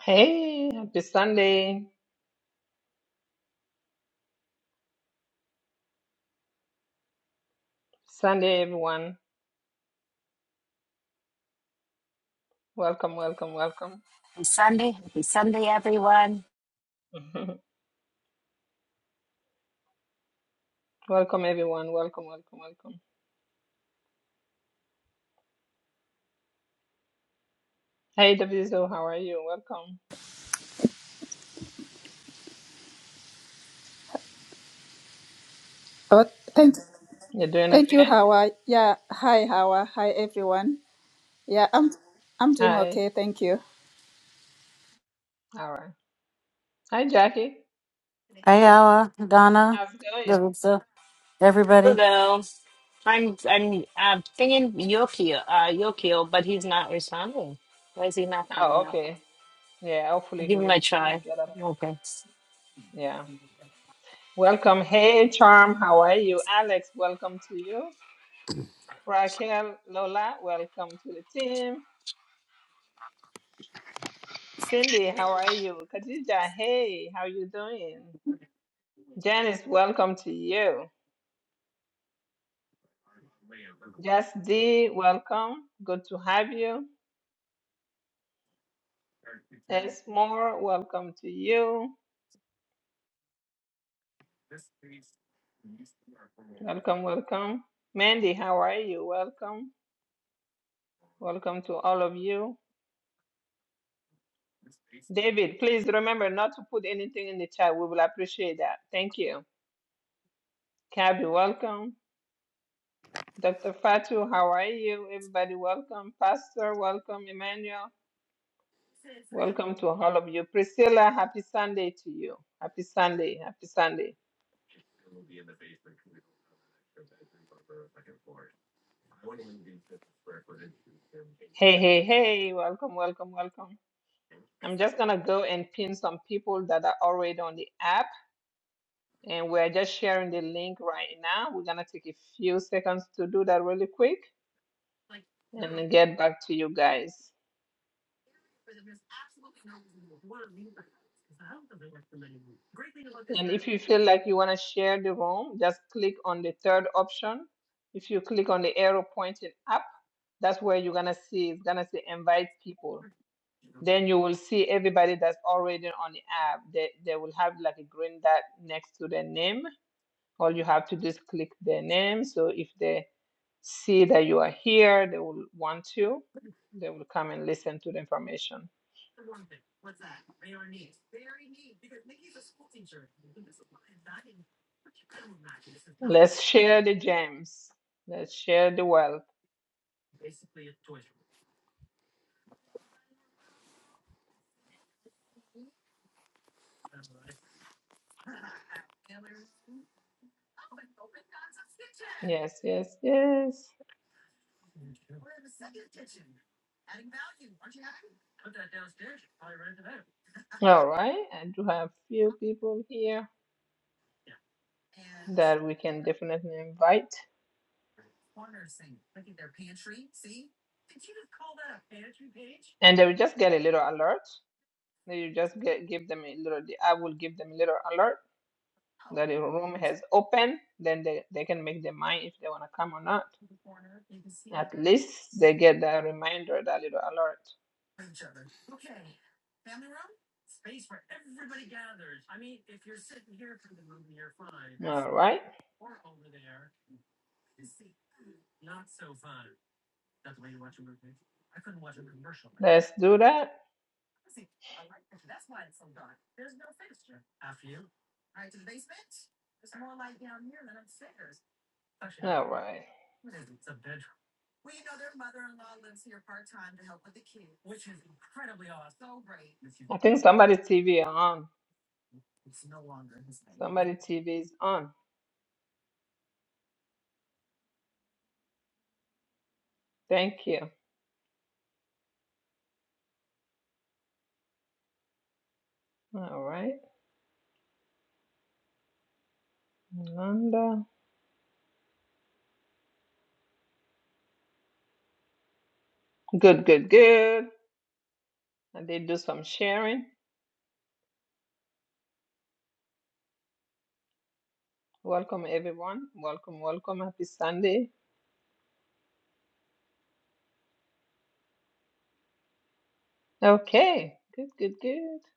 Hey, happy Sunday. Sunday, everyone. Welcome, welcome, welcome. Happy Sunday. Happy Sunday, everyone. welcome, everyone. Welcome, welcome, welcome. Hey, Daviso, how are you? Welcome. Oh, thank, You're doing thank you, okay? Hawa. Yeah, hi, Hawa. Hi, everyone. Yeah, I'm, I'm doing Hi. okay. Thank you. All right. Hi, Jackie. Hey, Ella, Donna, How's it going? Larissa, everybody. Hello. I'm I'm uh, thinking Yokio, uh, Yokio, but he's not responding. Why is he not coming Oh, up? okay. Yeah, I'll hopefully he give him a will, he will try. get up. Okay. Yeah. Welcome. Hey, Charm, how are you? Alex, welcome to you. Raquel, Lola, welcome to the team. Cindy, how are you? Khadija, hey, how you doing? Janice, welcome to you. Just D, welcome. Good to have you. S more, welcome to you. Welcome, welcome. Mandy, how are you? Welcome. Welcome to all of you. David, please remember not to put anything in the chat. We will appreciate that. Thank you. Kabi, welcome. Dr. Fatu, how are you? Everybody, welcome. Pastor, welcome. Emmanuel, welcome to all of you. Priscilla, happy Sunday to you. Happy Sunday. Happy Sunday. Hey, hey, hey, welcome, welcome, welcome. I'm just gonna go and pin some people that are already on the app, and we're just sharing the link right now. We're gonna take a few seconds to do that really quick and then get back to you guys. And if you feel like you wanna share the room, just click on the third option. If you click on the arrow pointing up, that's where you're gonna see it's gonna say invite people. Then you will see everybody that's already on the app. They, they will have like a green dot next to their name All you have to do is click their name. So if they see that you are here, they will want to. They will come and listen to the information. Let's share the gems. Let's share the wealth. Yes, yes, yes. All right. I do have few people here that we can definitely invite. And they will just get a little alert. Then You just get, give them a little, I will give them a little alert that the room has opened. Then they, they can make their mind if they want to come or not. At least they get that reminder, that little alert. All right, let's do that. All right. I think somebody's TV on. Somebody's TV is on. Thank you. All right. Yolanda. Good, good, good. I did do some sharing. Welcome, everyone. Welcome, welcome. Happy Sunday. Okay. Good, good, good.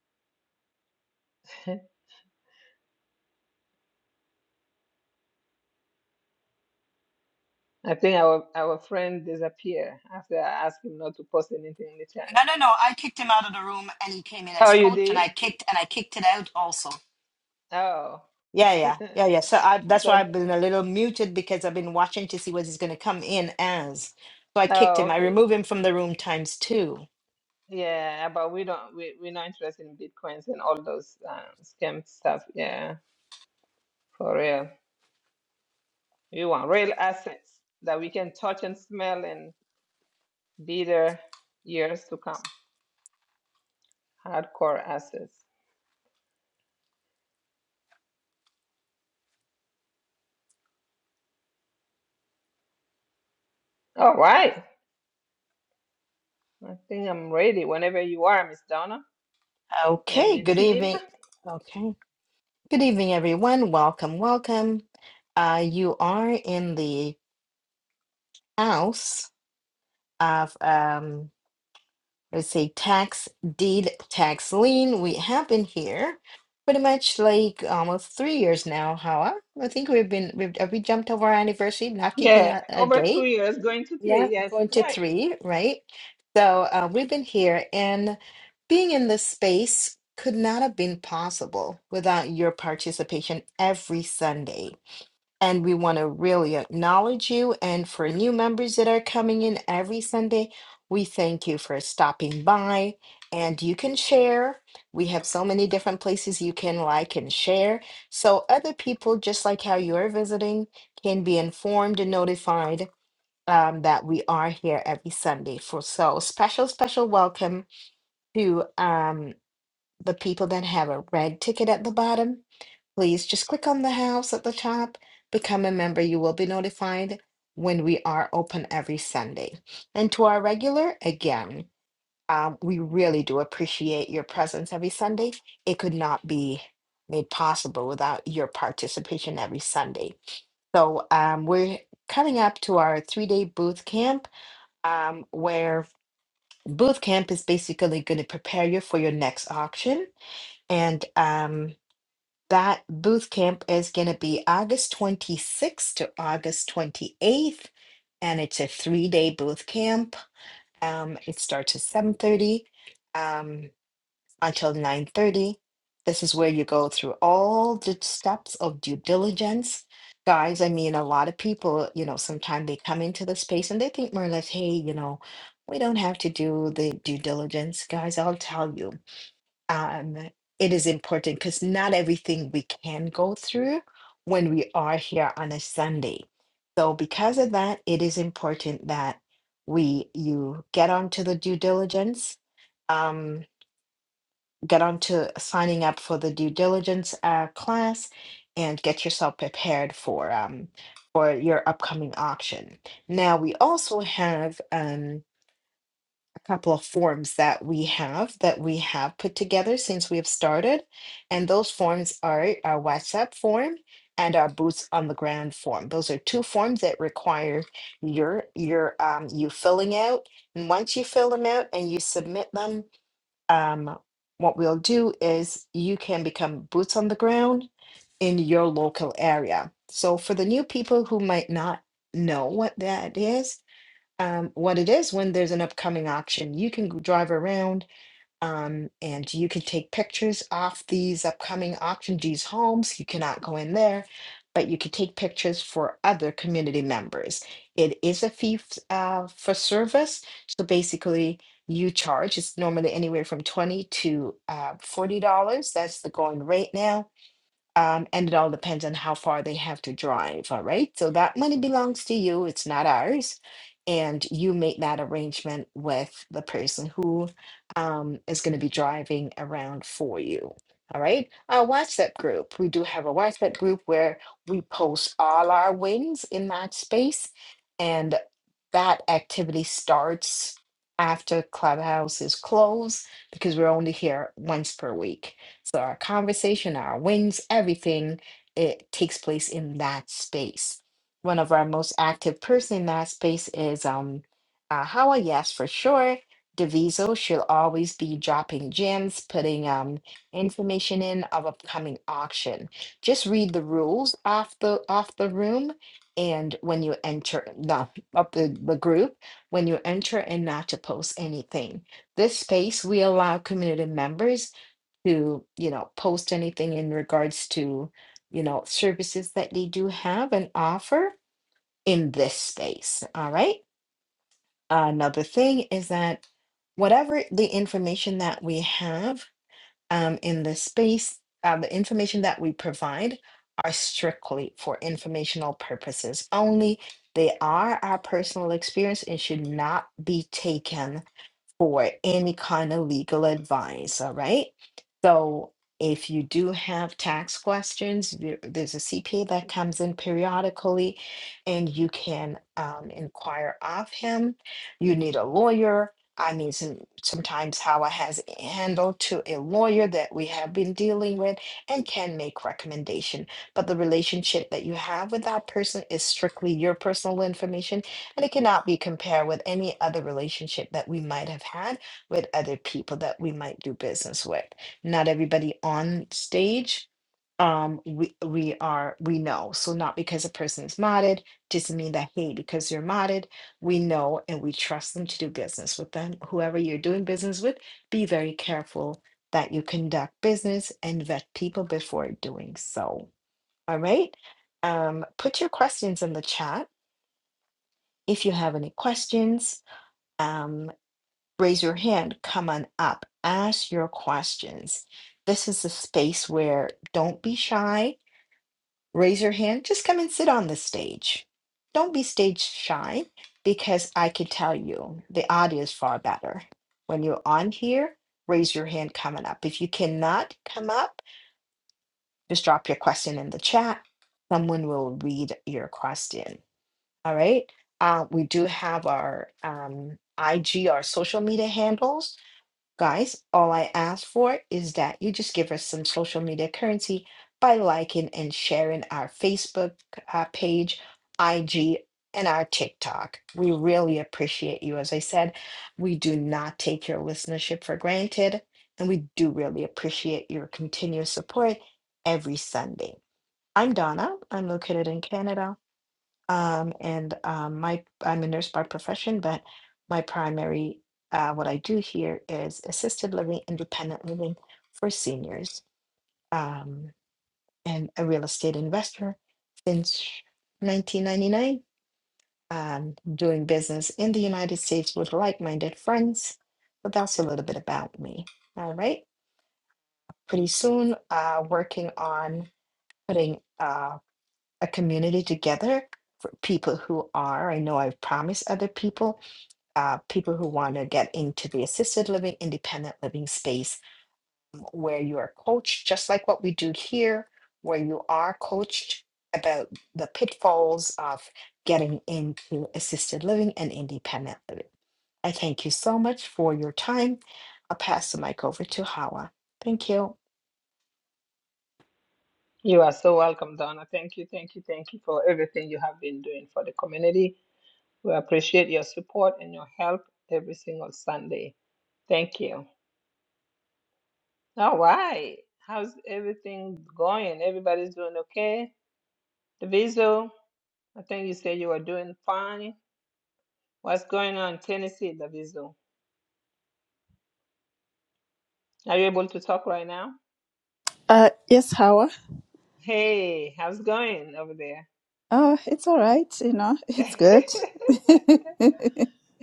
I think our our friend disappeared after I asked him not to post anything in the chat. No, no, no. I kicked him out of the room and he came in Oh, as you coach and did? I kicked and I kicked it out also. Oh. Yeah, yeah, yeah, I yeah. So I, that's thought why I've been a little muted because I've been watching to see what he's going to come in as. So I kicked Oh, him. I okay. remove him from the room times two. Yeah, but we don't we we're not interested in bitcoins and all those uh, scam stuff. Yeah, for real. We want real assets that we can touch and smell and be there years to come. Hardcore assets. All right. I think I'm ready whenever you are, Miss Donna. And Okay. the Good team. evening. Okay. Good evening, everyone. Welcome, welcome. Uh, you are in the house of, um, let's say, tax deed, tax lien. We have been here pretty much like almost three years now, Hawa. I think we've been, we've, have we jumped over our anniversary, not keeping Yeah, a, a over two date? years, going to Yeah, three. Yes, going to right. three, right? So uh, we've been here and being in this space could not have been possible without your participation every Sunday. and we want to really acknowledge you. And for new members that are coming in every Sunday, we thank you for stopping by. And you can share. We have so many different places you can like and share. So other people, just like how you're visiting, can be informed and notified um, that we are here every Sunday. For so special, special welcome to um, the people that have a red ticket at the bottom please just click on the house at the top, become a member. You will be notified when we are open every Sunday. And to our regular, again, um, we really do appreciate your presence every Sunday. It could not be made possible without your participation every Sunday. So um, we're coming up to our three day booth camp, um, where booth camp is basically going to prepare you for your next auction. And um, that booth camp is going to be August 26th to August 28th, and it's a three-day booth camp. Um, it starts at 7:30 um, until 9:30. This is where you go through all the steps of due diligence. Guys, I mean, a lot of people, you know, sometimes they come into the space and they think more or less, hey, you know, we don't have to do the due diligence. Guys, I'll tell you um, it is important because not everything we can go through when we are here on a Sunday. So, because of that, it is important that we you get onto the due diligence, um, get onto signing up for the due diligence uh, class, and get yourself prepared for um, for your upcoming auction. Now, we also have. Um, a couple of forms that we have that we have put together since we have started. And those forms are our WhatsApp form and our boots on the ground form. Those are two forms that require your your um you filling out. And once you fill them out and you submit them, um what we'll do is you can become boots on the ground in your local area. So for the new people who might not know what that is, um, what it is when there's an upcoming auction. You can g- drive around um, and you can take pictures off these upcoming auction, these homes. You cannot go in there, but you can take pictures for other community members. It is a fee f- uh, for service. So basically, you charge. It's normally anywhere from 20 to uh, $40. That's the going rate now um, and it all depends on how far they have to drive. All right. So that money belongs to you, it's not ours. And you make that arrangement with the person who um, is going to be driving around for you. All right. Our WhatsApp group, we do have a WhatsApp group where we post all our wins in that space. And that activity starts after Clubhouse is closed because we're only here once per week. So our conversation, our wins, everything, it takes place in that space. One of our most active person in that space is um uh, Hawa, yes, for sure. Deviso, she'll always be dropping gems, putting um information in of upcoming auction. Just read the rules off the off the room and when you enter the of the, the group, when you enter and not to post anything. This space we allow community members to you know post anything in regards to you know services that they do have and offer in this space all right another thing is that whatever the information that we have um, in this space uh, the information that we provide are strictly for informational purposes only they are our personal experience and should not be taken for any kind of legal advice. All right. So if you do have tax questions, there- there's a CPA that comes in periodically and you can um, inquire of him. You need a lawyer. I mean, some, sometimes Howard has handled to a lawyer that we have been dealing with and can make recommendation. But the relationship that you have with that person is strictly your personal information and it cannot be compared with any other relationship that we might have had with other people that we might do business with. Not everybody on stage um we we are we know so not because a person is modded doesn't mean that hey because you're modded we know and we trust them to do business with them whoever you're doing business with be very careful that you conduct business and vet people before doing so all right um put your questions in the chat if you have any questions, um, raise your hand, come on up, ask your questions. This is a space where don't be shy, raise your hand, just come and sit on the stage. Don't be stage shy because I can tell you the audio is far better. When you're on here, raise your hand coming up. If you cannot come up, just drop your question in the chat. Someone will read your question. All right. Uh, we do have our um, IG, our social media handles. Guys, all I ask for is that you just give us some social media currency by liking and sharing our Facebook uh, page, IG, and our TikTok. We really appreciate you. As I said, we do not take your listenership for granted, and we do really appreciate your continuous support every Sunday. I'm Donna. I'm located in Canada. Um, and um, my I'm a nurse by profession, but my primary uh, what I do here is assisted living, independent living for seniors, um, and a real estate investor since 1999. Um, doing business in the United States with like-minded friends. But that's a little bit about me. All right. Pretty soon, uh, working on putting uh, a community together for people who are. I know I've promised other people uh, people who want to get into the assisted living, independent living space um, where you are coached, just like what we do here, where you are coached about the pitfalls of getting into assisted living and independent living. I thank you so much for your time. I'll pass the mic over to Hawa. Thank you. You are so welcome, Donna. Thank you, thank you, thank you for everything you have been doing for the community. We appreciate your support and your help every single Sunday. Thank you. All right. How's everything going? Everybody's doing okay? Daviso, I think you said you are doing fine. What's going on in Tennessee, Daviso? Are you able to talk right now? Uh, yes, Hawa. Hey, how's it going over there? Oh, it's all right. You know, it's good.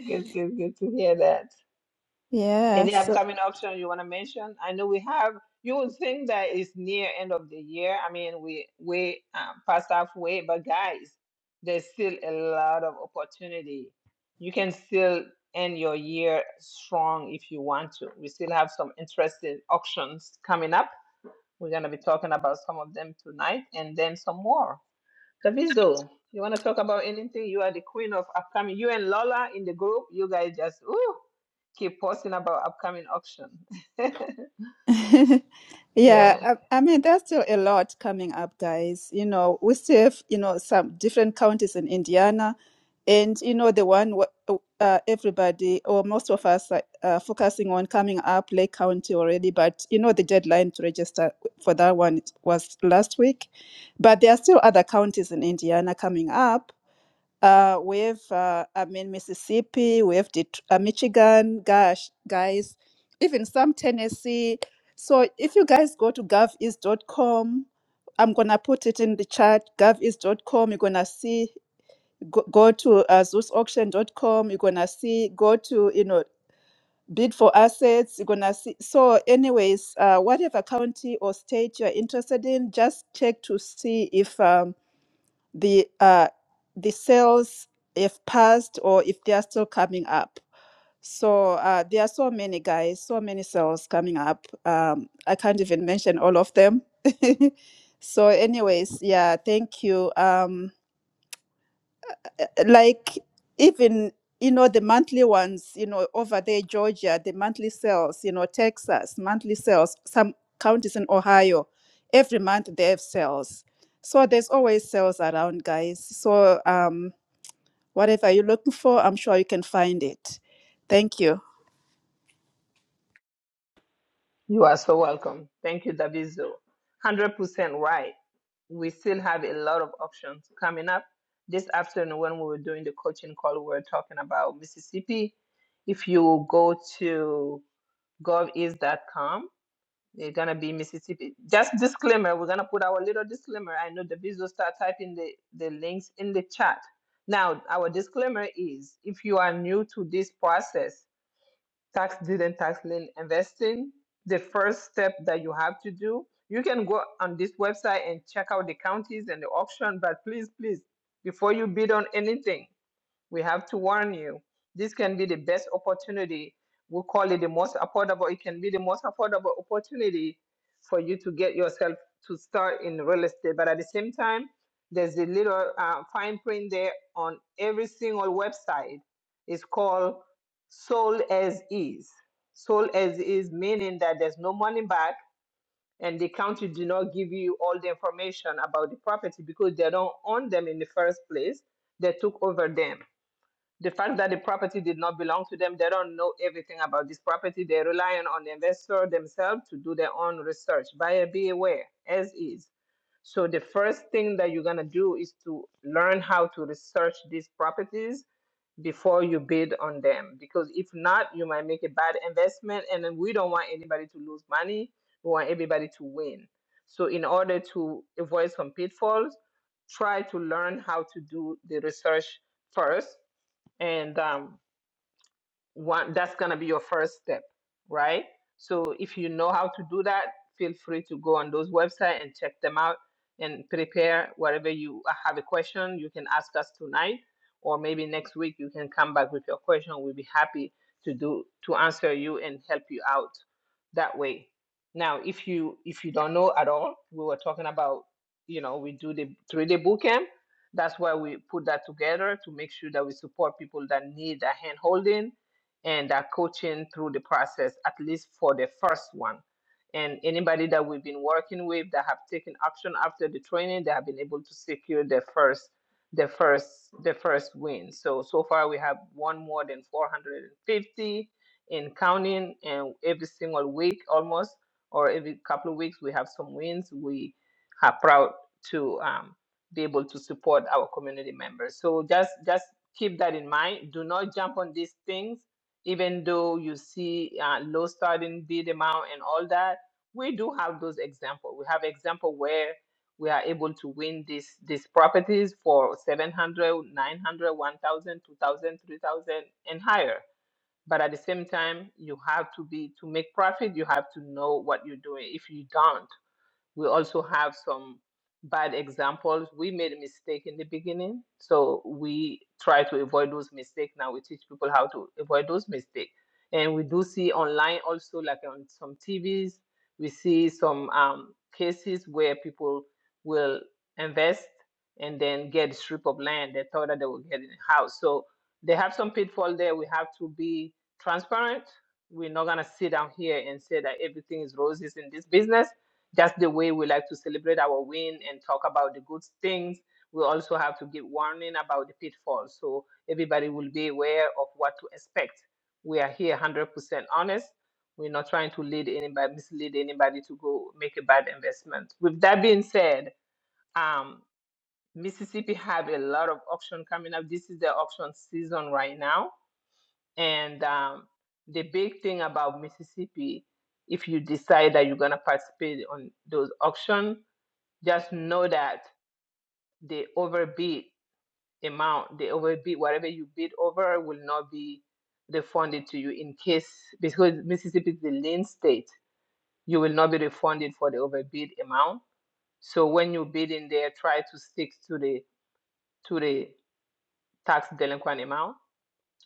good, good, good to hear that. Any Yes. upcoming option you want to mention? I know we have, you would think that it's near end of the year. I mean, we we um, past halfway, but guys, there's still a lot of opportunity. You can still end your year strong if you want to. We still have some interesting auctions coming up. We're going to be talking about some of them tonight and then some more. Daviso, you want to talk about anything? You are the queen of upcoming. You and Lola in the group, you guys just ooh, keep posting about upcoming auction. Yeah, yeah, I, I mean, there's still a lot coming up, guys. You know, we still have, you know, some different counties in Indiana, and, you know, the one wh- uh, uh, everybody or most of us are uh, focusing on coming up, Lake County already, but, you know, the deadline to register for that one was last week. But there are still other counties in Indiana coming up. Uh, we have, uh, I'm in Mississippi, we have Det- uh, Michigan, gosh, guys, even some Tennessee. So if you guys go to goveast dot com, I'm going to put it in the chat, goveast dot com, you're going to see, go, go to uh, zeus auction dot com, you're going to see, go to, you know, bid for assets, you're going to see. So anyways, uh, whatever county or state you're interested in, just check to see if, um, the uh, the sales if passed or if they are still coming up. So uh, there are so many guys, so many sales coming up. Um, I can't even mention all of them. so, anyways, yeah, thank you. Um, like even you know the monthly ones you know over there georgia the monthly sales you know texas monthly sales some counties in ohio every month they have sales so there's always sales around guys so um whatever you're looking for i'm sure you can find it thank you you are so welcome. Thank you, Daviso. 100% right. We still have a lot of options coming up. This afternoon, when we were doing the coaching call, we were talking about Mississippi. If you go to gov east dot com. They're gonna be Mississippi. Just disclaimer, we're gonna put our little disclaimer. I know the visual start typing the, the links in the chat. Now, our disclaimer is if you are new to this process, tax deed and tax lien investing, the first step that you have to do, you can go on this website and check out the counties and the auction, but please, please, before you bid on anything, we have to warn you. This can be the best opportunity. We call it the most affordable. It can be the most affordable opportunity for you to get yourself to start in real estate. But at the same time, there's a little uh, fine print there on every single website. It's called sold as is. Sold as is meaning that there's no money back, and the county do not give you all the information about the property because they don't own them in the first place. They took over them the fact that the property did not belong to them, they don't know everything about this property. They're relying on the investor themselves to do their own research. Buyer be aware, as is. So the first thing that you're gonna do is to learn how to research these properties before you bid on them. Because if not, you might make a bad investment and then we don't want anybody to lose money. We want everybody to win. So in order to avoid some pitfalls, try to learn how to do the research first and um, one that's going to be your first step right so if you know how to do that feel free to go on those websites and check them out and prepare whatever you uh, have a question you can ask us tonight or maybe next week you can come back with your question we'll be happy to do to answer you and help you out that way now if you if you don't know at all we were talking about you know we do the three day bootcamp. that's why we put that together to make sure that we support people that need a hand holding and are coaching through the process, at least for the first one. And anybody that we've been working with that have taken action after the training, they have been able to secure their first the first the first win. So so far we have won more than 450 in counting and every single week almost or every couple of weeks we have some wins. We are proud to um, be able to support our community members. So just just keep that in mind. Do not jump on these things even though you see uh, low starting bid amount and all that, we do have those example. We have example where we are able to win these these properties for 700, 900, 1,000, 2,000, 3,000, and higher. But at the same time, you have to be to make profit, you have to know what you're doing. If you don't, we also have some bad examples. We made a mistake in the beginning, so we try to avoid those mistakes. Now we teach people how to avoid those mistakes. And we do see online also, like on some TVs, we see some um, cases where people will invest and then get a strip of land. They thought that they were getting a house. So they have some pitfall there. We have to be transparent. We're not gonna sit down here and say that everything is roses in this business that's the way we like to celebrate our win and talk about the good things. We also have to give warning about the pitfalls so everybody will be aware of what to expect. We are here 100% honest. We're not trying to lead anybody, mislead anybody to go make a bad investment. With that being said, um, Mississippi have a lot of auction coming up. This is the auction season right now, and um, the big thing about Mississippi if you decide that you're going to participate on those auction just know that the overbid amount, the overbid, whatever you bid over, will not be refunded to you in case, because Mississippi is the lien state, you will not be refunded for the overbid amount. So when you bid in there, try to stick to the to the tax delinquent amount,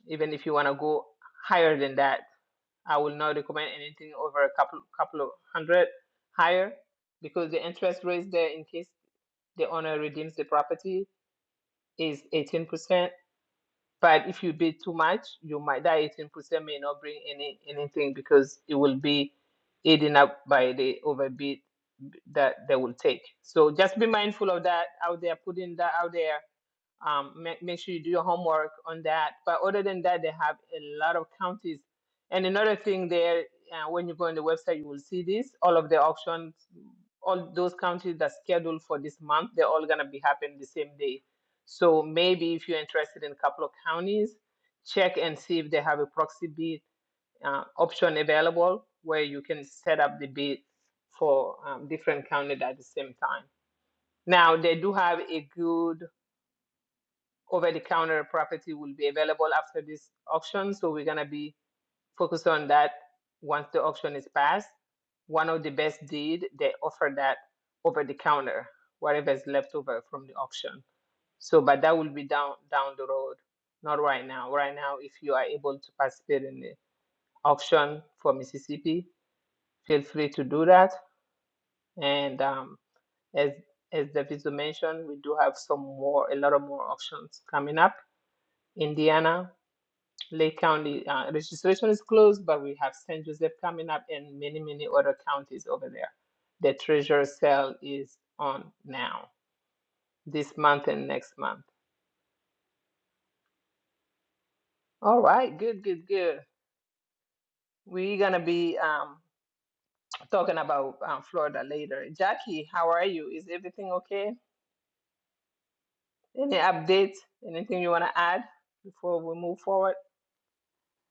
even if you want to go higher than that. I will not recommend anything over a couple couple of hundred higher because the interest rates there in case the owner redeems the property is 18%. But if you bid too much, you might that 18% may not bring any anything because it will be eaten up by the overbid that they will take. So just be mindful of that out there, putting that out there um, make, make sure you do your homework on that. But other than that, they have a lot of counties. And another thing there, uh, when you go on the website, you will see this all of the auctions, all those counties that's scheduled for this month, they're all gonna be happening the same day. So maybe if you're interested in a couple of counties, check and see if they have a proxy bid uh, option available where you can set up the bid for um, different counties at the same time. Now they do have a good over the counter property will be available after this auction. So we're going to be focused on that once the auction is passed. One of the best deed, they offer that over the counter, whatever is left over from the auction. So, but that will be down down the road, not right now. Right now, if you are able to participate in the auction for Mississippi, feel free to do that. And um, as as Daviso mentioned, we do have some more, a lot of more auctions coming up. Indiana. Lake County uh, registration is closed, but we have St. Joseph coming up and many, many other counties over there. The treasurer sale is on now, this month and next month. All right, good, good, good. We're going to be um, talking about um, Florida later. Jackie, how are you? Is everything okay? Any updates? Anything you want to add before we move forward?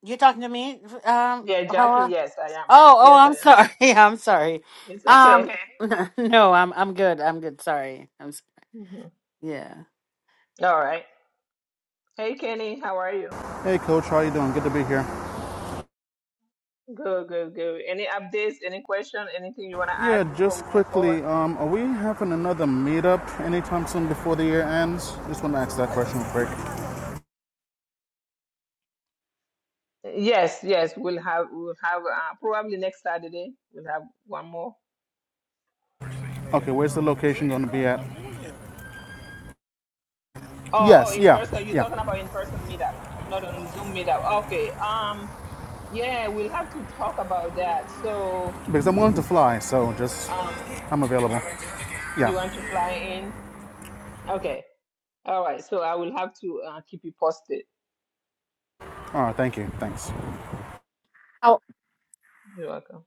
You talking to me, um, Yeah, Jackie, Ella? yes, I am. Oh, oh, Yes, I I'm am. sorry. I'm sorry. It's Um, okay. no, I'm I'm good. I'm good. Sorry. I'm s- Mhm. yeah. All right. Hey, Kenny, how are you? Hey, Coach. How you doing? Good to be here. Good, good, good. Any updates, any question, anything you want to add Yeah, before just we move forward? quickly, um, are we having another meetup anytime soon before the year ends? Just want to ask that question quick. Yes, yes, we'll have we'll have uh, probably next Saturday we'll have one more. Okay, where's the location going to be at? Oh, oh, Yes, in yeah, person. You're yeah. talking about in person meetup, not on Zoom meetup. Okay. Um, yeah, we'll have to talk about that. So, Because I'm willing to fly, so just um, I'm available. you Yeah. want to fly in? Okay. All right. So I will have to uh, keep you posted. All right. Thank you. Thanks. You're welcome.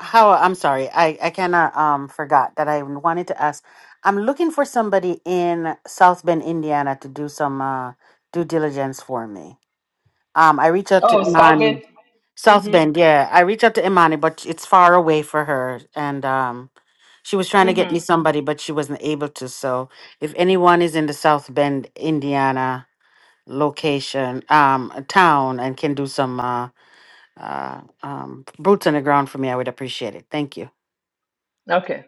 How I'm sorry. I I kind of um forgot that I wanted to ask. I'm looking for somebody in South Bend, Indiana, to do some uh due diligence for me. Um, I reached out to Oh, Imani. Salvin. South Mm-hmm. Bend, yeah. I reached out to Imani, but it's far away for her. And um, she was trying to get me Mm-hmm. somebody, but she wasn't able to. So if anyone is in the South Bend, Indiana location, um, a town, and can do some uh, uh, um, boots on the ground for me, I would appreciate it. Thank you. Okay.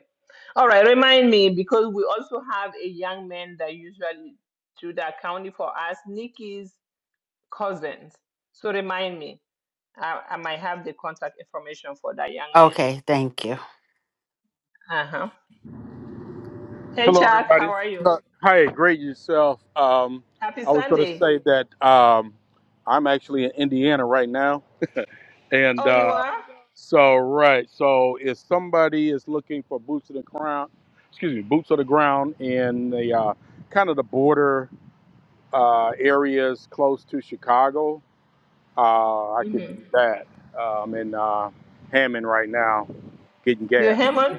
All right, remind me because we also have a young man that usually do the accounting for us, Nikki's cousins. So remind me. I, I might have the contact information for that young man. Okay, thank you. Uh huh. Hey, Hello, Chuck, everybody. how It's are you? Chuck. Hi, great yourself. Um, Happy I was going to Sunday. say that um, I'm actually in Indiana right now, and Oh, you uh, are? so right. So if somebody is looking for boots on the ground, excuse me, boots on the ground in the uh, kind of the border uh, areas close to Chicago, uh, I could Mm-hmm. do that. Uh, I'm in uh, Hammond right now, getting You're gas. Hammond?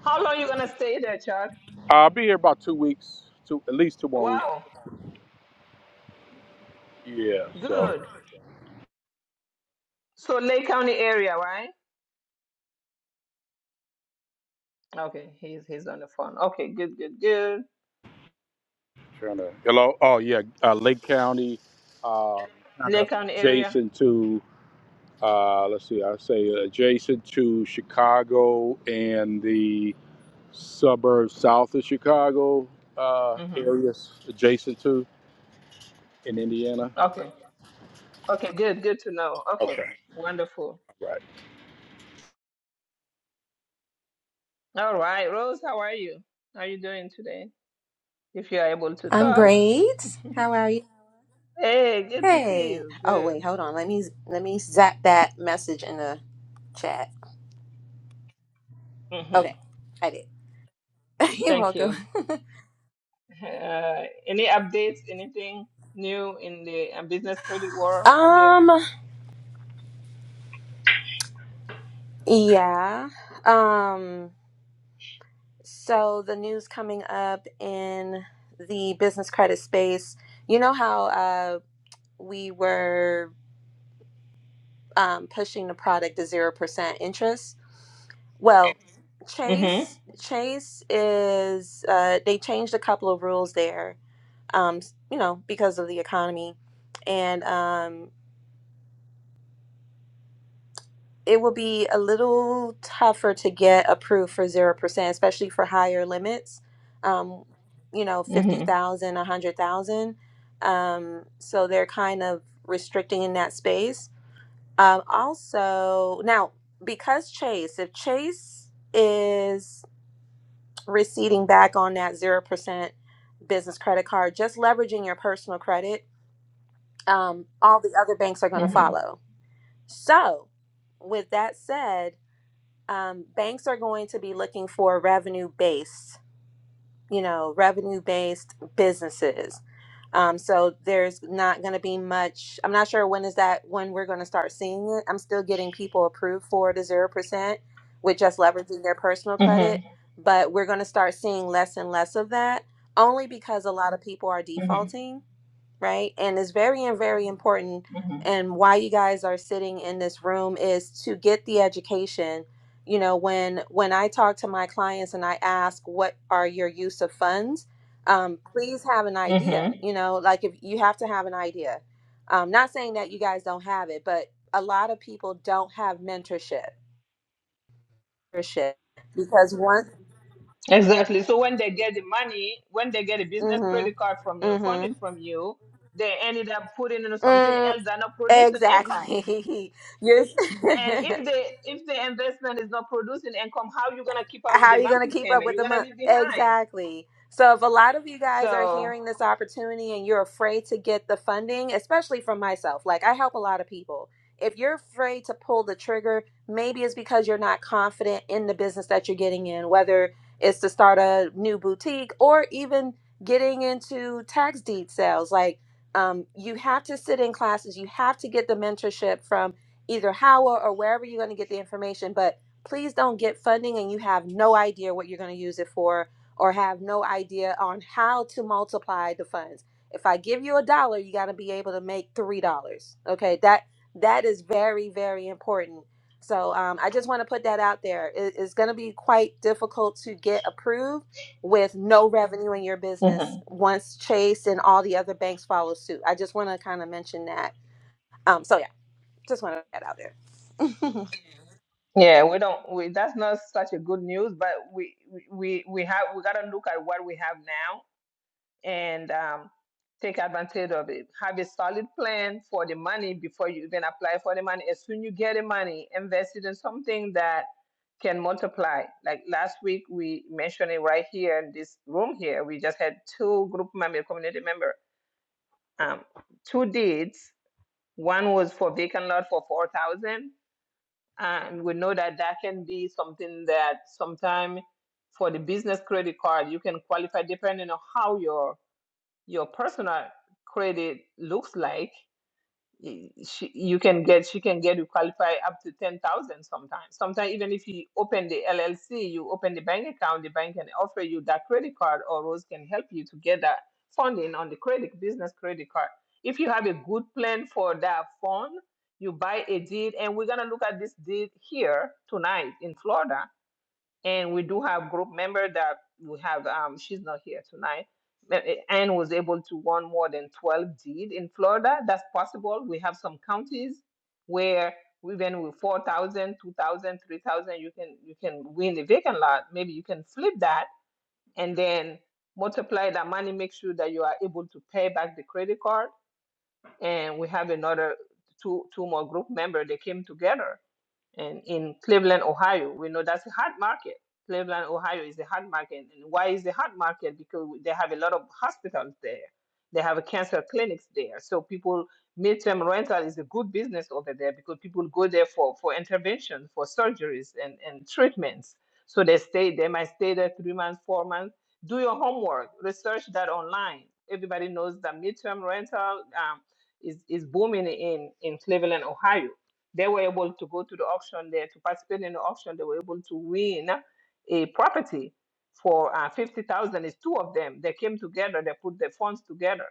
How long you gonna stay there, Chuck? I'll be here about two weeks, two at least two more weeks. Wow, Yeah, so. good. So Lake County area, right? Okay, he's he's on the phone. Okay, good, good, good. trying to hello oh yeah uh, lake county uh, kind Lake of County area. adjacent to uh, let's see i say adjacent to chicago and the suburbs south of chicago uh, Mm-hmm. areas adjacent to in indiana Okay. Okay, good, good to know. Okay, okay wonderful. right All right, Rose, how are you? How are you doing today? If you are able to I'm talk. great. How are you? Hey, good to see Hey. you. Oh Good. wait, hold on. Let me let me zap that message in the chat. hmm Okay, I did. You're Thank welcome. you. Uh, any updates? Anything new in the uh, business credit world out there? Um. Yeah. Um. So the news coming up in the business credit space. You know how uh we were um pushing the product to zero percent interest. Well, Mhm. Mm-hmm. Chase Chase is uh they changed a couple of rules there um, you know, because of the economy. And um, it will be a little tougher to get approved for 0%, especially for higher limits, um, you know, Mm-hmm. 50,000, a 100,000. Um, so they're kind of restricting in that space. Um, also, now, because Chase, if Chase is receding back on that 0% business credit card, just leveraging your personal credit, um, all the other banks are going to Mm-hmm. follow So, with that said, um, banks are going to be looking for revenue based, you know, revenue based businesses. Um, so there's not going to be much. I'm not sure when is that when we're going to start seeing it. I'm still getting people approved for the zero percent with just leveraging their personal credit, Mm-hmm. but we're going to start seeing less and less of that only because a lot of people are Mm-hmm. defaulting right? And it's very and very important. Mm-hmm. And why you guys are sitting in this room is to get the education. You know, when when I talk to my clients and I ask what are your use of funds, um, please have an Mm-hmm. idea. You know, like if you have to have an idea. Um, not saying that you guys don't have it, but a lot of people don't have mentorship. Mentorship because once, Exactly. So when they get the money, when they get a business mm-hmm, credit card from you, mm-hmm, funding from you, they ended up putting in something mm, else that not producing income. exactly. And Yes. if the if the investment is not producing income, how you gonna keep up with how the are you going to monthly keep up payment? with You're the gonna month? be behind. Exactly. So, if a lot of you guys are So hearing this opportunity and you're afraid to get the funding, especially from myself, like I help a lot of people. If you're afraid to pull the trigger, maybe it's because you're not confident in the business that you're getting in, whether it's to start a new boutique or even getting into tax deed sales. Like, um, you have to sit in classes, you have to get the mentorship from either Howell or wherever you're going to get the information. But please don't get funding and you have no idea what you're going to use it for or have no idea on how to multiply the funds if i give you a dollar you got to be able to make three dollars okay that that is very very important so um, i just want to put that out there it, it's going to be quite difficult to get approved with no revenue in your Mhm. business once chase and all the other banks follow suit i just want to kind of mention that um, so yeah just want to put that out there yeah, we don't. We, that's not such a good news, but we we we we have we gotta look at what we have now and um, take advantage of it. Have a solid plan for the money before you even apply for the money. As soon as you get the money, invest it in something that can multiply. Like last week, we mentioned it right here in this room here. We just had two group member, community member, um, two deeds. One was for vacant lot for four thousand, dollars. and we know that that can be something that sometime for the business credit card you can qualify depending on how your your personal credit looks like y- she, you can get she can get you qualify up to 10,000 sometimes sometimes even if you open the LLC you open the bank account the bank can offer you that credit card or Rose can help you to get that funding on the credit business credit card if you have a good plan for that fund you buy a deed and we're going to look at this deed here tonight in Florida and we do have group member that we have um she's not here tonight but, eh, Anne was able to one more than 12 deed in Florida that's possible we have some counties where even with 4,000, 2,000, 3,000. you can you can win the vacant lot maybe you can flip that and then multiply that money make sure that you are able to pay back the credit card and we have another two two more group member they came together and in Cleveland, Ohio. We know that's a hot market. Cleveland, Ohio is a hot market. And why is a hot market? Because they have a lot of hospitals there. They have a cancer clinics there. So people midterm rental is a good business over there because people go there for, for intervention, for surgeries and, and treatments. So they stay, they might stay there three months, four months. Do your homework, research that online. Everybody knows that midterm rental um, is, is booming in, in Cleveland, Ohio they were able to go to the auction there to participate in the auction. They were able to win a property for uh, fifty thousand. It's two of them. They came together. They put their funds together.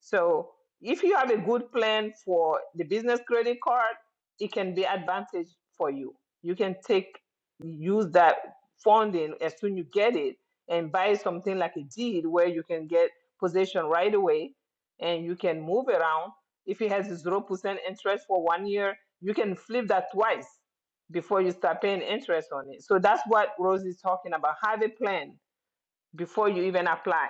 So if you have a good plan for the business credit card, it can be advantage for you. You can take use that funding as soon you get it and buy something like a deed where you can get possession right away and you can move around if it has 0% interest for one year you can flip that twice before you start paying interest on it. So that's what Rose is talking about. Have a plan before you even apply.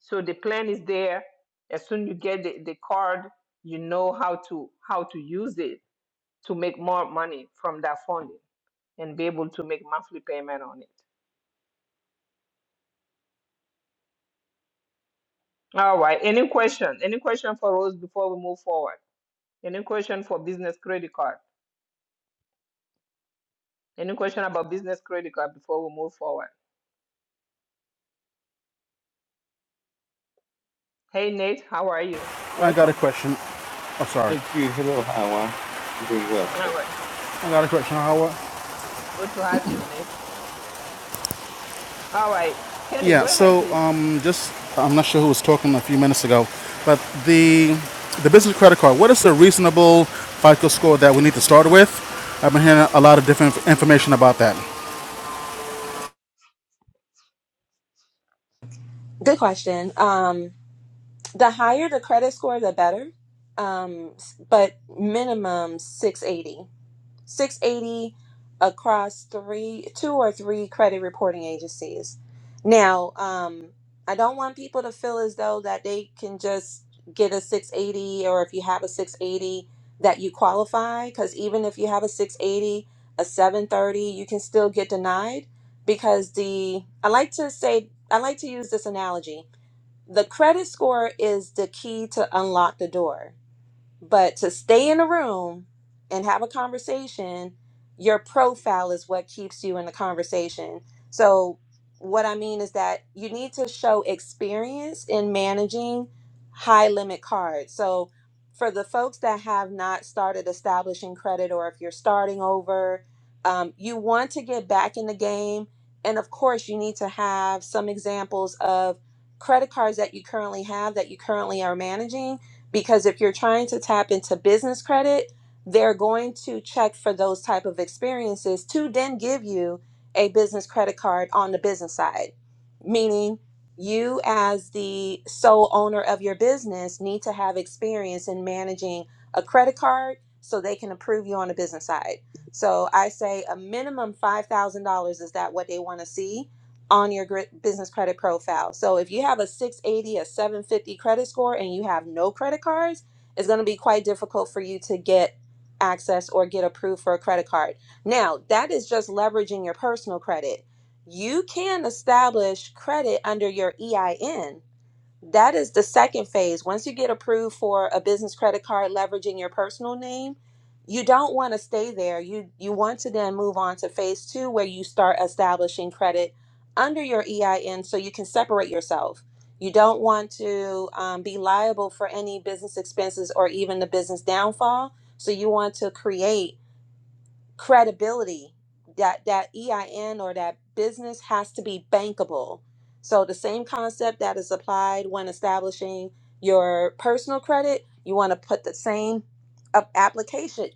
So the plan is there. As soon as you get the, the card, you know how to how to use it to make more money from that funding and be able to make monthly payment on it. All right. Any question? Any question for Rose before we move forward? Any question for business credit card? Any question about business credit card before we move forward? Hey Nate, how are you? I got a Welcome. question. Oh, sorry. Thank you. Hello, how are I'm doing well. How All about right. yourself? I got a question, How? Good to have you, Nate. All right. Kenny, Yeah, go ahead, so please. um, just I'm not sure who was talking a few minutes ago, but the the business credit card. What is the reasonable FICO score that we need to start with? I've been hearing a lot of different inf- information about that. good question um, The higher the credit score, the better. Um, s- but minimum 680. 680 across three, two or three credit reporting agencies. Now, um, I don't want people to feel as though that they can just get a 680 or if you have a 680 that you qualify because even if you have a 680, a 730, you can still get denied because the I like to say I like to use this analogy the credit score is the key to unlock the door but to stay in a room and have a conversation, your profile is what keeps you in the conversation. So, what I mean is that you need to show experience in managing high limit cards. So, for the folks that have not started establishing credit, or if you're starting over, um, you want to get back in the game. And of course, you need to have some examples of credit cards that you currently have that you currently are managing because if you're trying to tap into business credit they're going to check for those type of experiences to then give you a business credit card on the business side meaning you as the sole owner of your business need to have experience in managing a credit card so they can approve you on the business side so i say a minimum $5000 is that what they want to see on your gri- business credit profile. So if you have a 680, a 750 credit score, and you have no credit cards, it's going to be quite difficult for you to get access or get approved for a credit card. Now, that is just leveraging your personal credit. You can establish credit under your EIN that is the second phase. Once you get approved for a business credit card leveraging your personal name, you don't want to stay there. You you want to then move on to phase 2 where you start establishing credit under your EIN so you can separate yourself. You don't want to um, be liable for any business expenses or even the business downfall. So you want to create credibility that that EIN or that business has to be bankable. So the same concept that is applied when establishing your personal credit, you want to put the same up application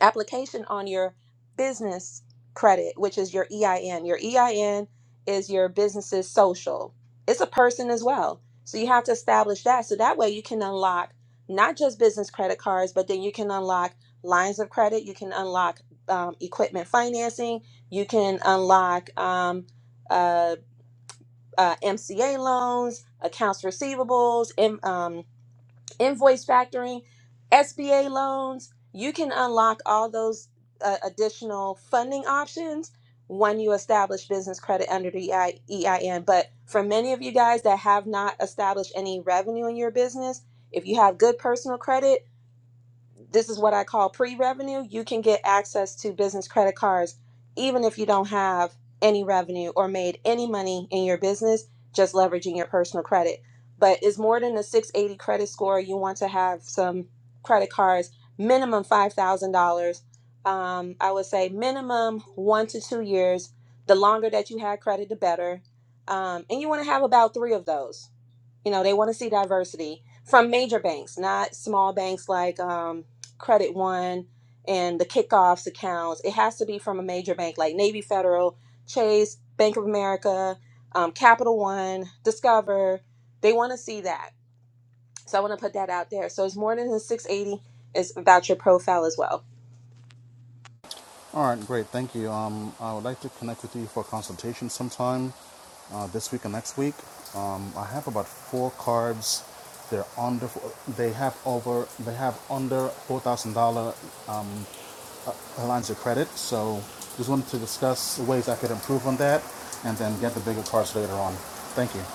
application on your business credit, which is your EIN. Your EIN is your business's social. It's a person as well. So you have to establish that so that way you can unlock not just business credit cards, but then you can unlock lines of credit, you can unlock um, equipment financing. You can unlock um, uh, uh, MCA loans, accounts receivables, in, um, invoice factoring, SBA loans. You can unlock all those uh, additional funding options when you establish business credit under the EI, EIN. But for many of you guys that have not established any revenue in your business, if you have good personal credit, this is what I call pre revenue. You can get access to business credit cards even if you don't have any revenue or made any money in your business, just leveraging your personal credit. But it's more than a 680 credit score. You want to have some credit cards, minimum $5,000. Um, I would say minimum one to two years. The longer that you had credit, the better. Um, and you want to have about three of those you know they want to see diversity from major banks not small banks like um, credit one and the kickoffs accounts it has to be from a major bank like navy federal chase bank of america um, capital one discover they want to see that so i want to put that out there so it's more than the 680 it's about your profile as well All right, great, thank you. Um, I would like to connect with you for a consultation sometime uh, this week and next week. Um, I have about four cards. They're under. They have over. They have under four thousand dollar uh, lines of credit. So just wanted to discuss ways I could improve on that and then get the bigger cards later on. Thank you.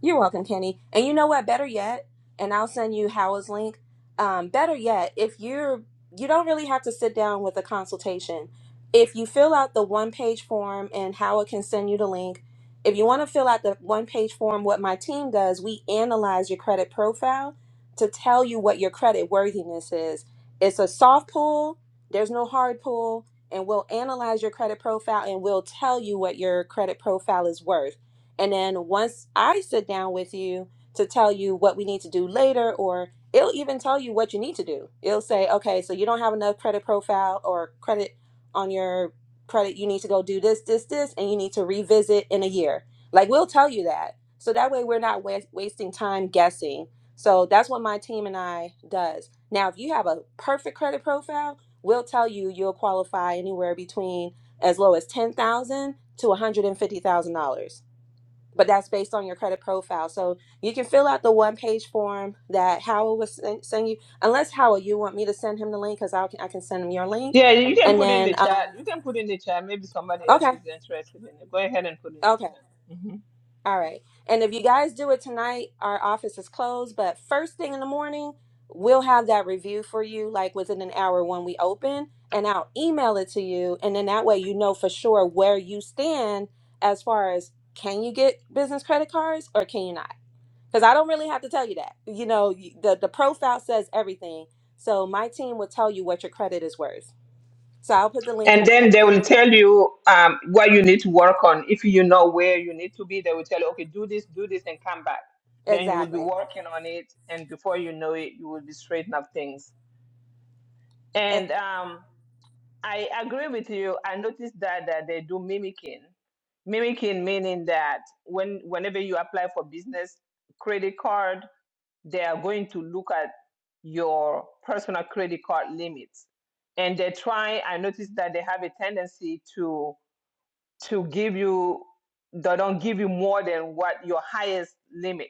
You're welcome, Kenny. And you know what? Better yet, and I'll send you Howard's link. Um, better yet, if you're you don't really have to sit down with a consultation. If you fill out the one page form and Howard can send you the link. If you want to fill out the one page form, what my team does, we analyze your credit profile to tell you what your credit worthiness is. It's a soft pull, there's no hard pull, and we'll analyze your credit profile and we'll tell you what your credit profile is worth and then once I sit down with you to tell you what we need to do later, or it'll even tell you what you need to do. It'll say, okay, so you don't have enough credit profile or credit on your credit. You need to go do this, this, this, and you need to revisit in a year. Like we'll tell you that. So that way we're not wa- wasting time guessing. So that's what my team and I does. Now, if you have a perfect credit profile, we'll tell you you'll qualify anywhere between as low as ten thousand to one hundred and fifty thousand dollars but that's based on your credit profile. So you can fill out the one page form that Howell was send, send you, unless Howell, you want me to send him the link because I can, I can send him your link. Yeah, you can And put in the then, chat. um, You can put in the chat. Maybe somebody else okay, is interested in it. Go ahead and put in the okay, chat. hmm all right. And if you guys do it tonight, our office is closed, but first thing in the morning, we'll have that review for you like within an hour when we open, and I'll email it to you. And then that way you know for sure where you stand as far as can you get business credit cards or can you not? because I don't really have to tell you that. You know, y- the the profile says everything. So my team will tell you what your credit is worth. So I'll put the link in And the then chat. they will tell you um, what you need to work on. If you know where you need to be, they will tell you, okay, do this, do this, and come back. Then you will be Exactly. working on it. And before you know it, you will be straightening up things. And Exactly. um, I agree with you. I noticed that, that they do mimicking. Mimicking meaning that when whenever you apply for business credit card, they are going to look at your personal credit card limits. And they try, I noticed that they have a tendency to to give you they don't give you more than what your highest limit.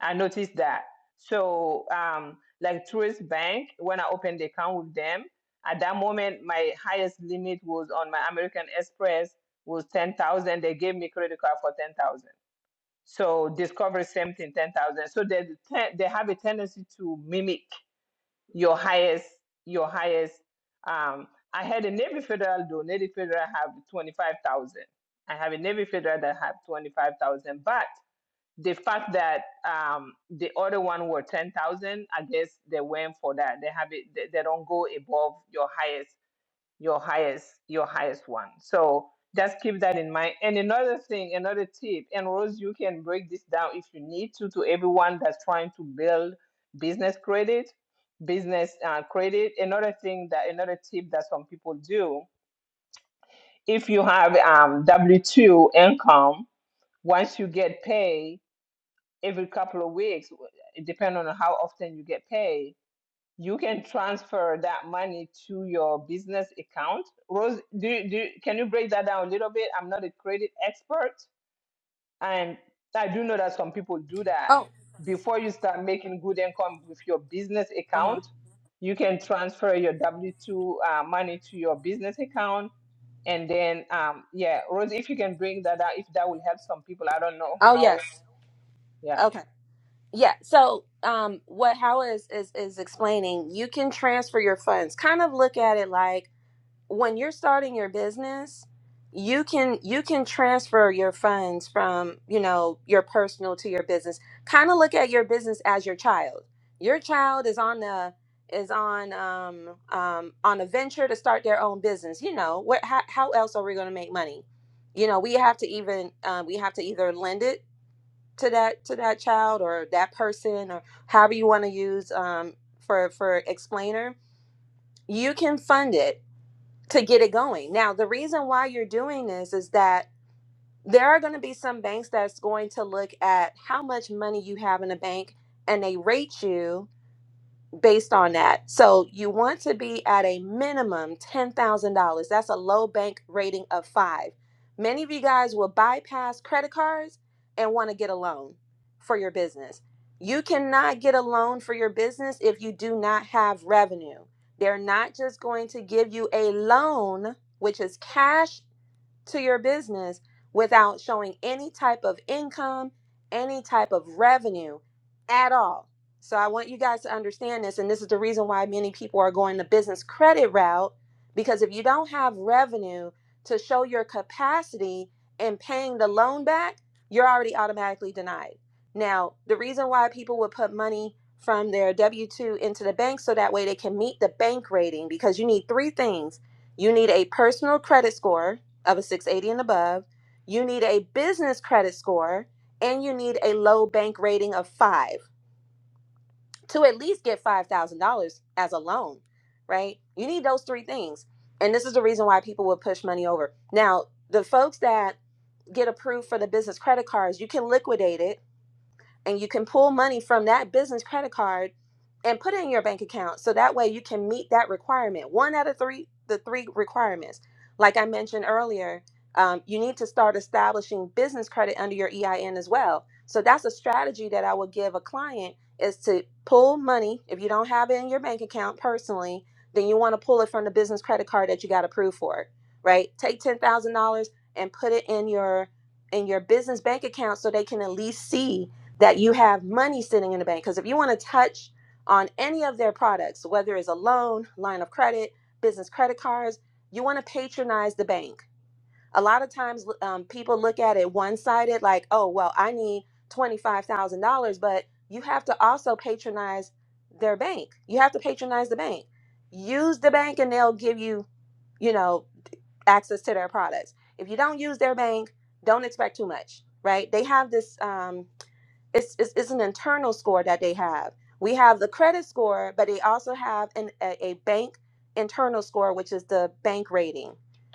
I noticed that. So um like Tourist Bank, when I opened the account with them, at that moment my highest limit was on my American Express was ten thousand. They gave me credit card for ten thousand. So Discover same thing, ten thousand. So they they have a tendency to mimic your highest your highest um i had a navy federal though navy federal have 25000 i have a navy federal that have 25000 but the fact that um the other one were 10000 i guess they went for that they have it they, they don't go above your highest your highest your highest one so just keep that in mind and another thing another tip and rose you can break this down if you need to to everyone that's trying to build business credit business uh, credit another thing that another tip that some people do if you have um, w2 income once you get paid every couple of weeks it depends on how often you get paid you can transfer that money to your business account. Rose, do you, do you- can you break that down a little bit? I'm not a credit expert, and I do know that some people do that. Oh. Before you start making good income with your business Uh huh. account, you can transfer your W two uh, money to your business account, and then um, yeah, Rose, if you can bring that out, if that will help some people, I don't know Oh yes. how. yeah. Okay. Yeah. So um, what Howard is is is explaining, you can transfer your funds. Kind of look at it like when you're starting your business you can you can transfer your funds from you know your personal to your business kind of look at your business as your child your child is on a is on um, um on a venture to start their own business you know what how, how else are we going to make money you know we have to even uh, we have to either lend it to that to that child or that person or however you want to use um, for for explainer you can fund it to get it going. Now, the reason why you're doing this is that there are going to be some banks that's going to look at how much money you have in a bank and they rate you based on that. So you want to be at a minimum $10,000. That's a low bank rating of five. Many of you guys will bypass credit cards and want to get a loan for your business. You cannot get a loan for your business if you do not have revenue. They're not just going to give you a loan, which is cash to your business without showing any type of income, any type of revenue at all. So I want you guys to understand this. And this is the reason why many people are going the business credit route because if you don't have revenue to show your capacity in paying the loan back, you're already automatically denied. Now, the reason why people would put money from their W 2 into the bank so that way they can meet the bank rating because you need three things you need a personal credit score, of a 680 and above, you need a business credit score, and you need a low bank rating of five to at least get $5,000 as a loan, right? You need those three things. And this is the reason why people will push money over. Now, the folks that get approved for the business credit cards, you can liquidate it and you can pull money from that business credit card and put it in your bank account so that way you can meet that requirement one out of three the three requirements like i mentioned earlier um, you need to start establishing business credit under your ein as well so that's a strategy that i would give a client is to pull money if you don't have it in your bank account personally then you want to pull it from the business credit card that you got approved for right take $10000 and put it in your in your business bank account so they can at least see that you have money sitting in the bank. Because if you want to touch on any of their products, whether it's a loan, line of credit, business credit cards, you want to patronize the bank. A lot of times um, people look at it one sided, like, oh, well, I need $25,000, but you have to also patronize their bank. You have to patronize the bank. Use the bank and they'll give you, you know, access to their products. If you don't use their bank, don't expect too much, right? They have this. Um, it's, it's, it's an internal score that they have. We have the credit score, but they also have an, a, a bank internal score, which is the bank rating.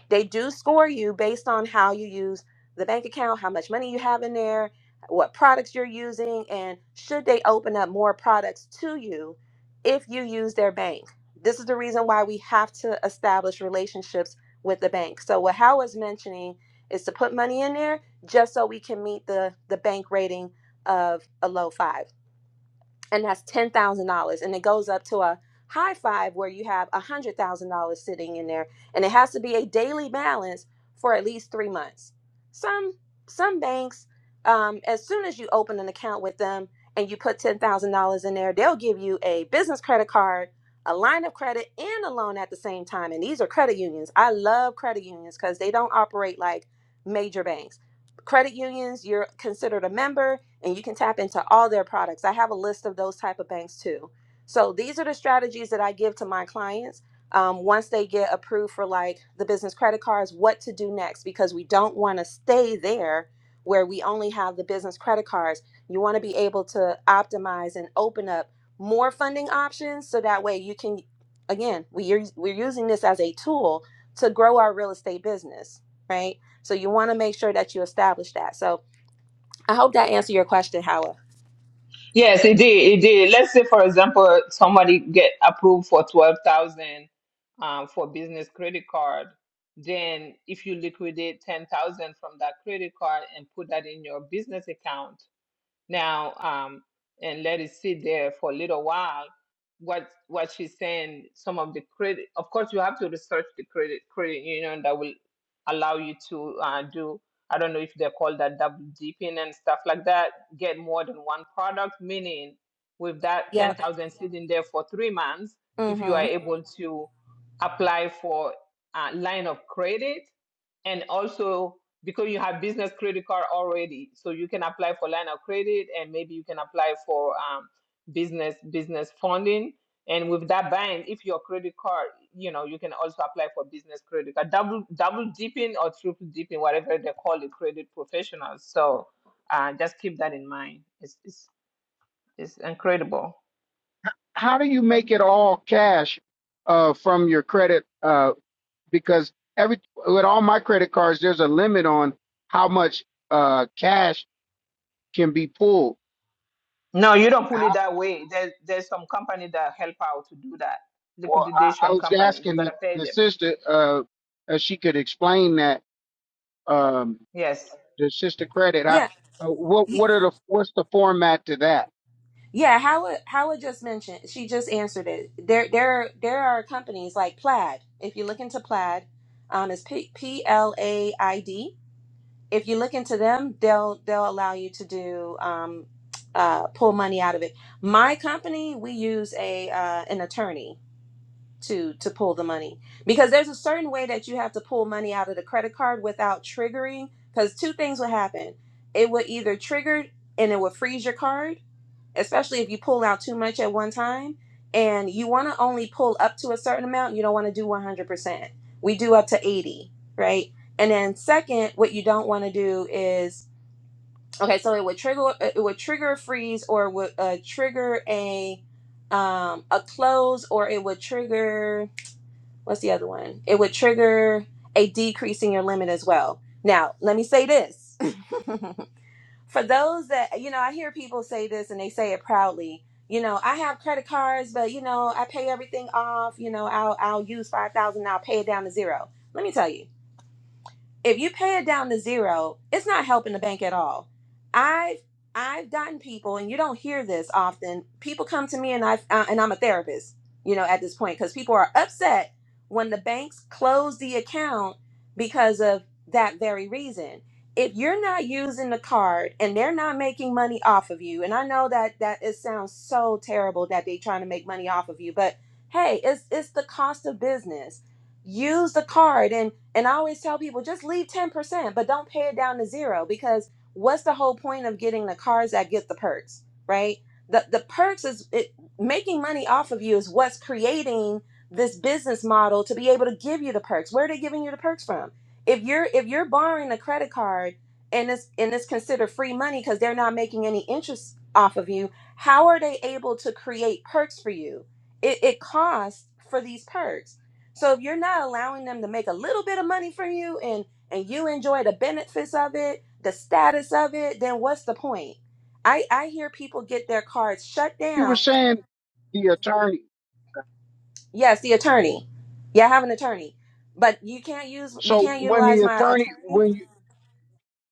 They do score you based on how you use the bank account, how much money you have in there, what products you're using, and should they open up more products to you if you use their bank. This is the reason why we have to establish relationships with the bank. So, what Hal was mentioning is to put money in there just so we can meet the, the bank rating of a low five, and that's ten thousand dollars, and it goes up to a high five where you have a hundred thousand dollars sitting in there, and it has to be a daily balance for at least three months. Some some banks, um, as soon as you open an account with them and you put ten thousand dollars in there, they'll give you a business credit card, a line of credit, and a loan at the same time. And these are credit unions. I love credit unions because they don't operate like major banks. Credit unions, you're considered a member and you can tap into all their products. I have a list of those type of banks too. So these are the strategies that I give to my clients um, once they get approved for like the business credit cards, what to do next because we don't want to stay there where we only have the business credit cards. You want to be able to optimize and open up more funding options so that way you can again, we are we're using this as a tool to grow our real estate business, right? So you want to make sure that you establish that. So I hope that answered your question, Howard. Yes, it did. It did. Let's say, for example, somebody get approved for twelve thousand um, for business credit card. Then, if you liquidate ten thousand from that credit card and put that in your business account, now um, and let it sit there for a little while. What what she's saying, some of the credit, of course, you have to research the credit credit union that will allow you to uh, do. I don't know if they call that double dipping and stuff like that. Get more than one product, meaning with that ten Yep. thousand sitting there for three months, if you are Mm-hmm. able to apply for a line of credit and also because you have business credit card already so you can apply for line of credit and maybe you can apply for um, business business funding and with that bank if your credit card you know you can also apply for business credit card double double dipping or triple dipping whatever they call it credit professionals so uh, just keep that in mind it's, it's it's incredible how do you make it all cash uh, from your credit? Uh, because every with all my credit cards, there's a limit on how much uh, cash can be pulled. no you don't pull it How, that way there, there's some company that help out to do that well, I, I liquidation was company you asking got the, to pay the them sister uh, if she could explain that um, Yes. the sister credit. I, Yeah. uh, what Y- what are the what's the format to that? Yeah. Howard. Howard just mentioned. She just answered it. There. There. There are companies like Plaid. If you look into Plaid, um, it's P P L A I D. If you look into them, they'll they'll allow you to do um, uh, pull money out of it. My company, we use a uh, an attorney to to pull the money because there's a certain way that you have to pull money out of the credit card without triggering because two things would happen it would either trigger and it would freeze your card especially if you pull out too much at one time and you want to only pull up to a certain amount you don't want to do 100% we do up to 80 right and then second what you don't want to do is okay so it would trigger uh, it would trigger a freeze or it would uh, trigger a um, a close or it would trigger what's the other one? It would trigger a decrease in your limit as well. Now, let me say this. For those that, you know, I hear people say this and they say it proudly. You know, I have credit cards, but you know, I pay everything off. You know, I'll I'll use 5,000, I'll pay it down to zero. Let me tell you if you pay it down to zero, it's not helping the bank at all. I've I've gotten people, and you don't hear this often. People come to me, and I uh, and I'm a therapist, you know, at this point because people are upset when the banks close the account because of that very reason. If you're not using the card and they're not making money off of you, and I know that that it sounds so terrible that they're trying to make money off of you, but hey, it's it's the cost of business use the card. And I always tell people just leave 10%, but don't pay it down to zero because what's the whole point of getting the cards that get the perks, right? The the perks is it, making money off of you is what's creating this business model to be able to give you the perks. Where are they giving you the perks from? If you're if you're borrowing a credit card and it's and it's considered free money because they're not making any interest off of you, how are they able to create perks for you? It, it costs for these perks. So if you're not allowing them to make a little bit of money from you and and you enjoy the benefits of it, the status of it, then what's the point? I I hear people get their cards shut You were down. saying the attorney. Yes, the attorney. Yeah, I have an attorney. But you can't use you So can't when utilize the my attorney attorney? when you.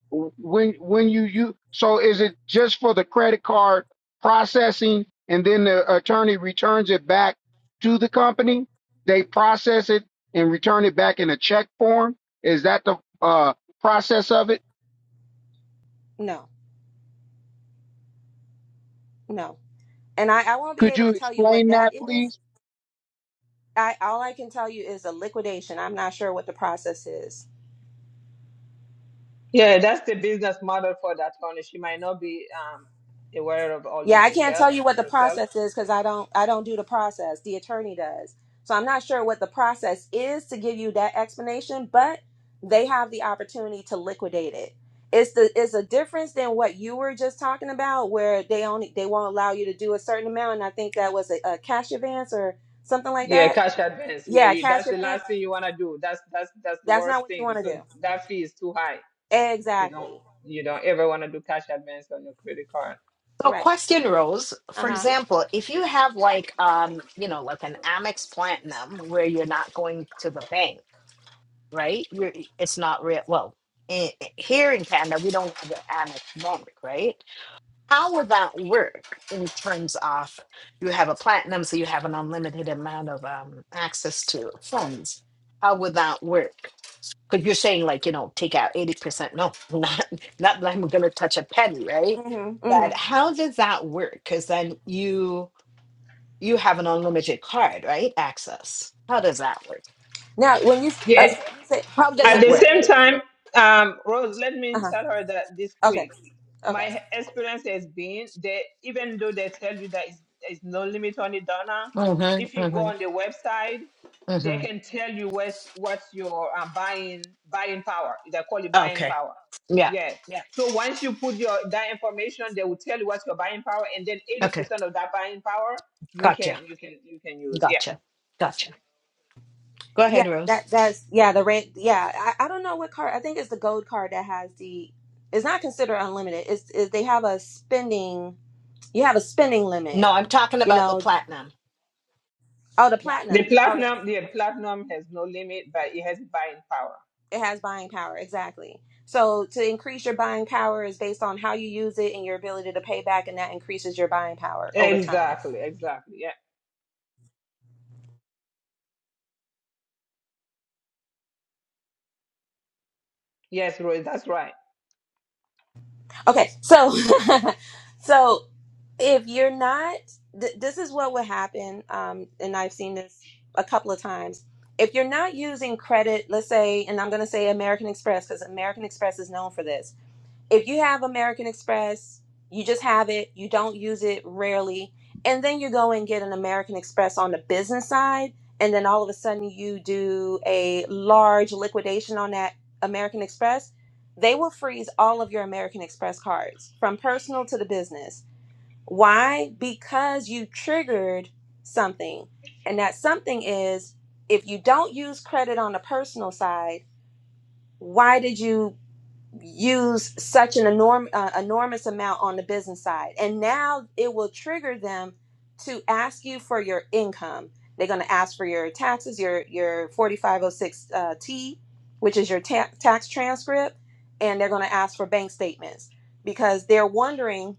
when when you you so is it just for the credit card processing and then the attorney returns it back to the company they process it and return it back in a check form is that the uh process of it No. No. And I, I won't be could able you to tell you what explain that that please is. I all I can tell you is a liquidation. I'm not sure what the process is. Yeah, that's the business model for that company. She might not be um, aware of all the Yeah, I can't tell details you what the herself. process is because I don't I don't do the process. The attorney does. So I'm not sure what the process is to give you that explanation, but they have the opportunity to liquidate it. It's the it's a difference than what you were just talking about where they only they won't allow you to do a certain amount and I think that was a, a cash advance or something like Yeah, that. cash advance. Yeah, Yeah, you, cash that's the last advance. thing you want to do. That's that's that's the That's worst not what you thing want to do. because that fee is too high. You don't Exactly. you don't ever want to do cash advance on your credit card. So Right. question rose, for Uh-huh. example, if you have like um, you know, like an Amex Platinum where you're not going to the bank. right? You're, it's not real. Well, in, here in Canada, we don't have an amex network, right? How would that work in terms of you have a platinum, so you have an unlimited amount of um, access to funds? How would that work? Because you're saying like you know take out eighty percent. No, not not that I'm gonna touch a penny, right? Mhm. But Mhm. how does that work? Because then you you have an unlimited card, right? Access. How does that work? Now, when you uh, Yeah. you say How does At it the unlimited work? same time, um, Rose, let me uh-huh. tell her that this Okay. quick. My Okay. experience has been that even though they tell you that it's, it's no limit on the donor, Mm-hmm, if you go on mm-hmm, the website, they can tell you what's what's your uh, buying buying power. They call it Oh, buying Okay. power. Yeah. Yes. Yeah. So once you put your that information, they will tell you what's your buying power, and then eighty Okay. percent of that buying power you can Gotcha. you can you can use. Yeah. Gotcha. Gotcha. Go Yeah, ahead, Rose. that that's yeah, the red yeah. I, I don't know what card I think it's the gold card that has the it's not considered unlimited. It's is they have a spending you have a spending limit, No, I'm talking you about the know. platinum. Oh the Yeah. The platinum. Okay. platinum, the platinum has no limit, but it has buying power. It has buying power, exactly. So to increase your buying power is based on how you use it and your ability to pay back and that increases your buying power over time. Exactly, exactly. Yeah. Yes, Roy, that's right. Okay, so so if you're not th- this is what would happen um, and i've seen this a couple of times if you're not using credit let's say and i'm going to say american express because american express is known for this if you have american express you just have it you don't use it rarely and then you go and get an american express on the business side and then all of a sudden you do a large liquidation on that american express they will freeze all of your american express cards from personal to the business why? Because you triggered something. And that something is if you don't use credit on the personal side, why did you use such an enorm- uh, enormous amount on the business side? And now it will trigger them to ask you for your income. They're going to ask for your taxes, your your 4506 uh, T, which is your ta- tax transcript, and they're going to ask for bank statements because they're wondering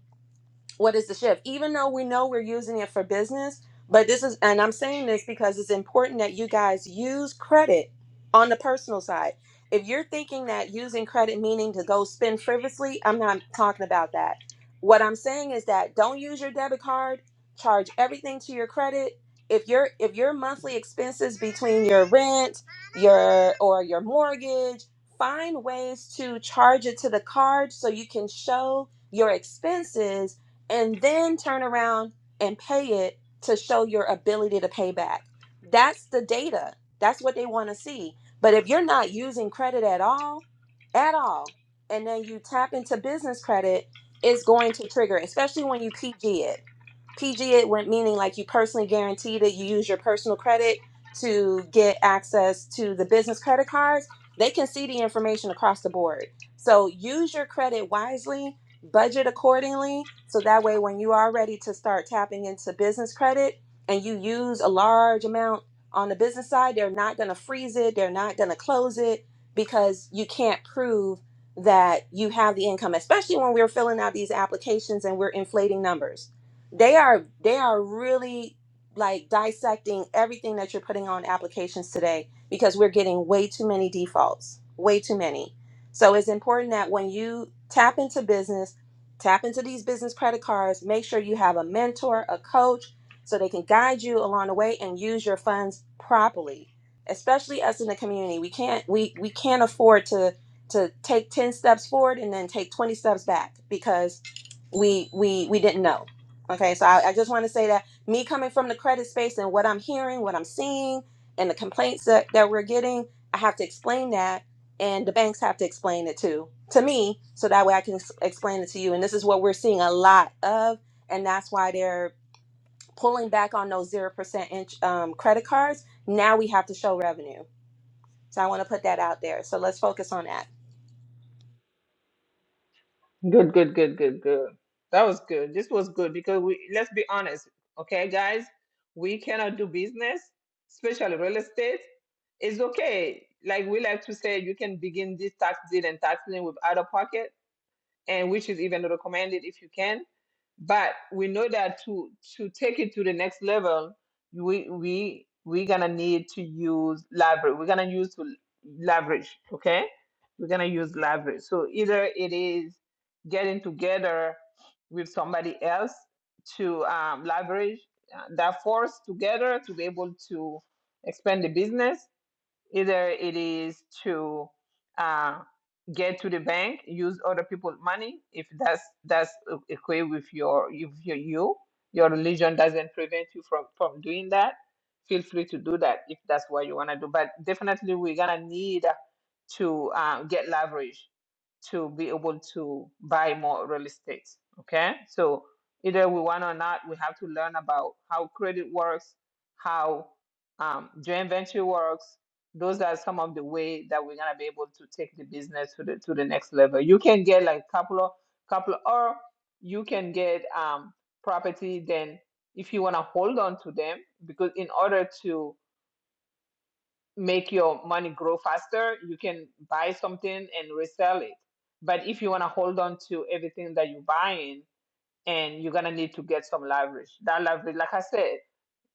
what is the shift even though we know we're using it for business but this is and i'm saying this because it's important that you guys use credit on the personal side if you're thinking that using credit meaning to go spend frivolously i'm not talking about that what i'm saying is that don't use your debit card charge everything to your credit if your if your monthly expenses between your rent your or your mortgage find ways to charge it to the card so you can show your expenses and then turn around and pay it to show your ability to pay back. That's the data. That's what they want to see. But if you're not using credit at all, at all, and then you tap into business credit, it's going to trigger, especially when you PG it. PG it went meaning like you personally guaranteed it. You use your personal credit to get access to the business credit cards. They can see the information across the board. So use your credit wisely, budget accordingly. So that way, when you are ready to start tapping into business credit and you use a large amount on the business side, they're not going to freeze it, they're not going to close it because you can't prove that you have the income, especially when we're filling out these applications and we're inflating numbers they are they are really like dissecting everything that you're putting on applications today because we're getting way too many defaults way too many so it's important that when you tap into business tap into these business credit cards make sure you have a mentor a coach so they can guide you along the way and use your funds properly especially us in the community we can't we we can't afford to to take 10 steps forward and then take 20 steps back because we we we didn't know okay so i, I just want to say that me coming from the credit space and what i'm hearing what i'm seeing and the complaints that, that we're getting i have to explain that and the banks have to explain it too to me so that way i can ex- explain it to you and this is what we're seeing a lot of and that's why they're pulling back on those 0% inch, um, credit cards now we have to show revenue so i want to put that out there so let's focus on that Good, good, good, good, good. That was good. This was good because we let's be honest, okay, guys, we cannot do business, especially real estate. It's okay. Like we like to say, you can begin this tax deal and tax lien with out of pocket. and which is even recommended if you can. But we know that to to take it to the next level, we we we're gonna need to use leverage. We're gonna use to leverage. Okay, we're gonna use leverage. So either it is getting together with somebody else to um, leverage uh, that force together to be able to expand the business Either it is to uh, get to the bank, use other people's money, if that's that's okay with your if you you your religion doesn't prevent you from from doing that. Feel free to do that if that's what you want to do. But definitely, we're gonna need to uh, get leverage to be able to buy more real estate. Okay, so either we want or not, we have to learn about how credit works, how um, joint venture works, those are some of the way that we're gonna be able to take the business to the to the next level. You can get like a couple of couple of- or you can get um property then if you wanna hold on to them because in order to make your money grow faster, you can buy something and resell it. But if you wanna hold on to everything that you're buying and you're gonna need to get some leverage. That leverage, like I said,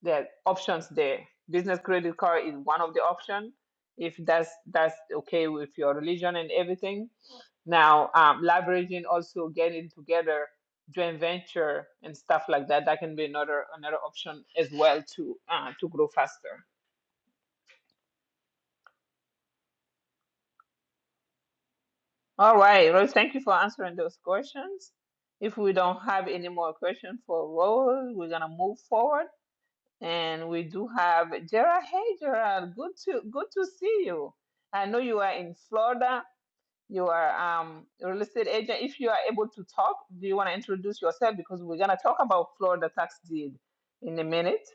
there are options there. Business credit card is one of the option if that's that's okay with your religion and everything. Now, um, leveraging also getting together, joint venture and stuff like that, that can be another another option as well to uh, to grow faster. All right, Rose, thank you for answering those questions. If we don't have any more questions for Rose, we're gonna move forward And we do have Gerald. Hey, Gerald, good to good to see you. I know you are in Florida. You are um, a real estate agent. If you are able to talk, do you want to introduce yourself? Because we're gonna talk about Florida tax deed in a minute.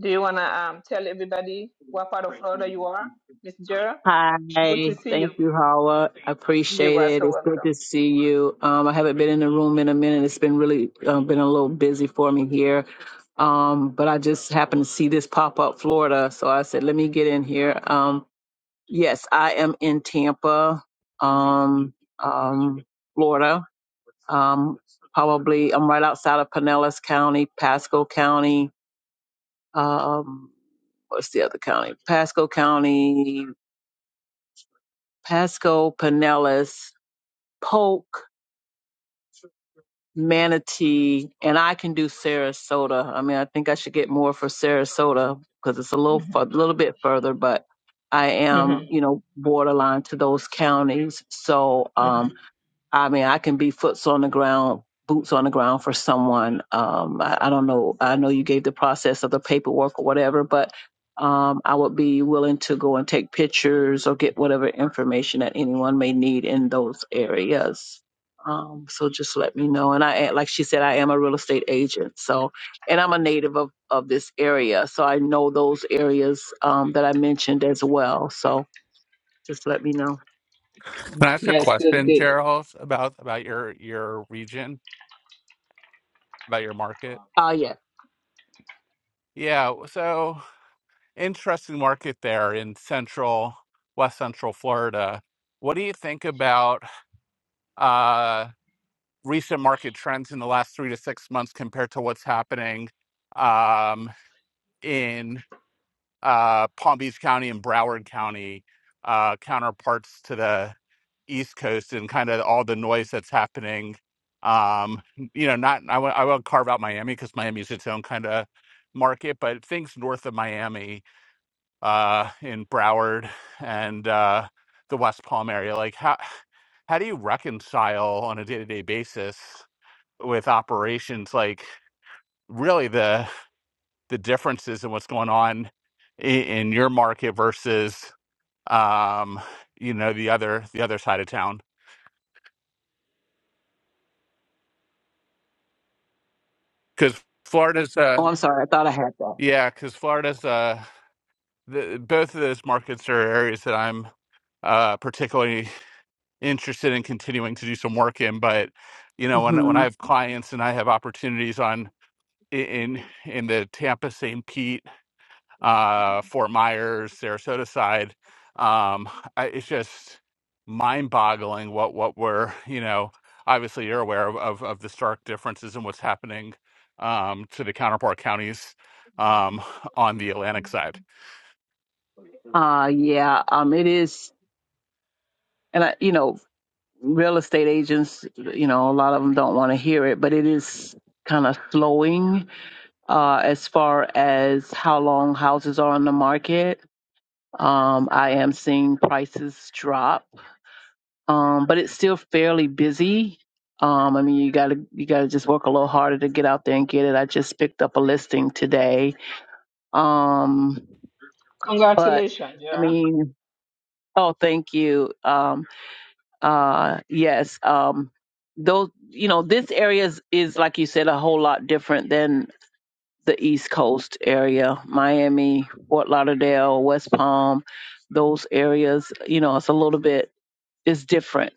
Do you wanna um, tell everybody what part of Florida you are, Miss Gerald? Hi, Good to see thank you. you, Howard. I You appreciate are it. so It's good to see you. Um, I haven't been in the room in a minute. It's been really uh, been a little busy for me here. Um, but I just happened to see this pop up Florida, so I said, let me get in here. Um, yes, I am in Tampa, um, um, Florida. Um, probably I'm right outside of Pinellas County, Pasco County. Um, what's the other county? Pasco County, Pasco, Pinellas, Polk, Manatee, and I can do Sarasota. I mean, I think I should get more for Sarasota because it's a little a welcome. little bit further, but I hmm am, you know, borderline to those counties. So, hmm um, I mean, I can be foots on the ground, boots on the ground for someone. Um, I, I don't know. I know you gave the process of the paperwork or whatever, but um, I would be willing to go and take pictures or get whatever information that anyone may need in those areas. Um, so just let me know. And I, like she said, I am a real estate agent. So, and I'm a native of, of this area. So I know those areas um, that I mentioned as well. So just let me know. Can I ask a Yes, good, question, good. Gerald, about about your your region, about your market? Oh, yeah. Yeah, so interesting market there in central West Central Florida. What do you think about uh, recent market trends in the last three to six months compared to what's happening um, in uh, Palm Beach County and Broward County, uh, counterparts to the East Coast and kind of all the noise that's happening. Um, you know, not I won't- I will carve out Miami because Miami is its own kind of market, but things north of Miami, uh, in Broward and uh, the West Palm area, like how how do you reconcile on a day to day basis with operations like really the the differences in what's going on in, in your market versus um, you know the other the other side of town because Florida's uh, Oh, I'm sorry. I thought I had that. Yeah, because Florida's uh, the, both of those markets are areas that I'm uh, particularly interested in continuing to do some work in. But you know, when when hmm I have clients and I have opportunities on i- in in the Tampa, St. Pete, uh, Fort Myers, Sarasota side, um, I, it's just mind-boggling what what we're you know. Obviously, you're aware of, of, of the stark differences in what's happening um, to the counterpart counties um, on the Atlantic side. Uh, yeah, um, it is, and I, you know, real estate agents, you know, a lot of them don't want to hear it, but it is kind of slowing uh, as far as how long houses are on the market. Um, I am seeing prices drop, um, but it's still fairly busy. Um, I mean, you gotta you gotta just work a little harder to get out there and get it. I just picked up a listing today, um, but Congratulations, I Gerald. mean, oh, thank you. Um, Uh, yes. Um, those, you know, this area is, is, like you said, a whole lot different than the East Coast area, Miami, Fort Lauderdale, West Palm, those areas. You know, it's a little bit, it's different.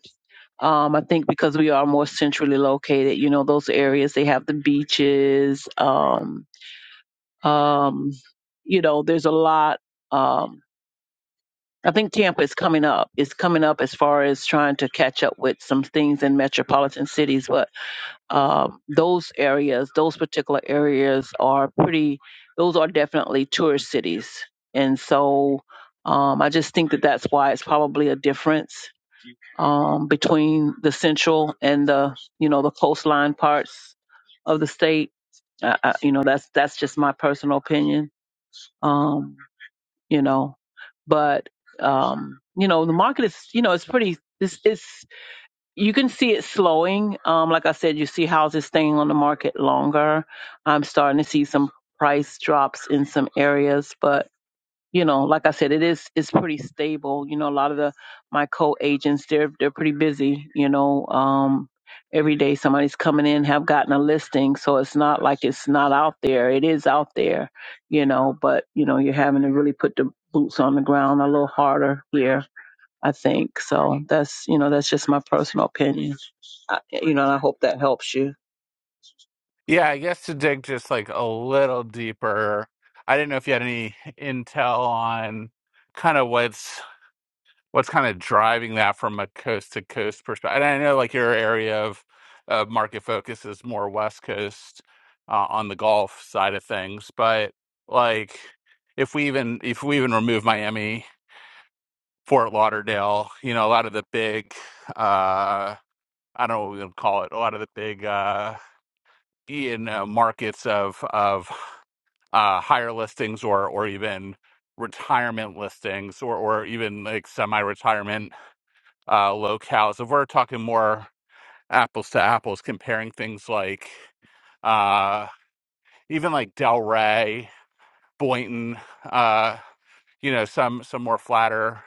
Um, I think because we are more centrally located, you know, those areas, they have the beaches. Um, um, you know, there's a lot. um. I think Tampa is coming up. It's coming up as far as trying to catch up with some things in metropolitan cities, but um, those areas, those particular areas are pretty, those are definitely tourist cities. And so um, I just think that that's why it's probably a difference um, between the central and the, you know, the coastline parts of the state. I, I, you know, that's, that's just my personal opinion. Um, you know. But um, you know, the market is, you know, it's pretty it's it's you can see it slowing. Um, like I said, you see houses staying on the market longer. I'm starting to see some price drops in some areas, but you know, like I said, it is it's pretty stable. You know, a lot of the my co-agents they're they're pretty busy. You know, um, every day somebody's coming in, have gotten a listing, so it's not like it's not out there. It is out there, you know, but you know you're having to really put the boots on the ground a little harder here. I think so. That's you know that's just my personal opinion. I, you know, and I hope that helps you. Yeah, I guess to dig just like a little deeper, I didn't know if you had any intel on kind of what's what's kind of driving that from a coast to coast perspective. And I know like your area of uh, market focus is more West Coast uh, on the Gulf side of things, but like if we even if we even remove Miami, Fort Lauderdale, you know, a lot of the big uh I don't know what we would call it, a lot of the big uh, in uh, markets of of uh, higher listings or or even retirement listings or or even like semi-retirement uh, locales. If we're talking more apples to apples, comparing things like uh, even like Delray, Boynton, uh, you know, some some more flatter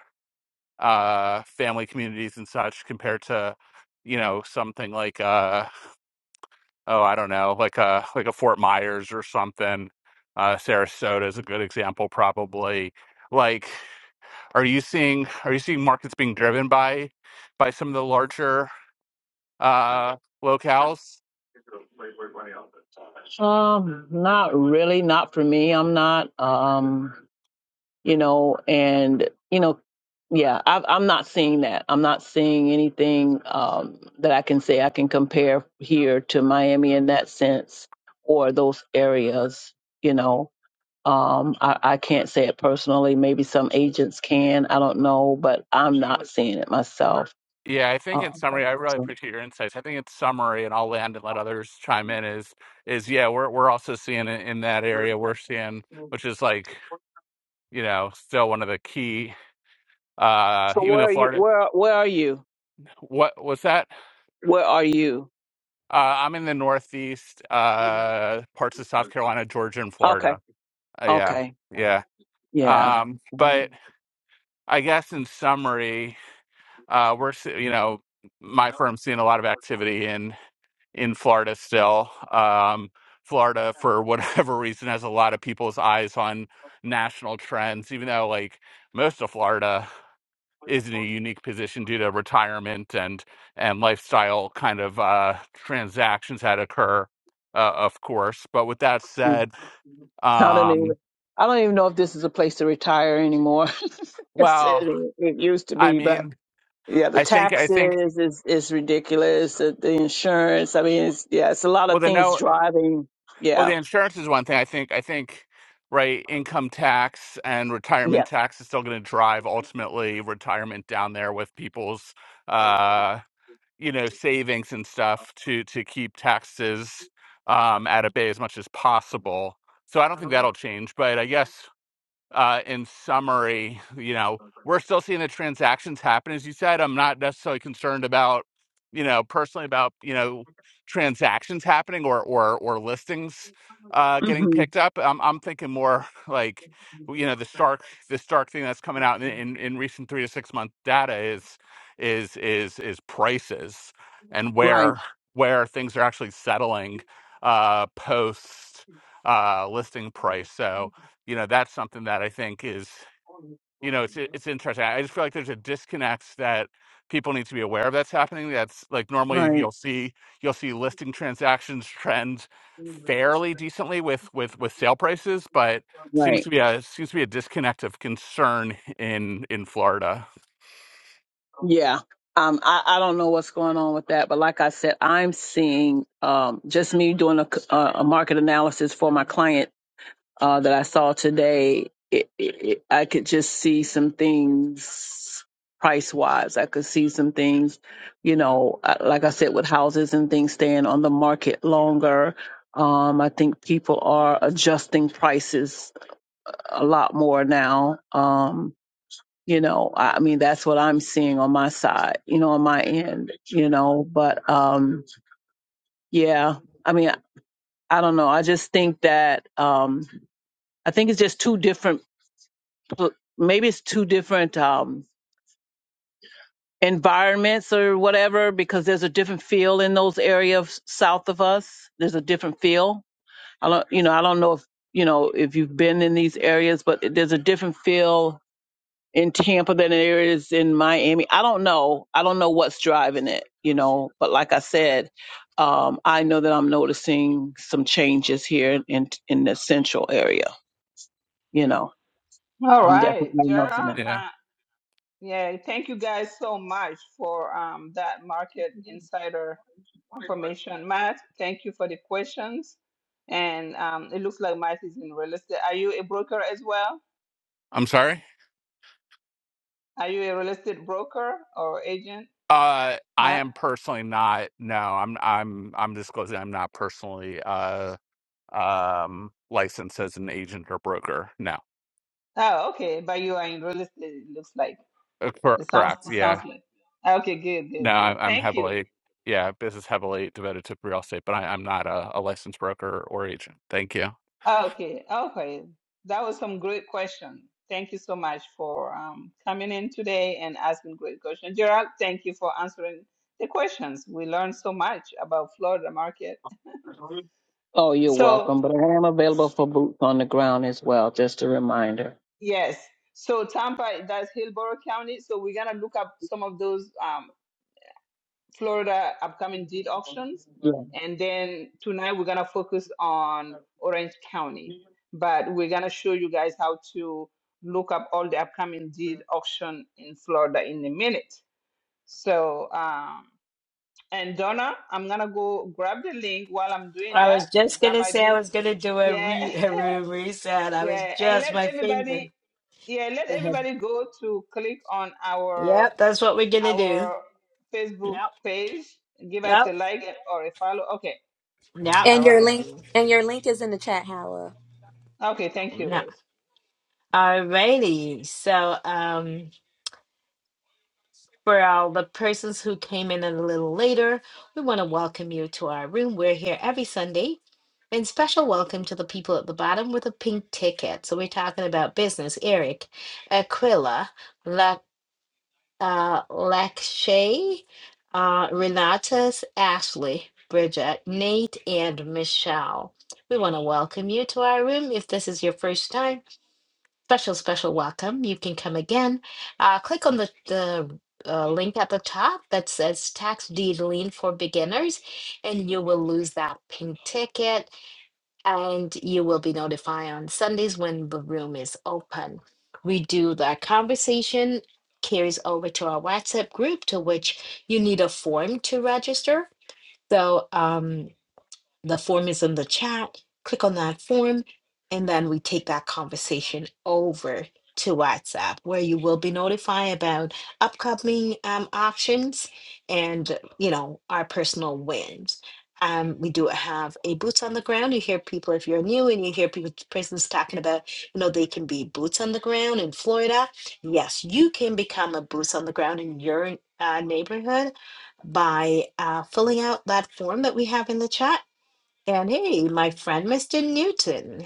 uh, family communities and such compared to you know something like uh, oh, I don't know, like a like a Fort Myers or something. Uh, Sarasota is a good example, probably. Like, are you seeing are you seeing markets being driven by by some of the larger uh, locales? Um, not really, not for me. I'm not. Um, you know, and you know, yeah, I've, I'm not seeing that. I'm not seeing anything um, that I can say I can compare here to Miami in that sense or those areas. You know, um, I, I can't say it personally. Maybe some agents can. I don't know, but I'm not seeing it myself. Yeah, I think in Um, summary, I really so, appreciate your insights. I think in summary, and I'll land and let others chime in. Is is yeah, we're we're also seeing it in that area. We're seeing which is like you know still one of the key. Uh, so even where though are you? Florida, Where where are you? what was that? Where are you? Uh, I'm in the Northeast, uh, parts of South Carolina, Georgia, and Okay. Florida. Uh, yeah, Okay. yeah. Yeah. Um, but I guess in summary, uh, we're se- you know my firm's seeing a lot of activity in in Florida still. Um, Florida, for whatever reason, has a lot of people's eyes on national trends, even though like most of Florida is in a unique position due to retirement and and lifestyle kind of uh, transactions that occur, uh, of course. But with that Mm. said, I don't even. um, I don't even know if this is a place to retire anymore. It's- it, well, it used to I be, but mean, yeah, the I think I think taxes is is ridiculous. The, the insurance. I mean, it's yeah, it's a lot well of the things no driving. well the Yeah, insurance is one thing. I think I think right income tax and retirement yeah. tax is still going to drive ultimately retirement down there with people's uh you know savings and stuff to to keep taxes um, at a bay as much as possible. So I don't think that'll change, but I guess uh, in summary, you know, we're still seeing the transactions happen. As you said, I'm not necessarily concerned about, you know, personally about, you know, transactions happening or or or listings uh getting hmm picked up. I'm I'm thinking more like you know, the stark the stark thing that's coming out in, in, in recent three to six month data is is is is prices and Right, where where things are actually settling uh post uh listing price. So you know that's something that I think is you know it's it's interesting. I just feel like there's a disconnect that people need to be aware of that's happening. That's like normally right, you'll see you'll see listing transactions trend fairly decently with with with sale prices, but seems right. to be a seems to be a disconnect of concern in in Florida. Yeah. Um, I, I don't know what's going on with that, but like I said, I'm seeing um, just me doing a, c- a a market analysis for my client uh, that I saw today, it, it, it- I could just see some things price wise. I could see some things, you know, uh, like I said, with houses and things staying on the market longer. Um, I think people are adjusting prices a lot more now. Um, you know, I I mean, that's what I'm seeing on my side, you know, on my end, you know, but, um, yeah, I mean, I I don't know. I just think that, um, I think it's just two different. So maybe it's two different um, environments or whatever because there's a different feel in those areas south of us. There's a different feel. I don't, you know, I don't know if you know if you've been in these areas, but there's a different feel in Tampa than there is in Miami. I don't know. I don't know what's driving it, you know. But like I said, um, I know that I'm noticing some changes here in in the central area. You know, All I'm definitely right, noticing that. Gerald. Yeah, Uh, Yeah, thank you guys so much for um, that market insider information. Matt, thank you for the questions. And um, it looks like Matt is in real estate. Are you a broker as well? I'm sorry. Are you a real estate broker or agent, Uh, I Matt? am personally not. No, I'm I'm I'm disclosing. I'm not personally uh um licensed as an agent or broker. No. Oh, okay. But you are in real estate, it looks like. Uh, cor- It sounds correct. it sounds Yeah. like. Okay, good, No, good, I'm, good. I'm Thank you. heavily, yeah, business heavily devoted to real estate, but I, I'm not a, a licensed broker or agent. Thank you. Okay, okay. That was some great question. Thank you so much for um, coming in today and asking great questions. Gerald, thank you for answering the questions. We learned so much about Florida market. Oh, you're So, welcome. But I am available for boots on the ground as well, just a reminder. yes. So Tampa, that's Hillborough County. So we're gonna look up some of those. Um, Florida upcoming deed auctions. And then tonight we're gonna focus on Orange County. But we're gonna show you guys how to look up all the upcoming deed auction in Florida in a minute. So um and Donna, I'm gonna go grab the link while I'm doing I that. was just That gonna might say I be was gonna do a, yeah, re- a room reset. I was yeah. And just let my finger. everybody yeah, let Go ahead. everybody go to click on our Yep, that's what we're gonna do. our Yep, Facebook page. Give us yep, a like or a follow. Okay. yep, All and your right. link and your link is in the chat howell Okay. Thank you, yep. Rose. Alrighty. So, um. For all the persons who came in a little later, we want to welcome you to our room. We're here every Sunday. And special welcome to the people at the bottom with a pink ticket. So we're talking about business. Eric, Aquila, La, uh, Lakshay, uh, Renatus, Ashley, Bridget, Nate, and Michelle. We want to welcome you to our room if this is your first time special, special welcome. You can come again. Uh, click on the, the uh, link at the top that says Tax Deed Lien for Beginners, and you will lose that pink ticket, and you will be notified on Sundays when the room is open. We do the conversation carries over to our WhatsApp group, to which you need a form to register. So, um, the form is in the chat. Click on that form, and then we take that conversation over to WhatsApp, where you will be notified about upcoming um, auctions and you know our personal wins. Um, we do have a boots on the ground. You hear people if you're new and you hear people persons talking about, you know, they can be boots on the ground in Florida. Yes, you can become a boots on the ground in your uh, neighborhood by uh, filling out that form that we have in the chat and hey, my friend, Mr. Newton.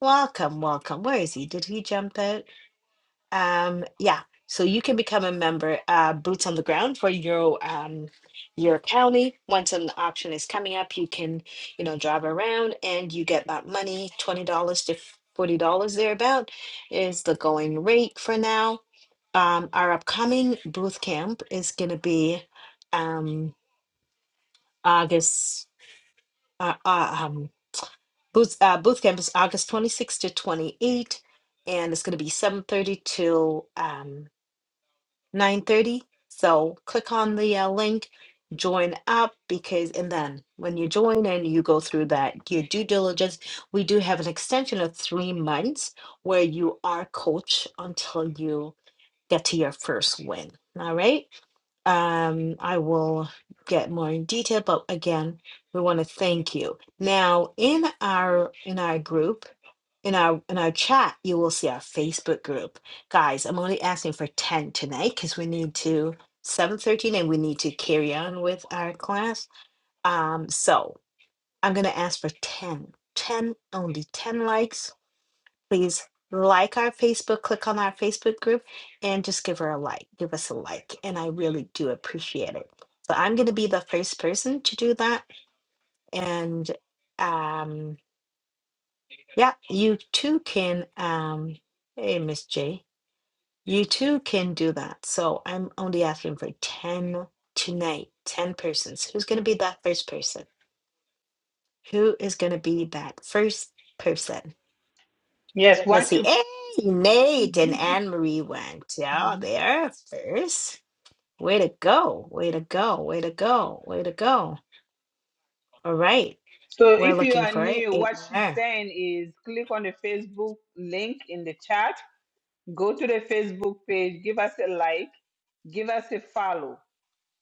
Welcome, welcome. Where is he? Did he jump out? Um, yeah. So you can become a member, uh, boots on the ground for your um your county. Once an option is coming up, you can, you know, drive around and you get that money, twenty dollars to forty dollars thereabout is the going rate for now. Um, our upcoming booth camp is gonna be um August uh, uh, um Booth, uh, Booth Camp is August twenty sixth to twenty eighth, and it's going to be 7.30 till um, 9.30. So click on the uh, link, join up, because, and then when you join and you go through that, your due diligence, we do have an extension of three months where you are coach until you get to your first win. All right? um, I will get more in detail, but again, we want to thank you. Now, in our in our group, in our in our chat, you will see our Facebook group. Guys, I'm only asking for 10 tonight because we need to 7:13 and we need to carry on with our class. Um, so I'm gonna ask for 10, 10, only 10 likes please like our Facebook, click on our Facebook group, and just give her a like. Give us a like. And I really do appreciate it. So I'm going to be the first person to do that. And um, yeah, you too can, um, hey, Miss J, you too can do that. So I'm only asking for 10 tonight, 10 persons. Who's going to be that first person? Who is going to be that first person? Yes. Let's Once see. you. Hey, Nate and Anne Marie went. Yeah, Mhm. there first. Way to go. Way to go. Way to go. Way to go. All right. So We're if you looking are for it. new, Eight what she's more. saying is click on the Facebook link in the chat, go to the Facebook page, give us a like, give us a follow.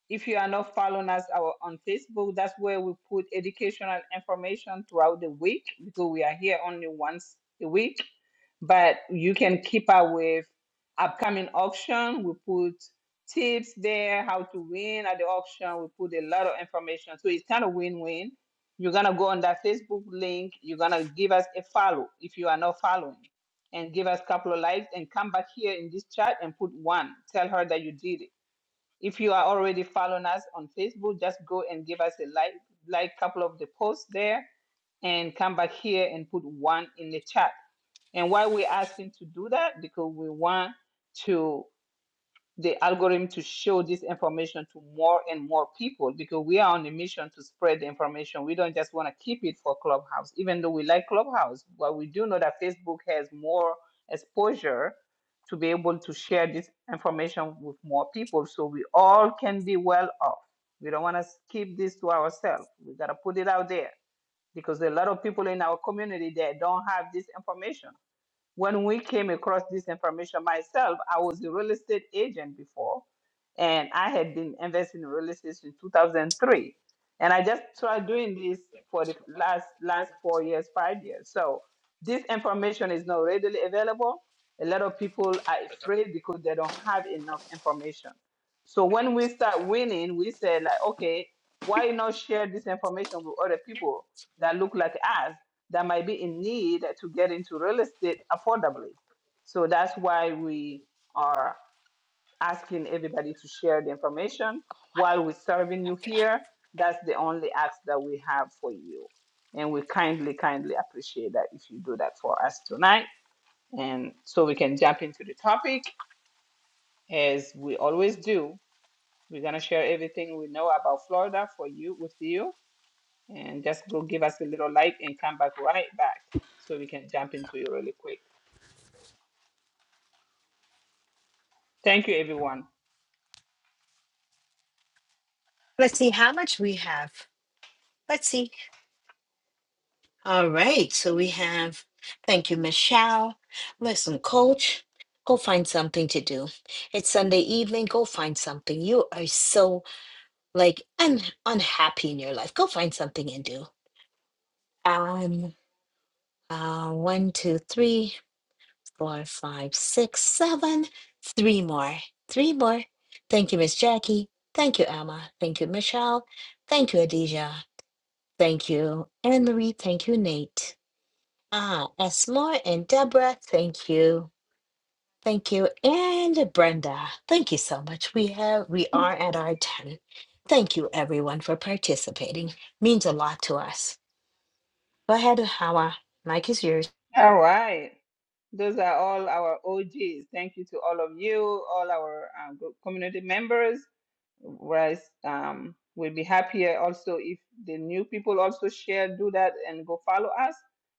If you are not following us our, on Facebook, that's where we put educational information throughout the week because we are here only once a week. But you can keep up with upcoming auction. We put tips there, how to win at the auction. We put a lot of information. So it's kind of win-win. You're gonna go on that Facebook link, you're gonna give us a follow if you are not following and give us a couple of likes and come back here in this chat and put one. Tell her that you did it. If you are already following us on Facebook, just go and give us a like, like couple of the posts there, and come back here and put one in the chat. And why we're asking to do that because we want to the algorithm to show this information to more and more people because we are on a mission to spread the information. We don't just want to keep it for Clubhouse, even though we like Clubhouse. But we do know that Facebook has more exposure to be able to share this information with more people so we all can be well off. We don't want to keep this to ourselves. We got to put it out there because a lot of people in our community that don't have this information when we came across this information myself, I was a real estate agent before, and I had been investing in real estate since 2003. And I just tried doing this for the last last four years, five years. So this information is not readily available. A lot of people are afraid because they don't have enough information. So when we start winning, we say like, okay, why not share this information with other people that look like us that might be in need to get into real estate affordably. So that's why we are asking everybody to share the information while we're serving you here. That's the only ask that we have for you. And we kindly, kindly appreciate that if you do that for us tonight. And so we can jump into the topic as we always do. We're going to share everything we know about Florida for you with you. And just go give us a little like and come back right back so we can jump into it really quick. Thank you, everyone. Let's see how much we have. Let's see. All right. So we have, thank you, Michelle. Listen, coach, go find something to do. It's Sunday evening. Go find something. You are so like un- unhappy in your life. Go find something and do. Um, uh, one, two, three. four, five, six, seven. Three more. Three more. Thank you, Miss Jackie. Thank you, Emma. Thank you, Michelle. Thank you, Adija. Thank you, Anne Marie. Thank you, Nate. Ah, Esmore and Deborah. Thank you. Thank you. And Brenda. Thank you so much. We have we are at our 10. Thank you everyone for participating. Means a lot to us. Go ahead, Hawa. Mike is yours. All right. Those are all our OGs. Thank you to all of you, all our uh, group community members. Whereas um, we'll be happier also if the new people also share, do that, and go follow us.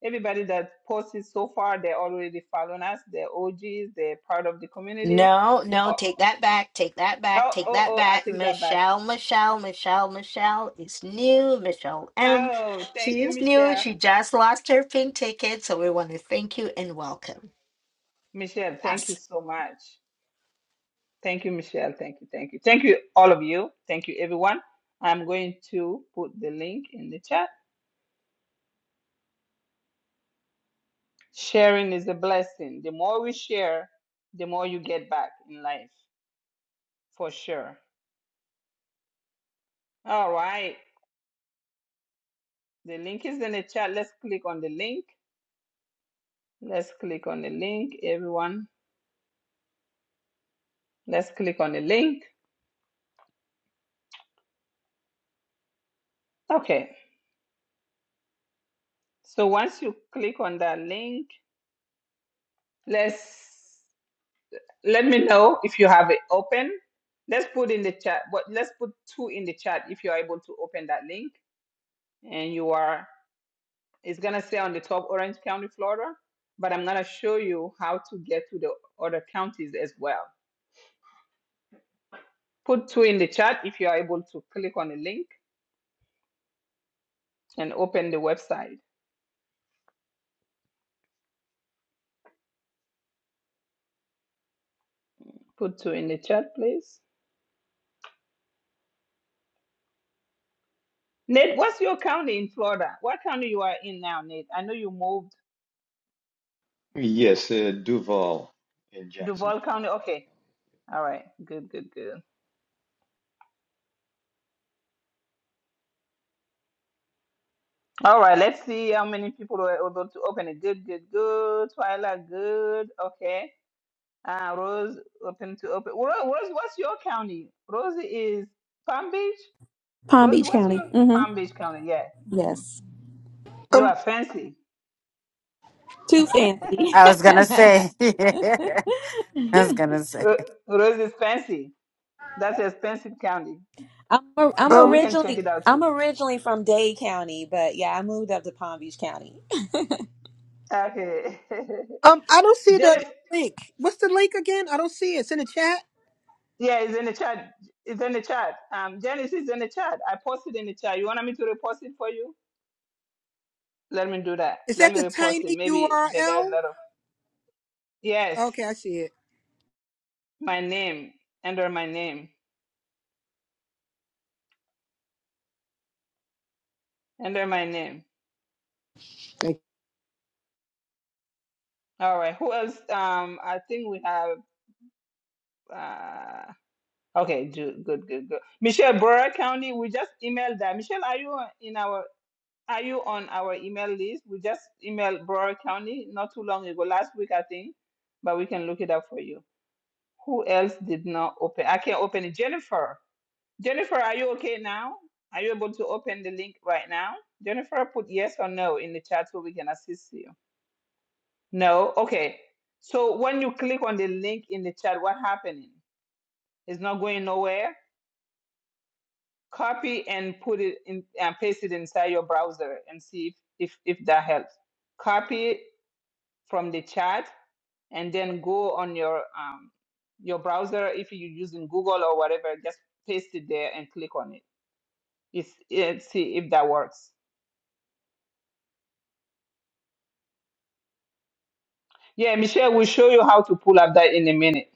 Everybody that posted so far, they're already following us. They're OGs. They're part of the community. No, no, Oh, take that back, take that back, oh, take oh! that oh I back. take that back. Michelle, Michelle, Michelle, Michelle is new. Michelle M. Oh, thank She you, is new. Michelle. She just lost her pink ticket. So we want to thank you and welcome. Michelle, thank Yes. you so much. Thank you, Michelle. Thank you. Thank you. Thank you, all of you. Thank you, everyone. I'm going to put the link in the chat. Sharing is a blessing. The more we share, the more you get back in life, for sure. All right. The link is in the chat. Let's click on the link. Let's click on the link, everyone. Let's click on the link. Okay. So once you click on that link, let's let me know if you have it open. Let's put in the chat, but let's put two in the chat if you're able to open that link and you are, it's gonna say on the top Orange County, Florida, but I'm gonna show you how to get to the other counties as well. Put two in the chat if you are able to click on the link and open the website. Put two in the chat, please. Nate, what's your county in Florida? What county you are in now, Nate? I know you moved Yes, uh, Duval in Duval Jacksonville. County. Duval Okay. County. All right. Good, good, good. All right, let's see how many people were able to open it. Good, good, good. Twyla, good. Okay. Uh, Rose, open to open. Ro- Rose, what's your county? Rose is Palm Beach. palm Rose, beach what's county your Palm Beach county? Yeah. Mhm. Yes. You are Um, fancy. Too fancy. I was gonna say, I was gonna say. Ro- Rose is fancy. That's expensive county, I'm or- I'm but um, we can check originally it out I'm too. originally from Dade County, but yeah, I moved up to Palm Beach County. Okay. um, I don't see the Jennifer, link. What's the link again? I don't see it. It's in the chat. yeah, it's in the chat. It's in the chat. Um, Janice is in the chat. I posted in the chat. You want me to repost it for you? Let me do that. Is Let that me the repost it. tiny Maybe they got a URL? lot of yes. Okay, I see it. My name under my name under my name. All right. Who else? Um, I think we have. Uh, okay. Do, good. Good. Good. Michelle Broward County. We just emailed that. Michelle, are you on- in our? Are you on our email list? We just emailed Broward County not too long ago, last week I think, but we can look it up for you. Who else did not open? I can't open it. Jennifer. Jennifer, are you okay now? Are you able to open the link right now? Jennifer, put yes or no in the chat so we can assist you. No? Okay. So when you click on the link in the chat, what happening? It's not going nowhere. Copy and put it in and paste it inside your browser and see if, if, if that helps. Copy it from the chat and then go on your um, your browser if you're using Google or whatever, just paste it there and click on it. It's, it see if that works. Yeah, Michelle will show you how to pull up that in a minute.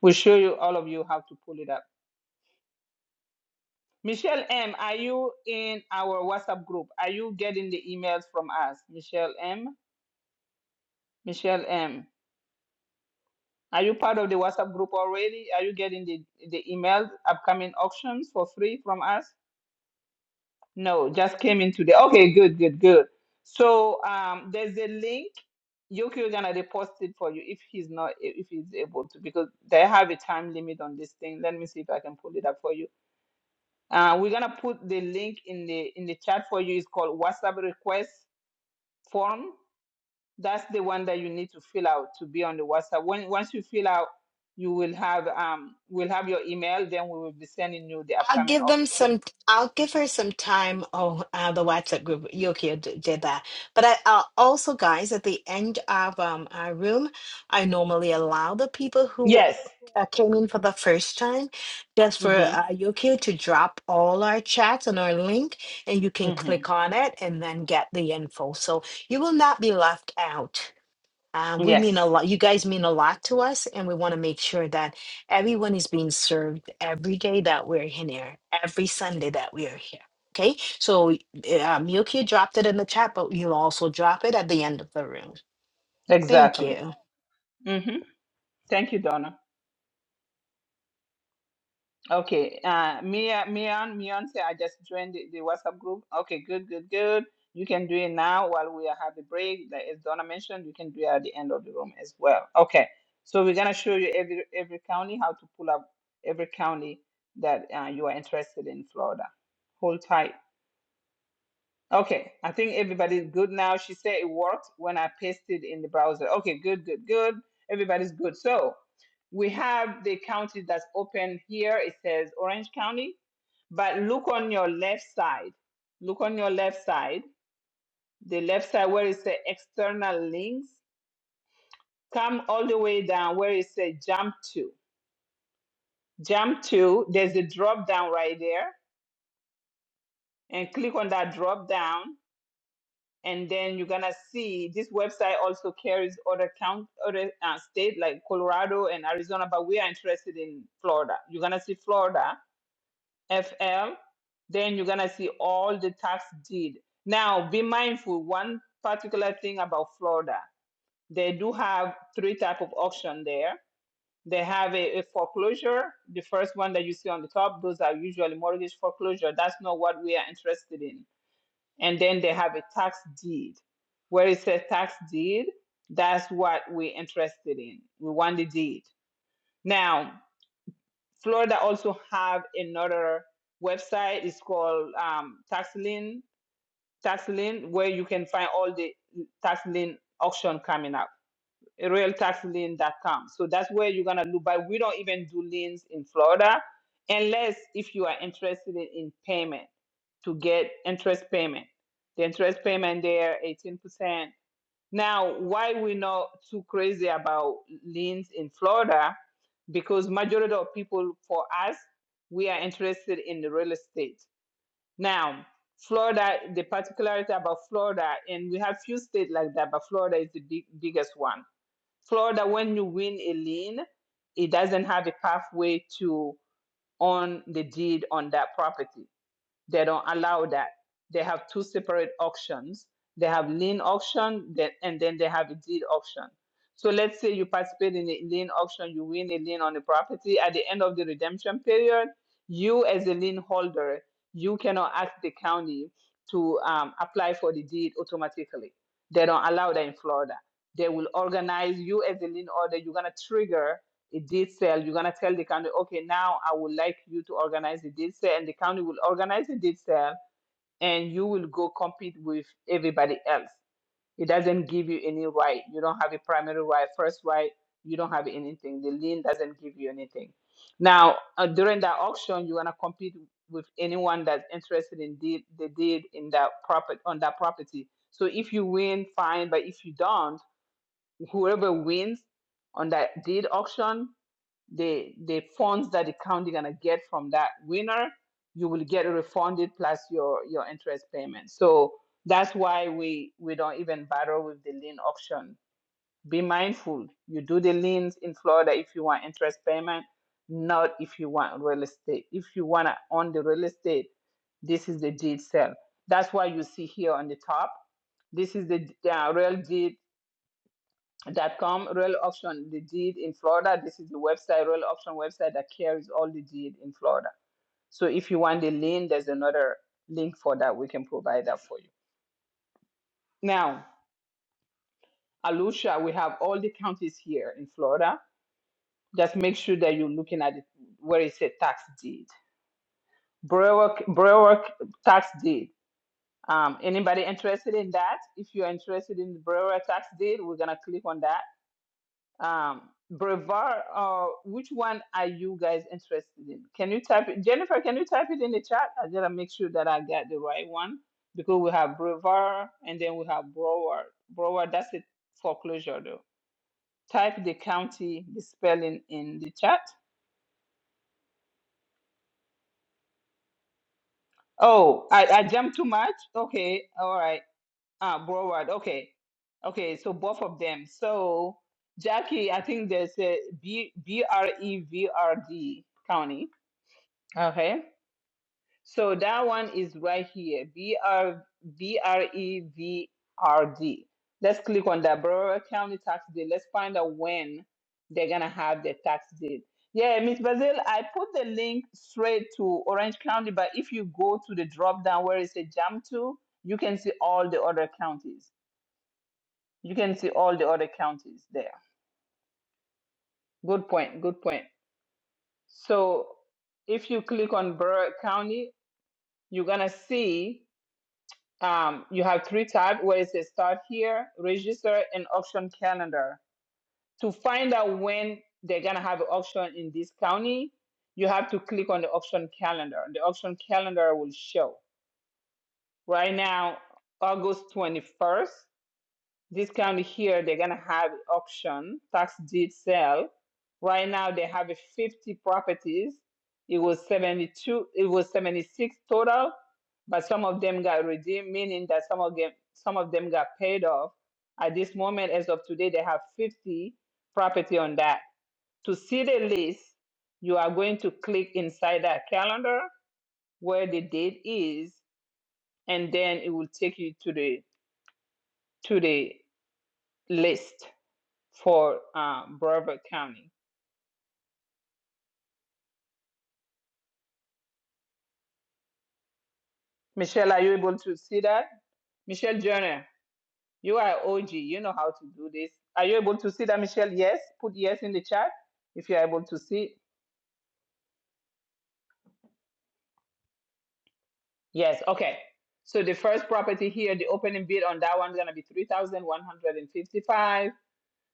We'll show you all of you how to pull it up. Michelle M, are you in our WhatsApp group? Are you getting the emails from us? Michelle M? Michelle M. Are you part of the WhatsApp group already? Are you getting the, the emails, upcoming auctions for free from us? No, just came in today. Okay, good, good, good. So um, there's a link. Yuki is gonna repost it for you if he's not if he's able to because they have a time limit on this thing. Let me see if I can pull it up for you. Uh, we're gonna put the link in the in the chat for you. It's called WhatsApp request form. That's the one that you need to fill out to be on the WhatsApp. When once you fill out, you will have um will have your email. Then we will be sending you the I'll upcoming give them auction. some. I'll give her some time. Oh, uh, the WhatsApp group Yokio d- did that, but I i also, guys, at the end of um, our room, I normally allow the people who Yes. uh, came in for the first time, just for Mhm. uh, Yokio to drop all our chats and our link, and you can Mhm. click on it and then get the info. So you will not be left out. Uh, we mean Yes. a lot. You guys mean a lot to us, and we want to make sure that everyone is being served every day that we're in here, every Sunday that we are here. Okay, so uh, um, Yuki dropped it in the chat, but you'll also drop it at the end of the room. Thank Exactly. you. Mhm. Thank you, Donna. Okay. Uh, Mia, Mia, Beyonce, I just joined the, the WhatsApp group. Okay, good, good, good. You can do it now while we have the break. Like as Donna mentioned, you can do it at the end of the room as well. Okay. So we're gonna show you every every county how to pull up every county that uh, you are interested in Florida. Hold tight. Okay, I think everybody's good now. She said it worked when I pasted in the browser. Okay, good, good, good. Everybody's good. So we have the county that's open here. It says Orange County, but look on your left side. Look on your left side. The left side where it says external links. Come all the way down where it says jump to. Jump to. There's a drop down right there, and click on that drop down. and then you're gonna see this website also carries other count other uh, state like Colorado and Arizona, but we are interested in Florida. You're gonna see Florida FL, then you're gonna see all the tax deed. Now, be mindful. One particular thing about Florida, they do have three type of auction there. They have a, a foreclosure. The first one that you see on the top, those are usually mortgage foreclosure. That's not what we are interested in and then they have a tax deed. Where it says tax deed, that's what we're interested in. We want the deed. Now, Florida also have another website. It's called um, TaxLien, TaxLink, where you can find all the TaxLien auction coming up. RealTaxLink.com. So that's where you're gonna look. But we don't even do liens in Florida, unless if you are interested in payment to get interest payment. The interest payment there, 18%. Now, why we not too crazy about liens in Florida? Because majority of people for us, we are interested in the real estate. Now, Florida, the particularity about Florida, and we have few states like that, but Florida is the big, biggest one. Florida, when you win a lien, it doesn't have a pathway to own the deed on that property they don't allow that. They have two separate auctions. They have lien auction that, and then they have a deed auction. So let's say you participate in a lien auction, you win a lien on the property. At the end of the redemption period, you as a lien holder, you cannot ask the county to um, apply for the deed automatically. They don't allow that in Florida. They will organize you as a lien holder. You're gonna trigger a deed sale. you're gonna tell the county, okay, now I would like you to organize the deed sale, and the county will organize the deed sale, and you will go compete with everybody else. It doesn't give you any right. You don't have a primary right, first right. You don't have anything. The lien doesn't give you anything. Now, uh, during that auction, you're gonna compete with anyone that's interested in deed, the deed in that property on that property. So if you win, fine. But if you don't, whoever wins on that deed auction the the funds that the county gonna get from that winner, you will get refunded plus your your interest payment. So that's why we we don't even bother with the lien option. Be mindful. You do the liens in Florida if you want interest payment, not if you want real estate. If you wanna own the real estate, this is the deed sale. That's why you see here on the top. This is the uh, real deed dot com Royal Auction, the deed in Florida. This is the website, Royal Auction website that carries all the deed in Florida. So if you want the lien, there's another link for that. We can provide that for you. Now, Alusha, we have all the counties here in Florida. Just make sure that you're looking at it where it says tax deed. Brewer, Brewer tax deed. Um, anybody interested in that? If you're interested in the Brewer tax deed, we're gonna click on that Um, Brevar, uh, which one are you guys interested in? Can you type it? Jennifer, can you type it in the chat? I gotta make sure that I got the right one because we have Brevard and then we have Broward. Broward. that's a foreclosure though. Type the county, the spelling in the chat. Oh, I, I jumped too much. Okay, all right. Uh, Broward. Okay, okay. So both of them. So Jackie, I think there's a B B R E V R D county. Okay. So that one is right here, BR, BREVRD. Let's click on the Broward County tax day. Let's find out when they're gonna have the tax date. Yeah, Miss Bazil, I put the link straight to Orange County, but if you go to the drop down where it says jump to, you can see all the other counties. You can see all the other counties there. Good point, good point. So if you click on Broward County, you're gonna see Um, you have three tabs where it says start here, register, and auction calendar. To find out when they're gonna have an auction in this county, you have to click on the auction calendar. The auction calendar will show. Right now, August 21st, this county here, they're gonna have auction, tax deed sale. Right now, they have a 50 properties. It was 72, it was 76 total, but some of them got redeemed, meaning that some of them, some of them got paid off. At this moment, as of today, they have 50 property on that. To see the list, you are going to click inside that calendar where the date is, and then it will take you to the to the list. for uh, Broward County. Michelle, are you able to see that? Michelle Jenner, you are OG. You know how to do this. Are you able to see that, Michelle? Yes. Put yes in the chat if you're able to see. Yes. Okay. So the first property here, the opening bid on that one is gonna be three thousand one hundred and fifty-five. dollars.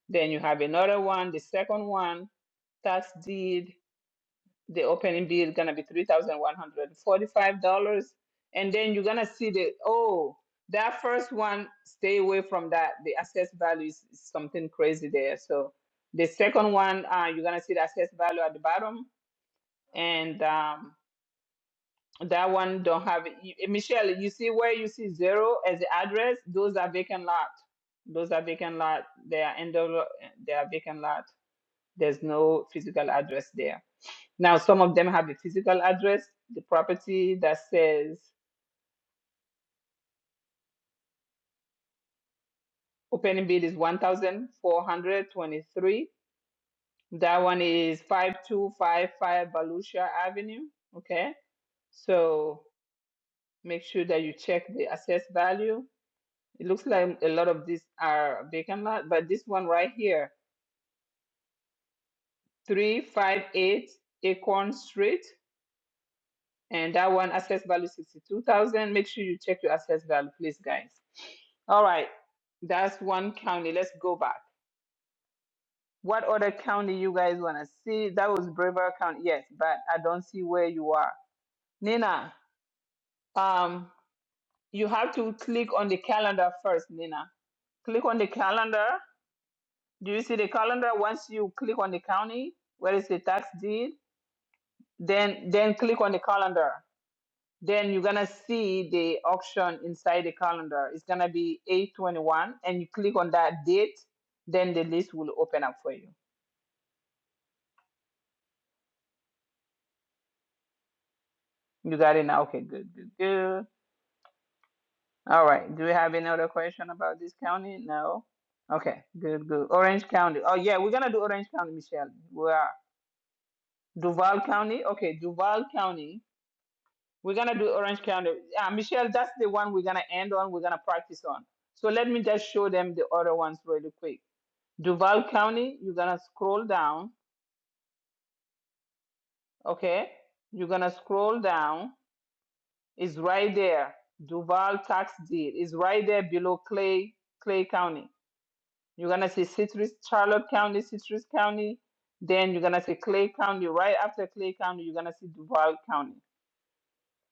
Then you have another one, the second one, tax deed. the opening bid is gonna be three thousand one hundred forty-five dollars, and then you're gonna see the oh that first one stay away from that. The assessed value is, is something crazy there. So the second one, uh, you're gonna see the assessed value at the bottom, and um, that one don't have it. you- eh, Michelle. You see where you see zero as the address? Those are vacant lot. Those are vacant lot. They are end of, eh, they are vacant lot. There's no physical address there now, some of them have the physical address, the property that says opening bid is 1,423. That one is 5255 Volusia Avenue. Okay. So make sure that you check the assessed value. It looks like a lot of these are vacant lot, but this one right here, 358 Acorn Street. and that one assess value 62,000. Make sure you check your assess value, please, guys. All right, that's one county. Let's go back. What other county you guys wanna see? That was Brevard County, yes, but I don't see where you are. Nina, um, you have to click on the calendar first, Nina. Click on the calendar. Do you see the calendar? Once you click on the county, where is the tax deed? Then then click on the calendar. then you're gonna see the auction inside the calendar. It's gonna be 821, and you click on that date, then the list will open up for you. You got it now? Okay, good, good, good. All right. Do we have any other question about this county? No. Okay, good, good. Orange County. Oh yeah, we're gonna do Orange County, Michelle. We are Duval County. Okay, Duval County. We're gonna do Orange County. Uh, Michelle, that's the one we're gonna end on. We're gonna practice on. So let me just show them the other ones really quick. Duval County, you're gonna scroll down, okay? You're gonna scroll down. It's right there. Duval tax deed is right there below Clay Clay County. You're gonna see Citrus, Charlotte County, Citrus County. Then you're gonna see Clay County. Right after Clay County, you're gonna see Duval County.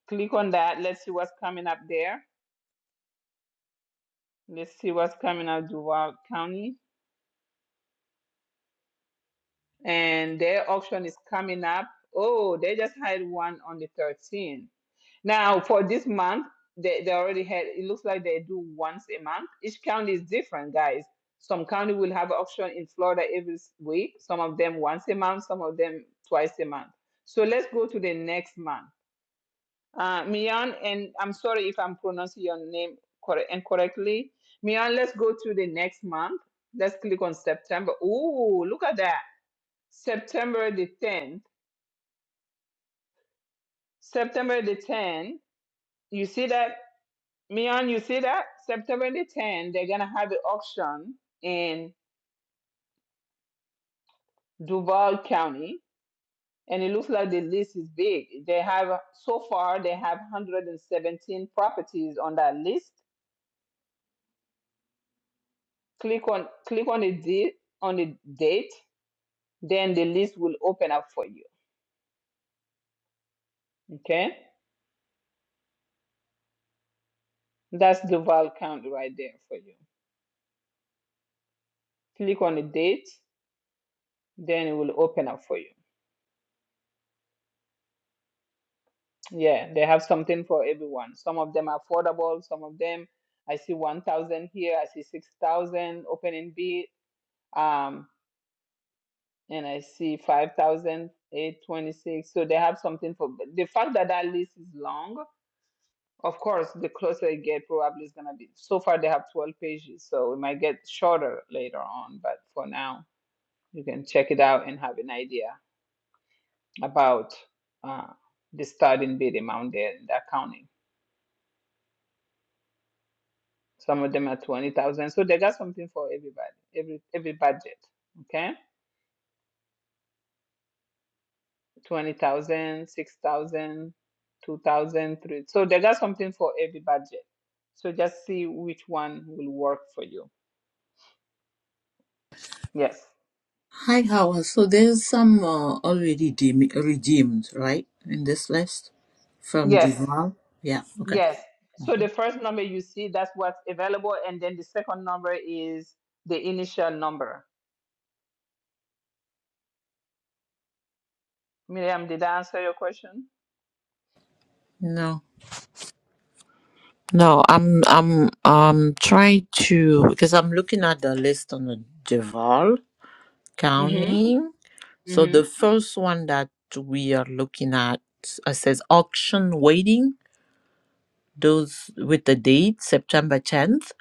Click on that. Let's see what's coming up there. Let's see what's coming up Duval County. And their auction is coming up. Oh, they just had one on the 13th. Now, for this month, they, they already had, it looks like they do once a month. Each county is different, guys. Some county will have auction in Florida every week, some of them once a month, some of them twice a month. So let's go to the next month. Uh, Mian, and I'm sorry if I'm pronouncing your name corre- incorrectly. Mian, let's go to the next month. Let's click on September. Ooh, look at that. September the 10th. September the 10th. You see that Mian, you see that? September the 10th, they're going to have the auction in Duval County. And it looks like the list is big. They have, so far, they have 117 properties on that list. Click on, click on the date, on the date, then the list will open up for you. Okay? That's Duval County right there for you. Click on the date, then it will open up for you. Yeah, they have something for everyone. Some of them are affordable, some of them I see 1,000 here, I see 6,000 open in bid, um, and I see five thousand eight twenty six. So they have something for but the fact that that list is long. Of course, the closer you get, probably is going to be. So far, they have 12 pages, so it might get shorter later on, but for now, you can check it out and have an idea about uh, the starting bid amount there in that county. Some of them are 20,000. So they got something for everybody, every every budget. Okay? 20,000, 6,000, 2,000, 3. So they got something for every budget. So just see which one will work for you. Yes. Hi, Howard. So there's some uh, already dem- redeemed, right, in this list from Yes. Duval. Yeah. Okay. Yes. So the Mhm. first number you see, that's what's available. And then the second number is the initial number. Miriam, did I answer your question? No, no. I'm I'm um trying to because I'm looking at the list on the Duval Mm-hmm. County. So the Mm-hmm. first one that we are looking at uh, says auction waiting. Those with the date September 10th.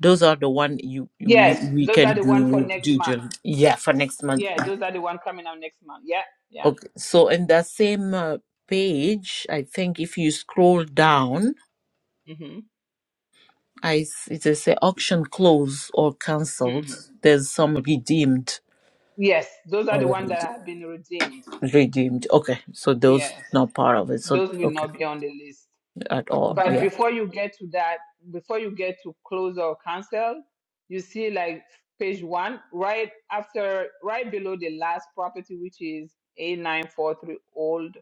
Those are the one you, you, you Yes. we Those are can the one for do next month. diligent. Yeah, for next month. Yeah, those are the one coming out next month. Yeah. Yeah. Okay, so in the same uh, page, I think if you scroll down, Mm-hmm. I s- it says say auction closed or cancelled. Mm-hmm. There's some redeemed Yes, those are the or ones that have been redeemed. rede- redeemed. Okay, so those Yes. not part of it. So Those will okay, not be on the list. at all. Oh But yeah. before you get to that, before you get to close or cancel, you see like page one, right after, right below the last property, which is A943 Old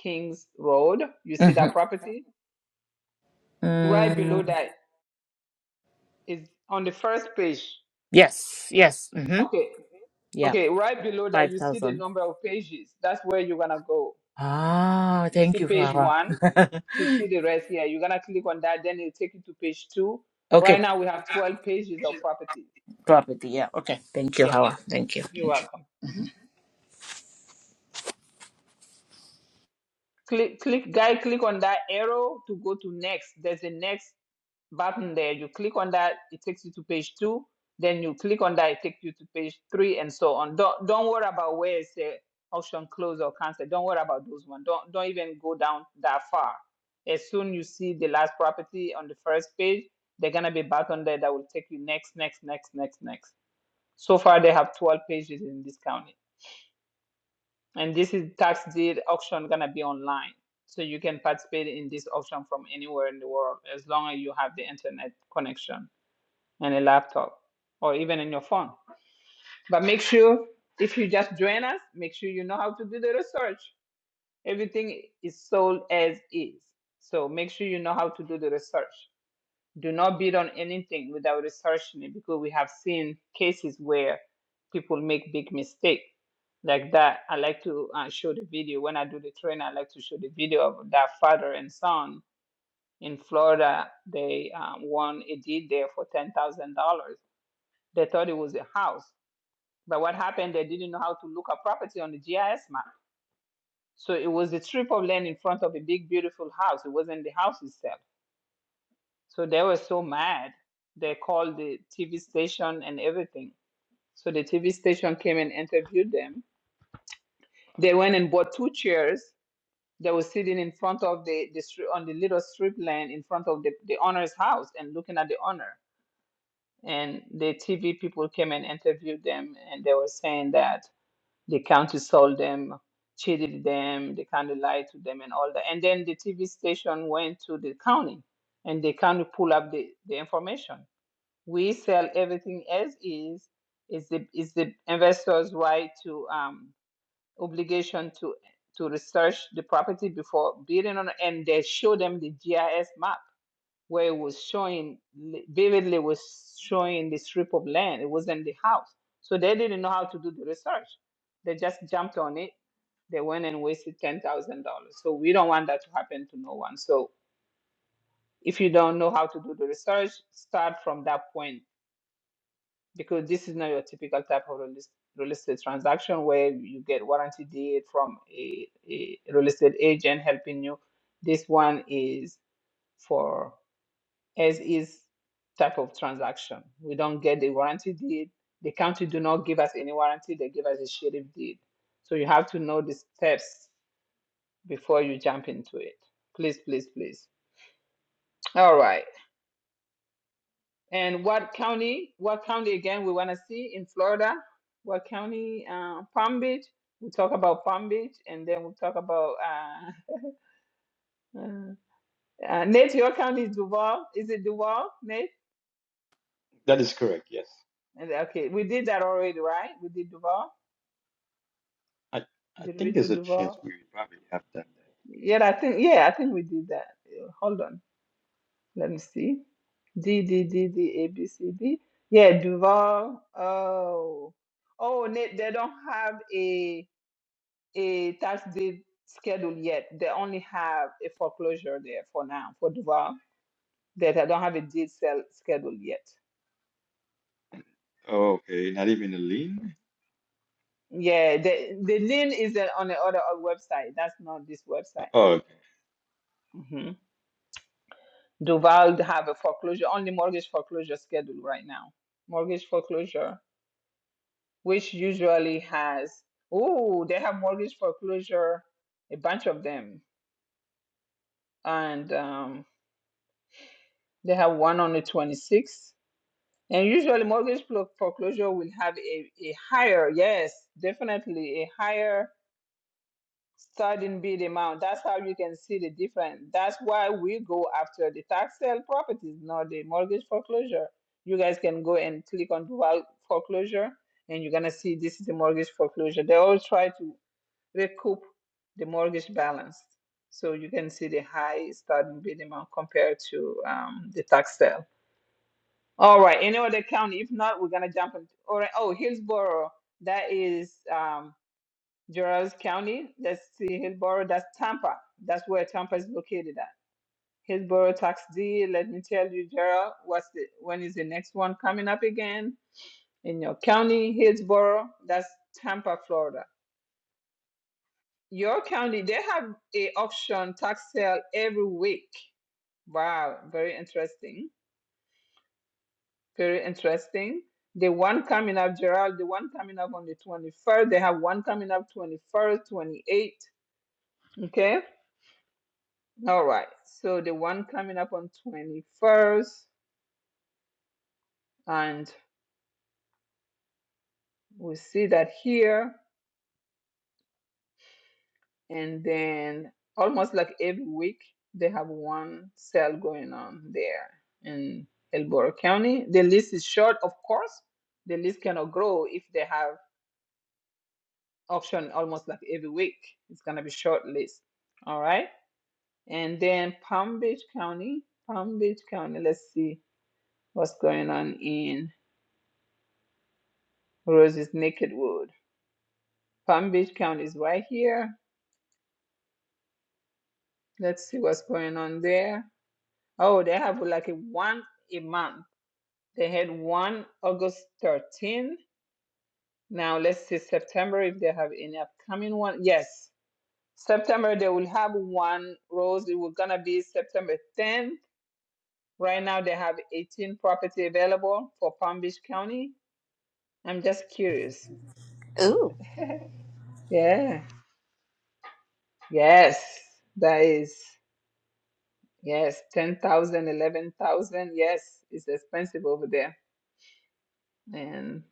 Kings Road. You see hmm that property? Right below Mm, that is on the first page. yes. Yes. hmm Okay. Yeah. Okay, right below that, Five you see the thousand. number of pages. That's where you're gonna go. Ah, you thank see you, page Hawa. one to see the rest here. You're gonna click on that, then it'll take you to page two. Right okay, now we have 12 pages of properties. property. Yeah. Okay, thank you, Yeah, Hawa. Thank you. you're Thank you. welcome. Mhm. Click, click, guy, click on that arrow to go to next. There's a next button there. You click on that, it takes you to page two. Then you click on that, it takes you to page three, and so on. Don't don't worry about where it's a option close or cancel. Don't worry about those ones. Don't don't even go down that far. As soon you see the last property on the first page, they're gonna be button there that will take you next, next, next, next, next. So far they have 12 pages in this county. And this is tax deed auction gonna be online. So you can participate in this auction from anywhere in the world as long as you have the internet connection and a laptop or even in your phone. But make sure if you just join us, make sure you know how to do the research. Everything is sold as is. So make sure you know how to do the research. Do not bid on anything without researching it because we have seen cases where people make big mistake like that. I like to uh, show the video when I do the training. I like to show the video of that father and son in Florida. They um, won a deed there for ten thousand dollars they thought it was a house. But what happened, they didn't know how to look up property on the GIS map. So it was a strip of land in front of a big, beautiful house. It wasn't the house itself. So they were so mad. They called the TV station and everything. So the TV station came and interviewed them. They went and bought two chairs. They were sitting in front of the, the on the little strip land in front of the, the owner's house and looking at the owner. And the TV people came and interviewed them, and they were saying that The county sold them, cheated them, they kind of lied to them and all that. And then the TV station went to the county and the county pull up the, the information. We sell everything as is. It's the, it's the investor's right to um, obligation to to research the property before bidding on it, and they show them the GIS map where it was showing vividly was showing the strip of land. It wasn't the house, so they didn't know how to do the research. They just jumped on it. They went and wasted ten thousand dollars. So we don't want that to happen to no one. So if you don't know how to do the research, start from that point because this is not your typical type of real est- real estate transaction where you get warranty deed from a, a real estate agent helping you. This one is for as is type of transaction. We don't get the warranty deed. The county do not give us any warranty. They give us a sheriff deed. So you have to know the steps before you jump into it. Please, please, please. All right. And what county? What county again? We want to see in Florida. What county? Uh, Palm Beach. We talk about Palm Beach, and then we talk about uh, uh, uh, Nate. Your county is Duval. Is it Duval, Nate? That is correct, yes. And- Okay, we did that already, right? We did Duval. I, I Did we think do there's a chance Duval? we probably have done Yeah, I think yeah, I think we did that. Uh, Hold on, let me see. D D D D A B C D. Yeah, Duval. Oh, oh, they, they don't have a a tax deed schedule yet. They only have a foreclosure there for now for Duval. That they don't have a deed sale schedule yet. that. Okay, not even a lien? Yeah, the the lien is on the other website. That's not this website. Mm-hmm. Duval have a foreclosure, only mortgage foreclosure schedule right now. Mortgage foreclosure, which usually has, oh, they have mortgage foreclosure, a bunch of them. And um, they have one on the 26th. And usually mortgage flo- foreclosure will have a, a higher, yes, definitely a higher certain bid amount. That's how you can see the difference. That's why we go after the tax sale properties, not the mortgage foreclosure. You guys can go and click on dual foreclosure, and you're gonna see this is the mortgage foreclosure. They all try to recoup the mortgage balance, so you can see the high starting bid amount compared to um, the tax sale. All right, any other county? If not, we're gonna jump into. All right, oh Hillsborough, that is. Um, Juarez County. Let's see, Hillsborough, that's Tampa. That's where Tampa is located at. Hillsborough Tax D, let me tell you, Gerald, what's the when is the next one coming up again in your county, Hillsborough? That's Tampa, Florida. Your county, they have a auction tax sale every week. Wow, very interesting. Very interesting. The one coming up, Gerald, the one coming up on the 21st. They have one coming up 21st, 28th. Okay All right. So the one coming up on 21st, and we see that here. And then almost like every week, they have one sale going on there in Hillsborough County. The list is short, of course. The list cannot grow if they have auction almost like every week. It's gonna be short list. All right. And then Palm Beach County, Palm Beach County. Let's see what's going on in Rose's Naked Wood. Palm Beach County is right here. Let's see what's going on there. Oh, they have like a one a month. They had one August 13. Now let's see September if they have any upcoming one. Yes, September they will have one rose. It was gonna be September 10th. Right now they have 18 property available for Palm Beach County. I'm just curious. Ooh. Yeah. Yes, that is. Yes, 10,000, 11,000. Yes, it's expensive over there. And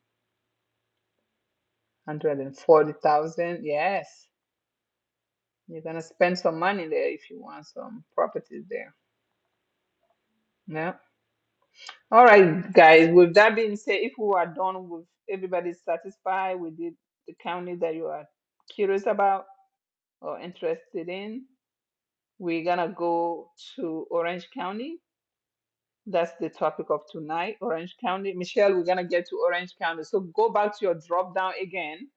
140,000. Yes, you're going to spend some money there if you want some properties there. Yeah. All right, guys. With that being said, if we are done with everybody's satisfied, we did the county that you are curious about or interested in, we're going to go to Orange County That's the topic of tonight, Orange County. Michelle, we're gonna get to Orange County. So go back to your drop down again.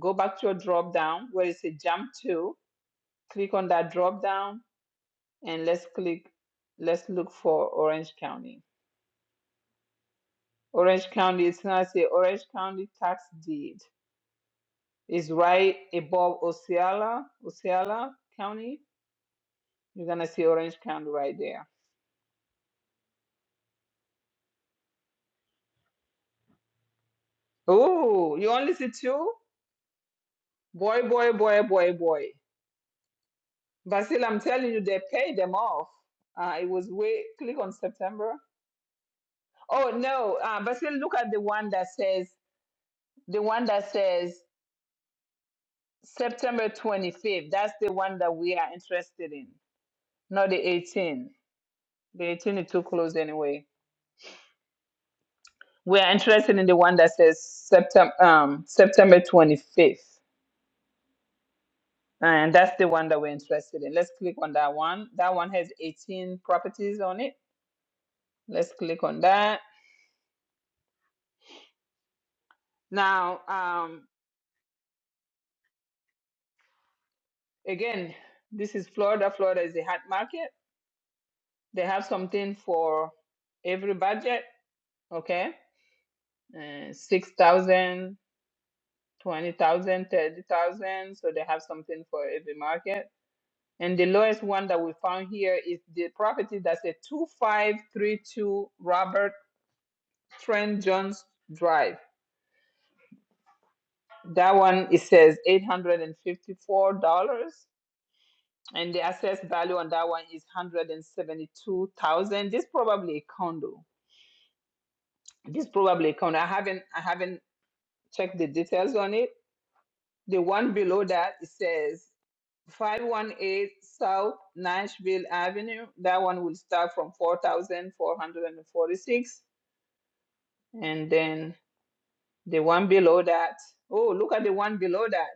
Go back to your drop down where it says jump to. Click on that drop down and let's click, let's look for Orange County. Orange County, it's gonna say Orange County tax deed. It's right above Osceola, Osceola County. You're gonna see Orange County right there. Oh, you only see two? Boy, boy, boy, boy, boy. Basil, I'm telling you, they paid them off. Uh, it was way, click on September. Oh, no. Uh, Basil, look at the one that says, the one that says September 25th. That's the one that we are interested in, not the 18. The 18 is too close anyway. We are interested in the one that says September, um, September 25th. And that's the one that we're interested in. Let's click on that one. That one has 18 properties on it. Let's click on that. Now, um, Again, this is Florida. Florida is a hot market. They have something for every budget, okay? Uh, 6,000, So they have something for every market. And the lowest one that we found here is the property that's a 2532 Robert Trent Jones Drive. That one, it says $854 and fifty four dollars, and the assessed value on that one is 172,000. This probably a condo. This probably account. I haven't I haven't checked the details on it. The one below that it says 518 South Nashville Avenue. That one will start from 4,446. And forty six, and then the one below that, oh, look at the one below that.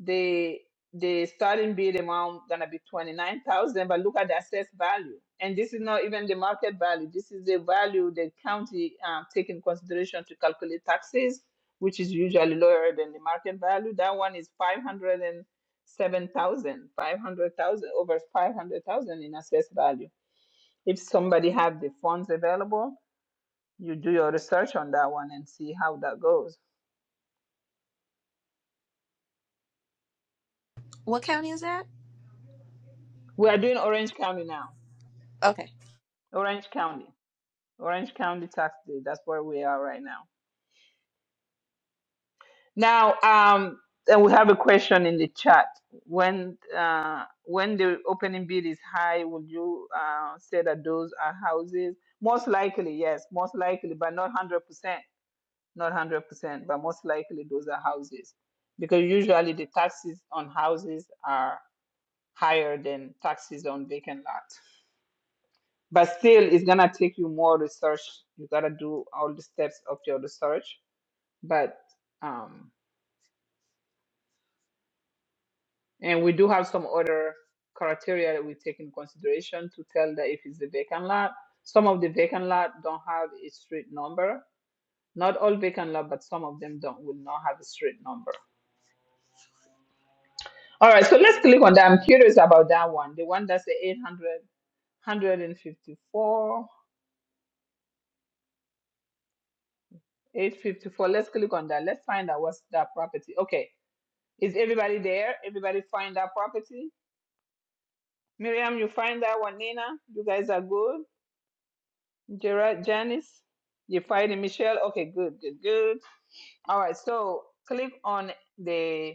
the the starting bid amount gonna be twenty nine thousand, but look at the assessed value. And this is not even the market value. This is the value the county um, take in consideration to calculate taxes, which is usually lower than the market value. That one is five hundred and seven thousand, five hundred thousand over five hundred thousand in assessed value. If somebody have the funds available, you do your research on that one and see how that goes. What county is that? We are doing Orange County now. Okay. Orange County. Orange County tax day. That's where we are right now. Now, um, and we have a question in the chat. When uh, when the opening bid is high, would you uh, say that those are houses? Most likely, yes. Most likely, but not hundred percent. Not hundred percent, but most likely those are houses, because usually the taxes on houses are higher than taxes on vacant lots. But still, it's gonna take you more research. You gotta do all the steps of your research but um, and we do have some other criteria that we take in consideration to tell that if it's a vacant lot. Some of the vacant lot don't have a street number. Not all vacant lot, but some of them don't will not have a street number. All right, so let's click on that. I'm curious about that one. The one that's the 800 854. Let's click on that. Let's find out what's that property. Okay, is everybody there? Everybody find that property? Miriam, you find that one. Nina, you guys are good. Gerard, Janice, you fighting Michelle? Okay, good, good, good. All right, so click on the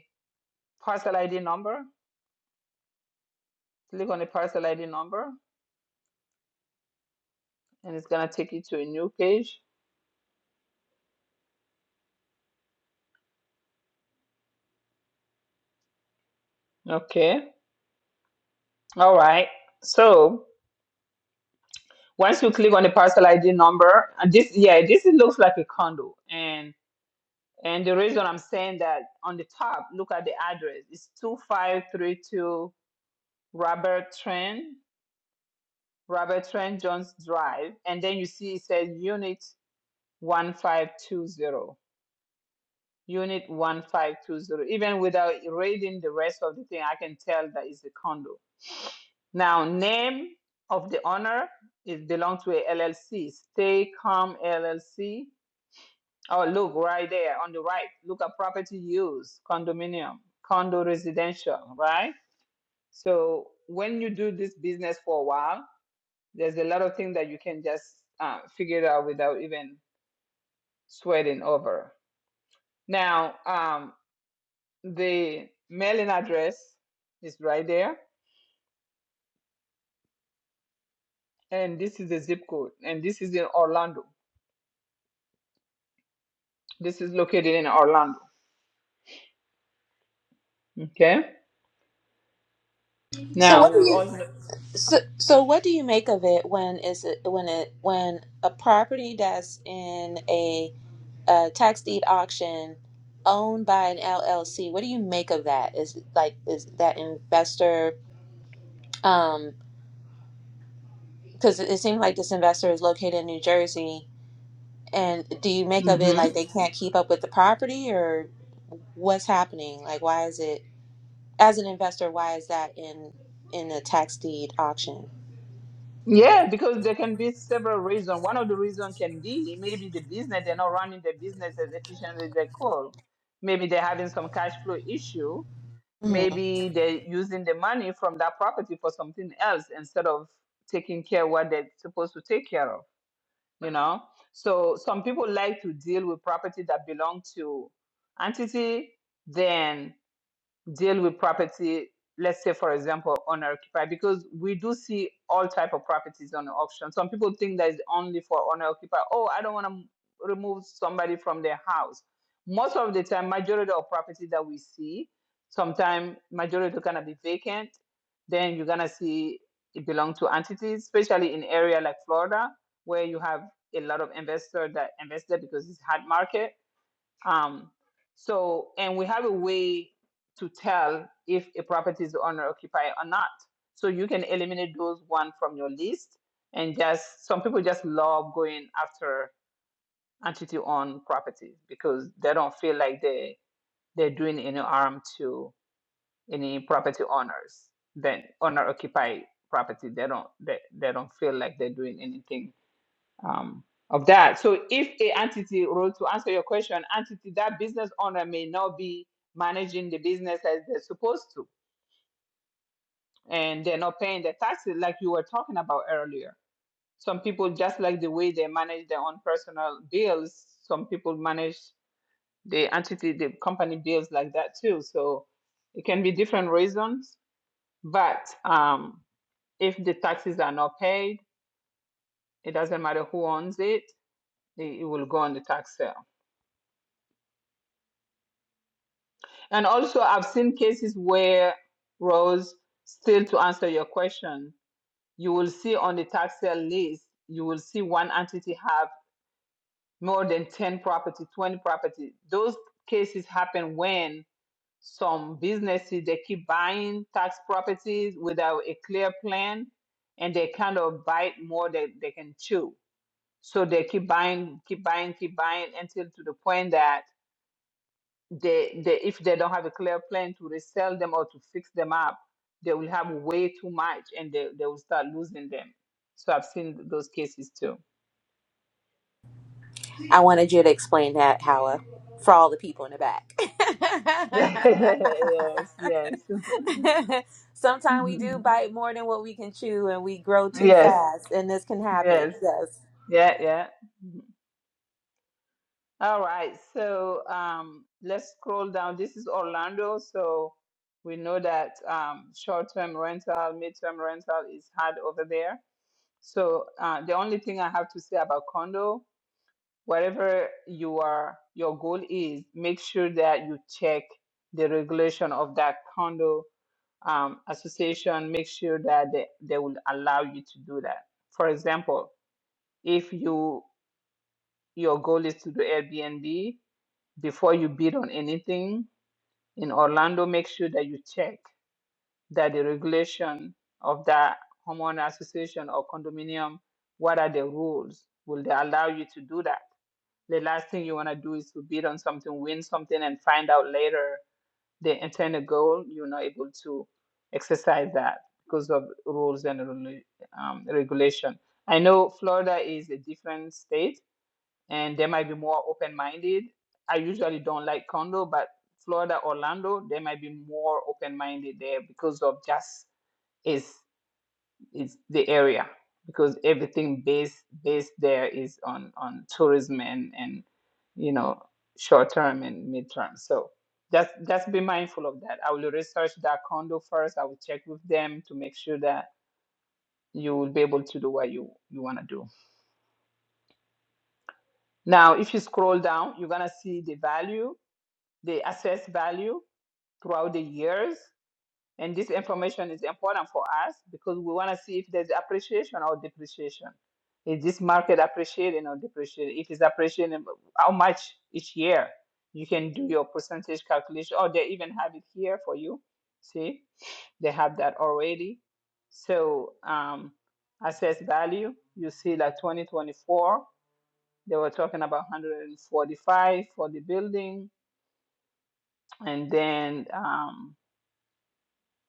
parcel ID number. Click on the parcel ID number, and it's gonna take you to a new page. Okay. All right. So once you click on the parcel ID number, and this, yeah, this is- looks like a condo, and and the reason I'm saying that on the top, look at the address. It's two five three two Robert Trent Robert Trent Jones Drive, and then you see it says Unit 1520. Unit 1520. Even without reading the rest of the thing, I can tell that it's a condo. Now, name of the owner is belong to a LLC, Stay Calm LLC. Oh, look right there on the right. Look at property use, condominium, condo residential, right? So when you do this business for a while, There's a lot of things that you can just uh, figure it out without even sweating over. Now, um, the mailing address is right there, and this is the zip code, and this is in Orlando. This is located in Orlando. Okay. So what Now do we you all know. so, so what do you make of it when is it when it when a property that's in a, uh tax deed auction owned by an LLC, what do you make of that? Is it like is that investor um. because it seems like this investor is located in New Jersey. And do you make of it hmm like they can't keep up with the property, or what's happening? Like, why is it as an investor? Why is that in in the tax deed auction? yeah, because there can be several reasons. One of the reasons can be maybe the business, they're not running the business as efficiently as they could. Maybe they're having some cash flow issue hmm maybe they're using the money from that property for something else instead of taking care what they're supposed to take care of you know so some people like to deal with property that belong to entity than deal with property let's say for example owner occupied because we do see all type of properties on the auction some people think that it's only for owner occupied oh i don't want to remove somebody from their house most of the time majority of property that we see sometimes majority gonna be vacant then you're gonna see it belong to entities especially in area like florida where you have a lot of investor that invested because it's hard market um, so, and we have a way to tell if a property is owner occupied or not. So you can eliminate those one from your list. And just some people just love going after entity owned properties because they don't feel like they they're doing any harm to any property owners. Then owner occupied property, they don't they, they don't feel like they're doing anything um, of that. So if a entity, Ro, to answer your question, entity that business owner may not be managing the business as they're supposed to, and they're not paying the taxes like you were talking about earlier. Some people just like the way they manage their own personal bills. Some people manage the entity, the company bills like that too. So it can be different reasons, but um, if the taxes are not paid, it doesn't matter who owns it, it it will go on the tax sale. And also, I've seen cases where, Rose, still to answer your question, you will see on the tax sale list, you will see one entity have more than 10 property, 20 property. Those cases happen when some businesses, they keep buying tax properties without a clear plan and they kind of bite more than they can chew. So they keep buying, keep buying, keep buying until to the point that they, they if they don't have a clear plan to resell them or to fix them up, they will have way too much and they, they will start losing them. So I've seen those cases too. I wanted you to explain that, Howa, for all the people in the back. yes, yes. Sometimes we do Mhm. bite more than what we can chew, and we grow too yes, fast, and this can yes. happen. Yes. Yeah, yeah. Mhm. All right. So um, let's scroll down. This is Orlando. So we know that um, short term rental, mid term rental is hard over there. So uh, the only thing I have to say about condo whatever you are your goal is make sure that you check the regulation of that condo um, association make sure that they, they will allow you to do that for example if you your goal is to do airbnb before you bid on anything in orlando make sure that you check that the regulation of that homeowner association or condominium what are the rules will they allow you to do that the last thing you want to do is to bid on something, win something, and find out later the intended goal. You're not able to exercise that because of rules and rela- um, regulation. I know Florida is a different state, and they might be more open-minded. I usually don't like condo, but Florida, Orlando, they might be more open-minded there because of just is is the area because everything based based there is on on tourism and and you know short term and mid term. So just just be mindful of that. I will research that condo first. I will check with them to make sure that you will be able to do what you you want to do. Now, if you scroll down, you're gonna see the value, the assessed value throughout the years. And this information is important for us because we want to see if there's appreciation or depreciation. Is this market appreciating or depreciating? If it's appreciating, how much each year? You can do your percentage calculation, or they even have it here for you. See, they have that already. So, um, assess value, you see like 2024, they were talking about 145 for the building, and then um,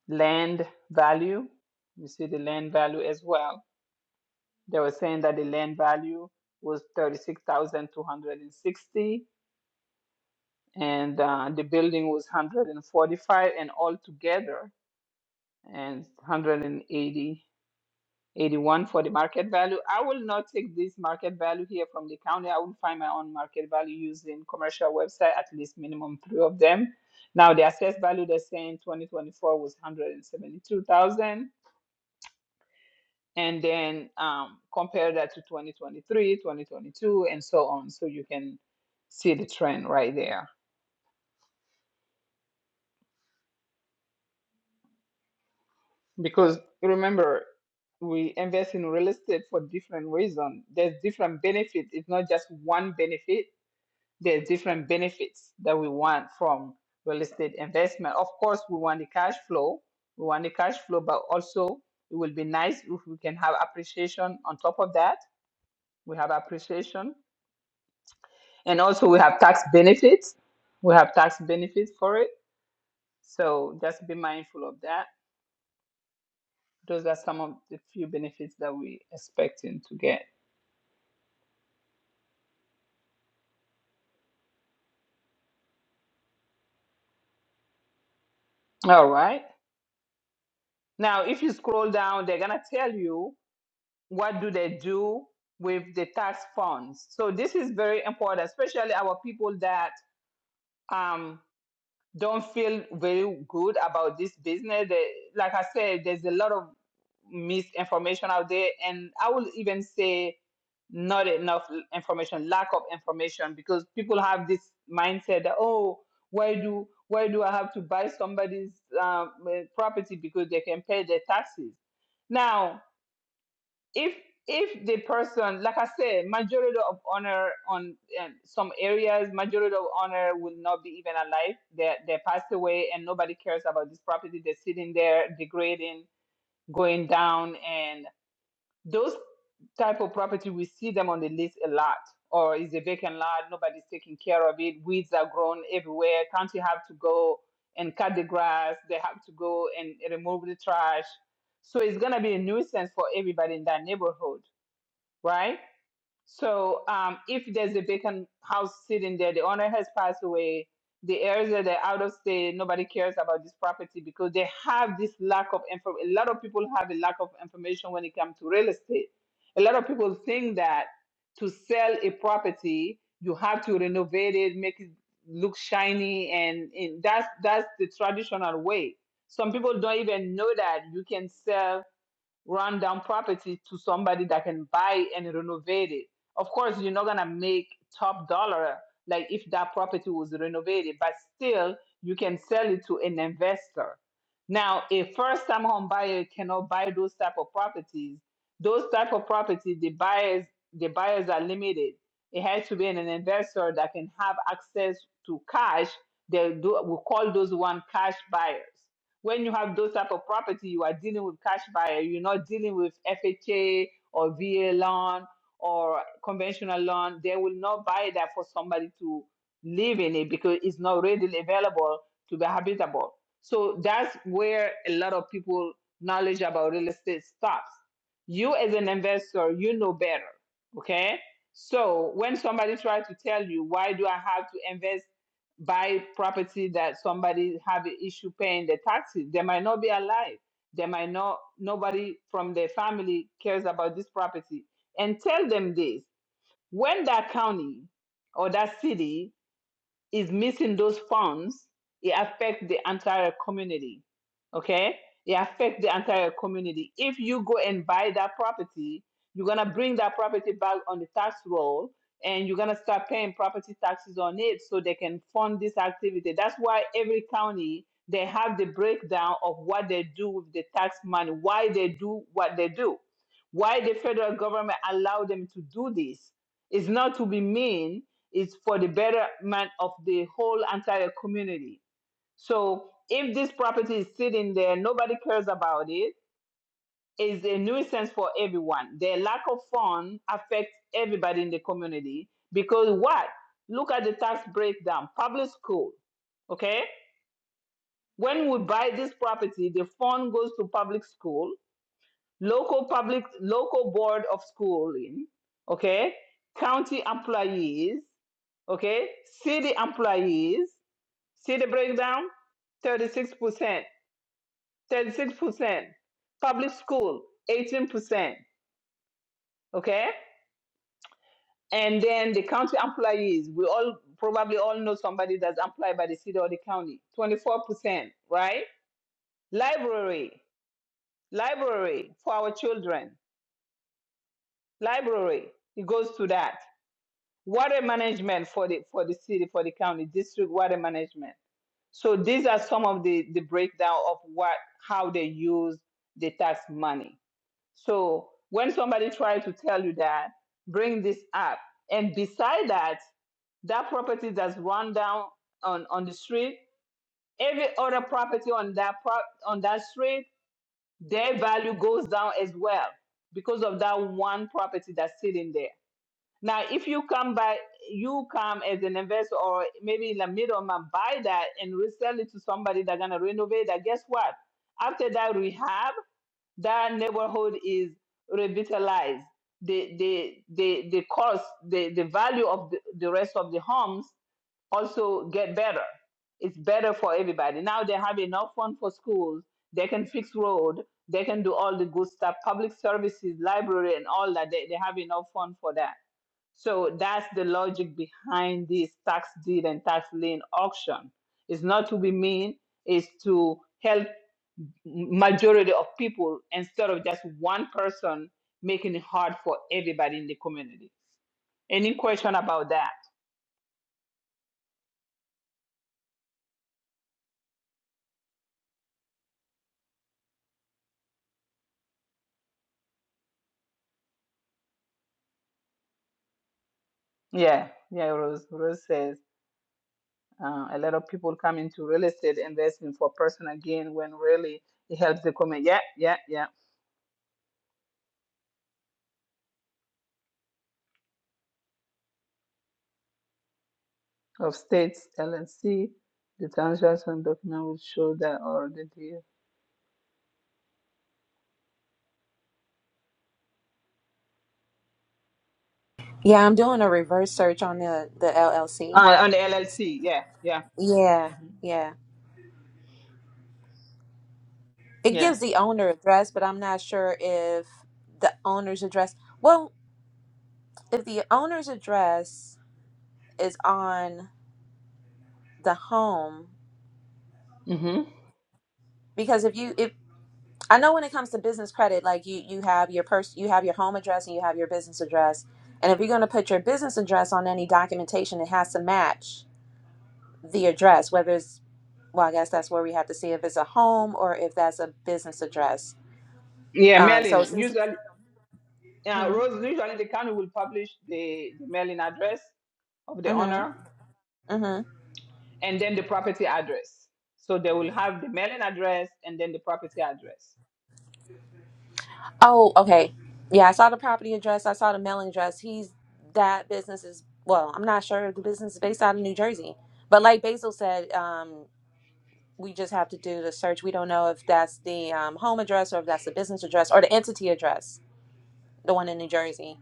land value. You see the land value as well. They were saying that the land value was 36,260 and uh, the building was 145 and all together and one hundred and eighty-eighty-one for the market value. I will not take this market value here from the county. I will find my own market value using commercial website, at least minimum three of them. Now the assessed value they're saying 2024 was 172,000 and then um, compare that to 2023, 2022, and so on. So you can see the trend right there. Because remember, we invest in real estate for different reasons. There's different benefits. It's not just one benefit. There's different benefits that we want from real estate investment. Of course, we want the cash flow. We want the cash flow, but also it will be nice if we can have appreciation on top of that. We have appreciation And also, we have tax benefits. We have tax benefits for it. So just be mindful of that. Those are some of the few benefits that we expecting to get. All right. Now, if you scroll down, they're gonna tell you what do they do with the tax funds. So this is very important, especially our people that um don't feel very good about this business. They- Like I said, there's a lot of misinformation out there, and I will even say not enough information, lack of information, because people have this mindset that oh, why do why do I have to buy somebody's um, eh, property because they can pay their taxes? Now, if if the person like i said majority of honor on um, some areas majority of honor will not be even alive they they passed away and nobody cares about this property they're sitting there degrading going down and those type of property we see them on the list a lot or is a vacant lot nobody's taking care of it weeds are grown everywhere county have to go and cut the grass they have to go and remove the trash so it's going to be a nuisance for everybody in that neighborhood right? So um, if there's a vacant house sitting there, the owner has passed away, the heirs are there out of state, nobody cares about this property because they have this lack of info. A lot of people have a lack of information when it comes to real estate. A lot of people think that to sell a property, you have to renovate it, make it look shiny, and, and that's that's the traditional way. Some people don't even know that you can sell run down property to somebody that can buy it and renovate it. Of course, you're not gonna make top dollar like if that property was renovated, but still you can sell it to an investor. Now, a first-time home buyer cannot buy those type of properties. Those type of properties, the buyers, the buyers are limited. It has to be an investor that can have access to cash. They do we call those one cash buyers when you have those type of property, you are dealing with cash buyer. You're not dealing with FHA or VA loan or conventional loan. They will not buy that for somebody to live in it because it's not readily available to be habitable. So that's where a lot of people knowledge about real estate stops. You as an investor, you know better. Okay. So when somebody tries to tell you why do I have to invest buy property that somebody have an issue paying the taxes. They might not be alive. They might not nobody from their family cares about this property. And tell them this when that county or that city is missing those funds, it affects the entire community. Okay? It affects the entire community. If you go and buy that property, you're gonna bring that property back on the tax roll and you're gonna start paying property taxes on it so they can fund this activity. That's why every county they have the breakdown of what they do with the tax money, why they do what they do, why the federal government allow them to do this. It's not to be mean, is for the betterment of the whole entire community. So if this property is sitting there, nobody cares about it, it's a nuisance for everyone. The lack of funds affects everybody in the community because what? Look at the tax breakdown. Public school, okay? When we buy this property, the fund goes to public school, local public, local board of schooling, okay? County employees, okay, city employees, See the breakdown? 36%. 36%. Public school, 18%. Okay? And then the county employees, we all probably all know somebody that's employed by the city or the county, 24%, right? Library, library for our children, library, it goes to that. Water management for the for the city, for the county, district water management. So these are some of the, the breakdown of what how they use the tax money. So when somebody tries to tell you that, bring this up. And beside that, that property that's run down on, on the street, every other property on that pro- on that street, their value goes down as well because of that one property that's sitting there. Now, if you come by, you come as an investor or maybe in the middle buy that and resell it to somebody that's gonna renovate that. Guess what? After that rehab that neighborhood is revitalized. The the the the cost, the, the value of the, the rest of the homes also get better. It's better for everybody. Now they have enough fund for schools. They can fix road. They can do all the good stuff, public services, library, and all that. They, they have enough fund for that. So that's the logic behind this tax deed and tax lien auction. It's not to be mean. It's to help majority of people instead of just one person making it hard for everybody in the community. Any question about that? Yeah, yeah, Rose. Rose says uh, a lot of people come into real estate investing for personal gain when really it helps the community. Yeah, yeah, yeah. Of states, LLC, the transaction document will show that or the deal. Yeah, I'm doing a reverse search on the the LLC Uh, on the LLC, yeah, yeah. Yeah, hmm yeah. It Yeah. gives the owner address, but I'm not sure if the owner's address, well, if the owner's address is on the home, hmm because if you if I know when it comes to business credit, like you you have your pers you have your home address and you have your business address. And if you're going to put your business address on any documentation, it has to match the address, whether it's well, I guess that's where we have to see if it's a home or if that's a business address. Yeah, Um, so Merlin, since, usually. uh, hmm, Rose, usually the county will publish the, the mailing address of the mm-hmm, owner mm-hmm. and then the property address. So they will have the mailing address and then the property address. Oh, okay. Yeah, I saw the property address. I saw the mailing address. He's that business is well, I'm not sure if the business is based out of New Jersey. But like Basil said, um, we just have to do the search. We don't know if that's the um, home address or if that's the business address or the entity address, the one in New Jersey.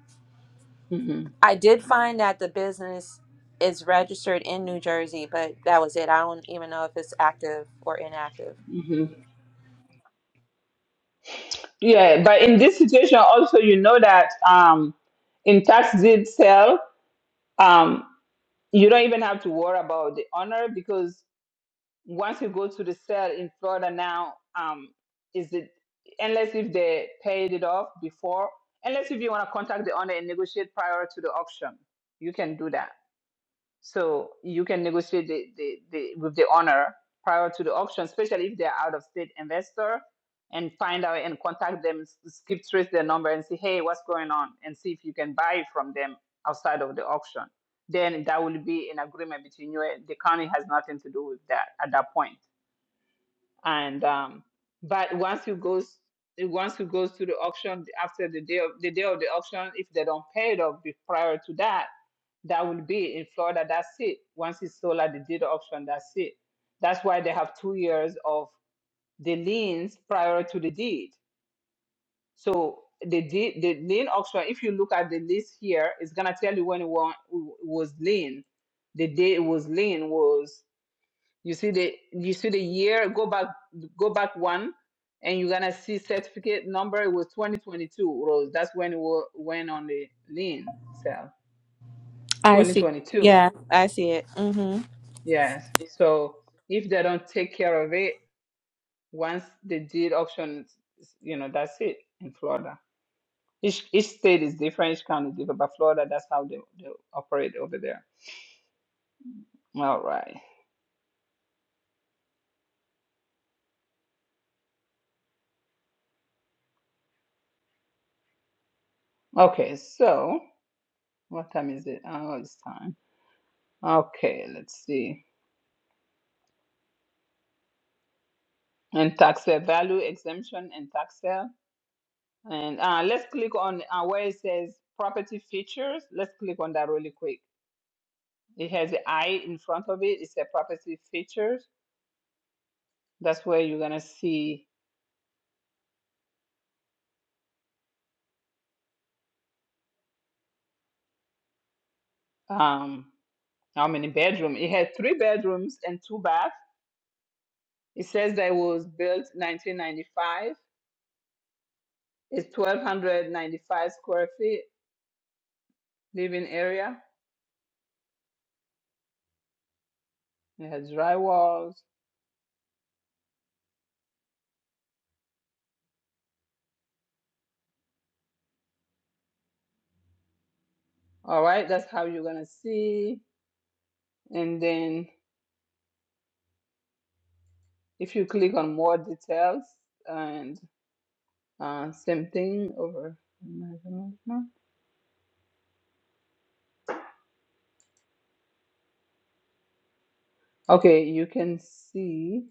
hmm I did find that the business is registered in New Jersey, but that was it. I don't even know if it's active or inactive. hmm Yeah, but in this situation also, you know that um, in tax deed sale, um, you don't even have to worry about the owner because once you go to the cell in Florida now, um, is it unless if they paid it off before, unless if you want to contact the owner and negotiate prior to the auction, you can do that. So you can negotiate the, the, the with the owner prior to the auction, especially if they're out of state investor, and find out and contact them, s- skip trace their number and say, hey, what's going on, and see if you can buy from them outside of the auction. Then that will be an agreement between you. and The county has nothing to do with that at that point and um, but once you goes once you goes to the auction after the day of the day of the auction, if they don't pay it off be- prior to that, that will be in Florida. That's it. Once it's sold at the deed auction, that's it. That's why they have two years of the liens prior to the deed. So the deed, the lien auction, if you look at the list here, it's gonna tell you when it wa- was lien. The day it was lien was you see the you see the year, go back go back one and you're gonna see certificate number it was 2022 Rose. That's when it wa- went on the lien sale. I see. 2022. Yeah, I see it. Mm-hmm. Yes. So if they don't take care of it, once the deed auction, you know, that's it in Florida. Each each state is different, each county is different, but Florida, that's how they, they operate over there. All right. Okay, so what time is it? Oh, it's time. Okay, let's see. and tax sale value exemption and tax sale. And uh, let's click on uh, where it says property features. Let's click on that really quick. It has the I in front of it. It's a property features. That's where you're gonna see um, how many bedroom. It has three bedrooms and two baths. It says that it was built 1995. It's 1,295 square feet living area. It has dry walls. All right, that's how you're gonna see. And then If you click on more details and uh, same thing over. Okay, you can see.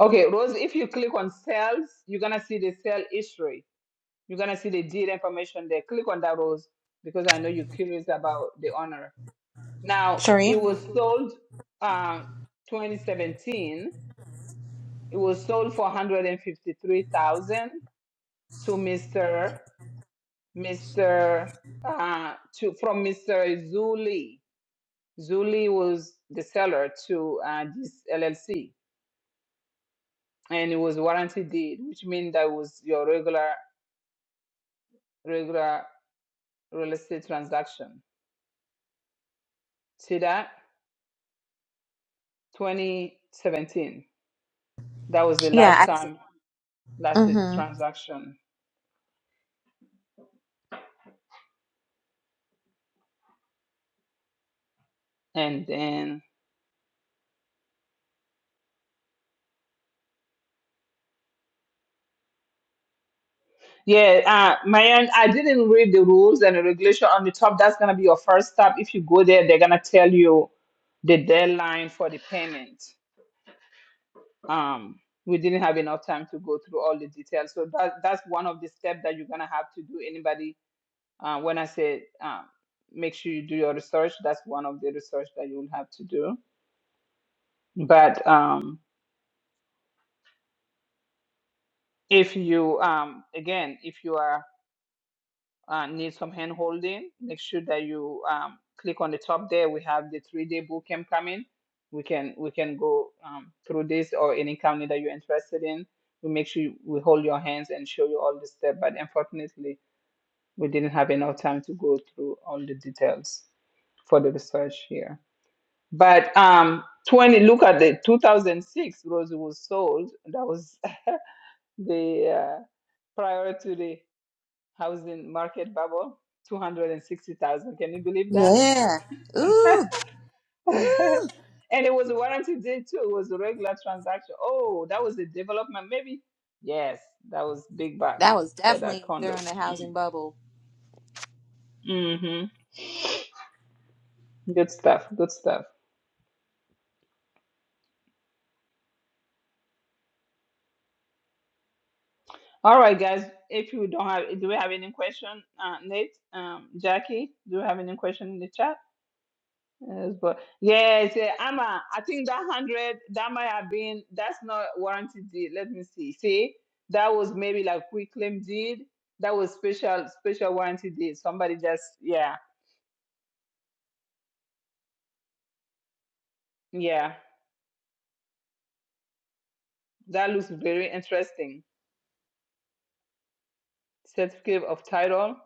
Okay, Rose, if you click on sales, you're going to see the sale history. You're going to see the deal information there. Click on that, Rose, because I know you're curious about the honor. Now, it Sheree? was sold uh, 2017. It was sold for 153000 to Mr. Mr. Uh, to from Mr. Zuli. Zuli was the seller to uh, this LLC, and it was warranty deed, which means that was your regular regular real estate transaction. See that 2017. That was the Yeah, last I see. time last Mm-hmm. transaction, and then yeah, uh, man, I didn't read the rules and the regulation on the top. That's gonna be your first step. If you go there, they're gonna tell you the deadline for the payment. um, we didn't have enough time to go through all the details. So that that's one of the steps that you're gonna have to do. Anybody, uh, when I say um, make sure you do your research, that's one of the research that you'll have to do. But um, if you um, again, if you are uh, need some hand holding, make sure that you um, click on the top there. We have the three day bootcamp coming. We can we can go um, through this or any county that you're interested in. We make sure we hold your hands and show you all the steps. But unfortunately, we didn't have enough time to go through all the details for the research here. But um, 20, look at the 2006, Rosie was sold. That was the uh, prior to the housing market bubble, 260,000. Can you believe that? Yeah. Ooh, ooh. and it was a warranty deed too. It was a regular transaction. Oh, that was a development, maybe? Yes, that was big bucks That was for that definitely condo. during the housing bubble. Mm-hmm. Good stuff. Good stuff. All right, guys. If you don't have, do we have any question, uh, Nate, um, Jackie? Do you have any question in the chat? Yes, but yes, yeah, Amma. I think that hundred that might have been that's not warranty deed. Let me see. See, that was maybe like quick claim deed. That was special special warranty deed. Somebody just yeah yeah. That looks very interesting. Certificate of title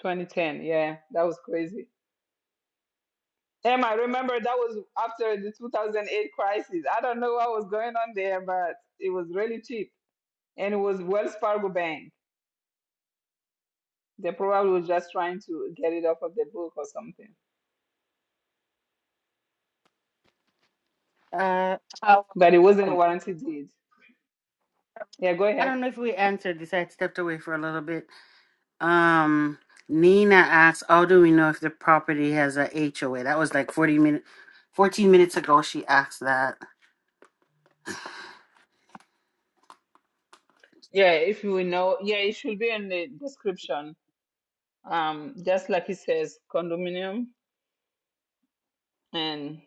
2010. Yeah, that was crazy. Em, I remember that was after the 2008 crisis. I don't know what was going on there, but it was really cheap. And it was Wells Fargo Bank. They probably were just trying to get it off of the book or something. Uh, oh, But it wasn't a oh, warranty deed. Yeah, go I ahead. don't know if we answered this. I had stepped away for a little bit. Um, Nina asks, "How do we know if the property has a HOA?" That was like forty minutes, fourteen minutes ago. She asked that. Yeah, if you will know. Yeah, it should be in the description. Um, just like it says, condominium. And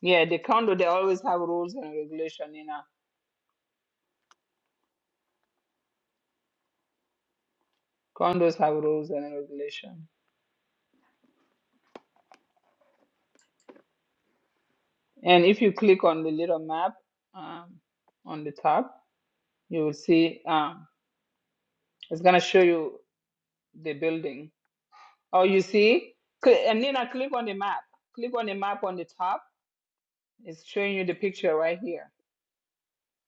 yeah, the condo, they always have rules and regulation, you know. Condos have rules and regulation. And if you click on the little map um, on the top, you will see um, it's going to show you the building. Oh, you see? Cl- and Nina, click on the map. Click on the map on the top. It's showing you the picture right here.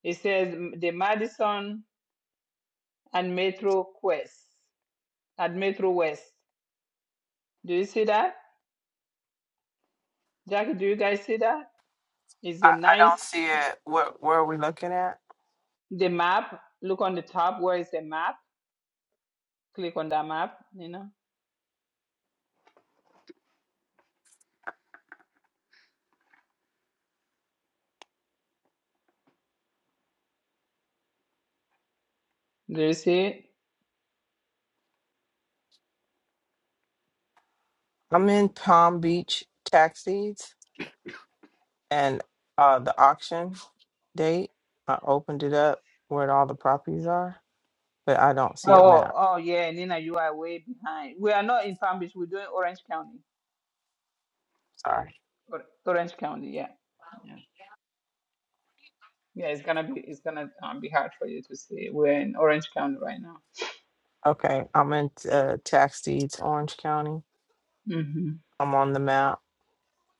It says mm, the Madison and Metro Quest at Metro West. Do you see that? Jackie, do you guys see that? It's I, a I nice, don't see it. What where are we looking at? the map. Look on the top where is the map. Click on that map, you know. Do you see it? I'm in Palm Beach tax deeds and uh the auction date. I opened it up where all the properties are, but I don't see a Oh, map. oh yeah, Nina, you are way behind. We are not in Palm Beach. We're doing Orange County. Sorry. Or- Orange County, yeah, yeah, yeah. It's gonna be it's gonna um, be hard for you to see. We're in Orange County right now. Okay, I'm in uh, tax deeds Orange County. hmm I'm on the map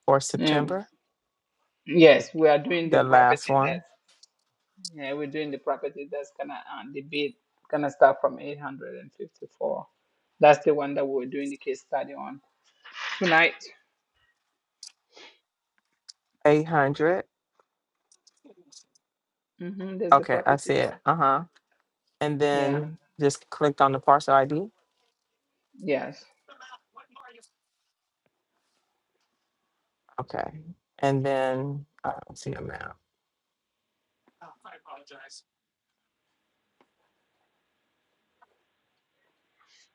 for September, yes, we are doing the the last property one, that's yeah, we're doing the property that's gonna um, the bid gonna start from eight hundred and fifty four. That's the one that we're doing the case study on tonight. 800. hmm There's the Okay, I property see it. there. Uh huh. And Yeah. then just clicked on the parcel ID. Yes. Okay, and then I don't see a map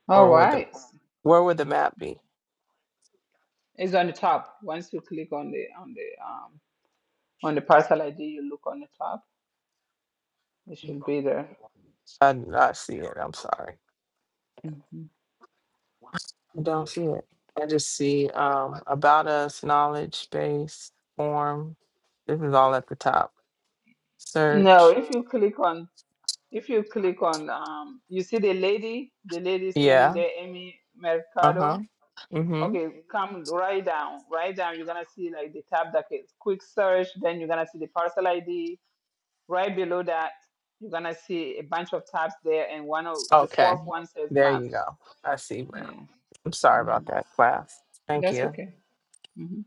All or with the right. Where would the map be? It's on the top. Once you click on the on the um on the parcel ID, you look on the top. It should be there. I do not see it. I'm sorry. hmm I don't see it. I just see um, about us, knowledge base, form. This is all at the top. No, Search. if you click on if you click on um you see the lady, the lady standing Yeah. there, Amy Uh huh. Mercado. Mm hmm. Okay, come right down, right down. You're gonna see like the tab that is quick search, then you're gonna see the parcel ID. Right below that, you're gonna see a bunch of tabs there, and one of the Okay. fourth one says There map. you go. I see map. Yeah. I'm sorry hmm about that, class. Thank That's you. okay. hmm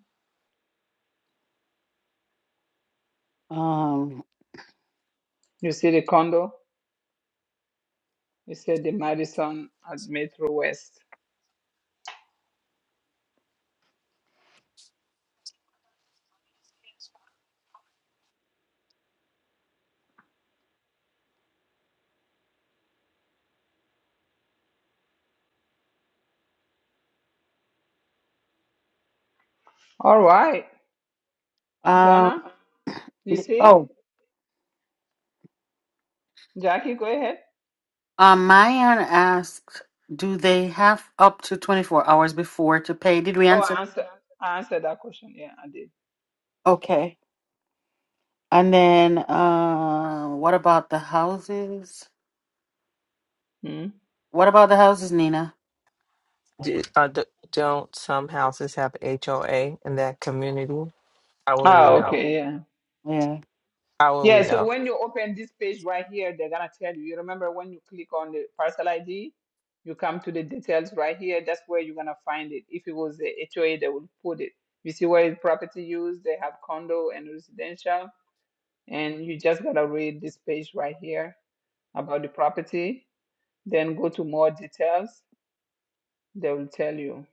Um, You see the condo? You said the Madison at Metro West. All right, um, Donna, you see it? oh, Jackie, go ahead. um, Mayan asked, "Do they have up to twenty four hours before to pay?" Did we Oh, I answer? that? answered. I answered that question. Yeah, I did. Okay. And then, uh, what about the houses? Hmm? What about the houses, Nina? Do, uh, d- don't some houses have HOA in that community? How will we Oh, know? okay, yeah. How will we Yeah, so know? when you open this page right here, they're gonna tell you. You remember when you click on the parcel ID, you come to the details right here. That's where you're gonna find it. If it was the HOA, they will put it. You see where it's property use, they have condo and residential, and you just gotta read this page right here about the property Then go to more details, they will tell you.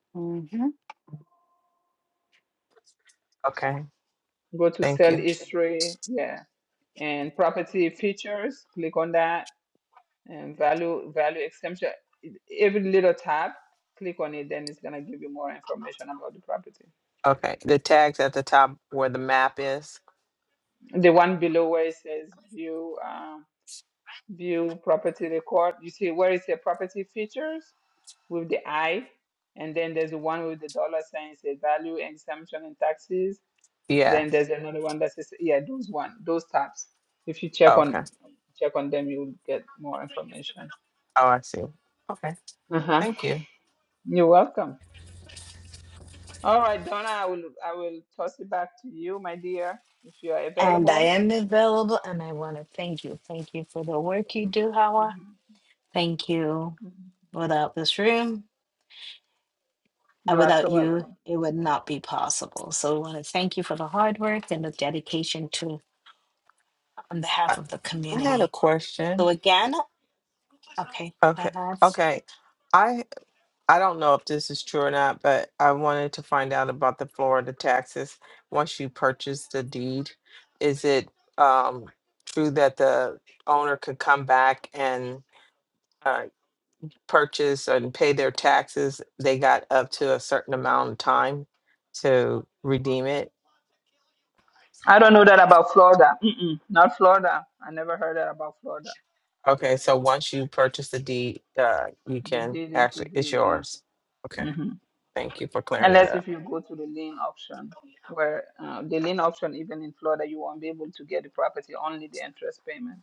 Yeah. Okay. Go to Thank sell you. history, yeah, and property features, click on that, and value value exemption. Every little tab, click on it, then it's gonna give you more information about the property. Okay. The tags at the top where the map is. The one below where it says view uh, view property record, you see where it says property features with the eye, and then there's the one with the dollar sign, It says value exemption and taxes Then Yes. there's another one that says, yeah, those one, those tabs. If you check Oh, okay. on check on them, you will get more information. Oh, I see. Okay. Uh-huh. Thank you. You're welcome. All right, Donna, I will I will toss it back to you, my dear, if you are And I available. am available, and I want to thank you. Thank you for the work you do, Hawa. Mhm, Thank you. mhm. Without this room, and You are without so you, welcome. it would not be possible. So we want to thank you for the hard work and the dedication to on behalf I, of the I had a community. So question. again, okay, Okay. that's Okay. I I don't know if this is true or not, but I wanted to find out about the Florida taxes. Once you purchase the deed, is it um, true that the owner could come back and uh, purchase and pay their taxes? They got up to a certain amount of time to redeem it. I don't know that about Florida. Mm-mm, not Florida. I never heard that about Florida. Okay, so once you purchase the deed, uh, you The can deed is the actually, it's deed, yeah. yours. Okay, hmm thank you for clearing that Unless if up. you go to the lien option, where uh, the lien option, even in Florida, you won't be able to get the property, only the interest payment.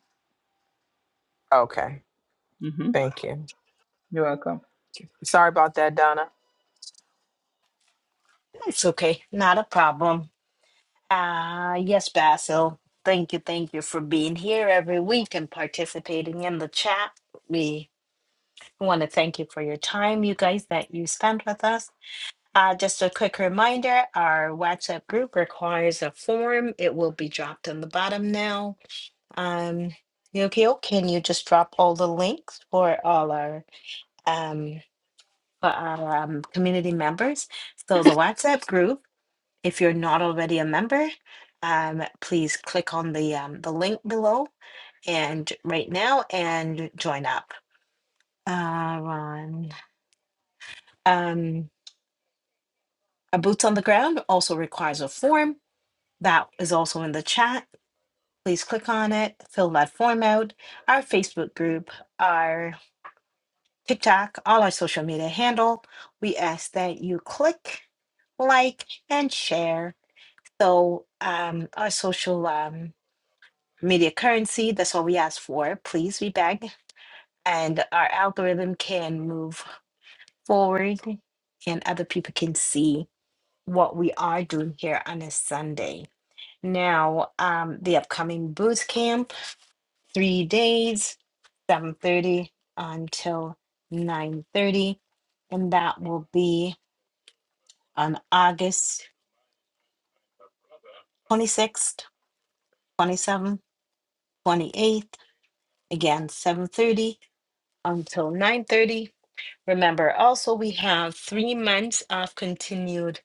Okay, hmm thank you. You're welcome. Sorry about that, Donna. it's okay, not a problem. Uh yes, Basil. Thank you, thank you for being here every week and participating in the chat. We want to thank you for your time, you guys, that you spent with us. Uh, just a quick reminder, our WhatsApp group requires a form. It will be dropped in the bottom now. Um, Yukio, can you just drop all the links for all our um for our um, community members. So the WhatsApp group, if you're not already a member, um, please click on the um, the link below and right now and join up. Uh, Ron, um, a boots on the ground also requires a form that is also in the chat. Please click on it, fill that form out. Our Facebook group, our TikTok, all our social media handle. We ask that you click, like, and share So um, our social um, media currency, that's what we ask for. Please, we beg. And our algorithm can move forward and other people can see what we are doing here on a Sunday. Now, um, the upcoming boot camp, three days, 7.30 until 9.30. And that will be on August 26th, 27th, 28th, again, 7.30 until 9:30. Remember, also we have three months of continued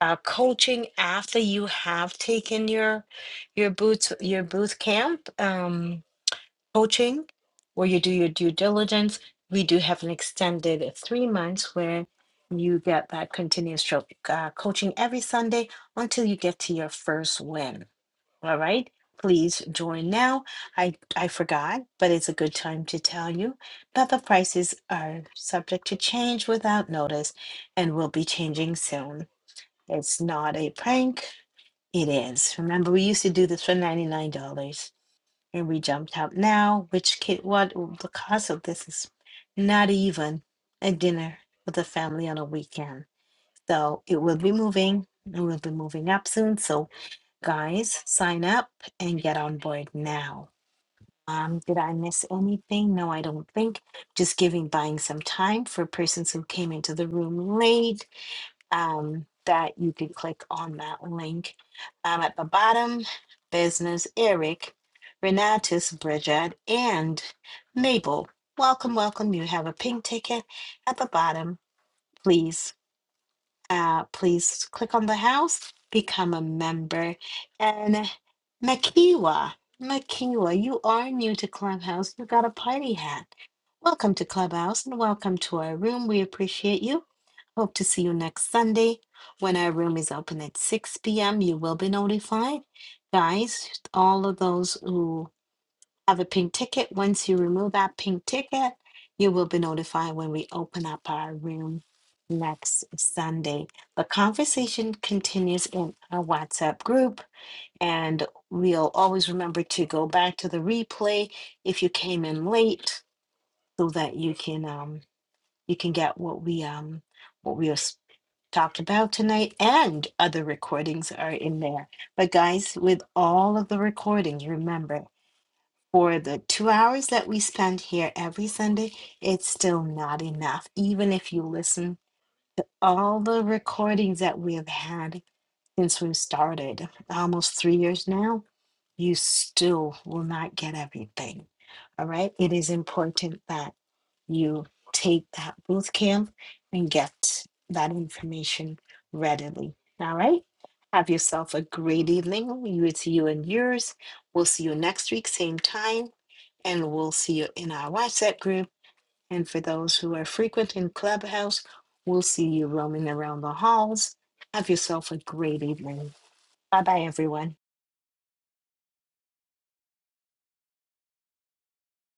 uh, coaching after you have taken your your boot your boot camp um, coaching, where you do your due diligence. We do have an extended three months where you get that continuous tro- uh, coaching every Sunday until you get to your first win. All right, please join now. I, I forgot, but it's a good time to tell you that the prices are subject to change without notice and will be changing soon. It's not a prank, it is. Remember, we used to do this for $99 and we jumped up now, which kid, what the cost of this is not even a dinner with a family on a weekend. So it will be moving, it will be moving up soon. So Guys, sign up and get on board now. Um, did I miss anything? No, I don't think. Just giving, buying some time for persons who came into the room late, um, that you could click on that link. Um, at the bottom, business Eric, Renatus, Bridget, and Mabel. Welcome, welcome. You have a pink ticket at the bottom. Please uh, please click on the house, become a member. And uh, Makiwa, Makiwa, you are new to Clubhouse. You got a party hat. Welcome to Clubhouse and welcome to our room. We appreciate you. Hope to see you next Sunday when our room is open at 6 p.m. You will be notified. Guys, all of those who have a pink ticket. Once you remove that pink ticket, you will be notified when we open up our room next Sunday. The conversation continues in our WhatsApp group, and we'll always remember to go back to the replay if you came in late, so that you can um you can get what we um what we have talked about tonight and other recordings are in there. But guys, with all of the recordings, remember for the two hours that we spend here every Sunday, it's still not enough. Even if you listen to all the recordings that we have had since we started, almost three years now, you still will not get everything. All right. It is important that you take that boot camp and get that information readily. All right. Have yourself a great evening. You it's you and yours. We'll see you next week, same time, and we'll see you in our WhatsApp group. And for those who are frequent in Clubhouse, we'll see you roaming around the halls. Have yourself a great evening. Bye bye, everyone.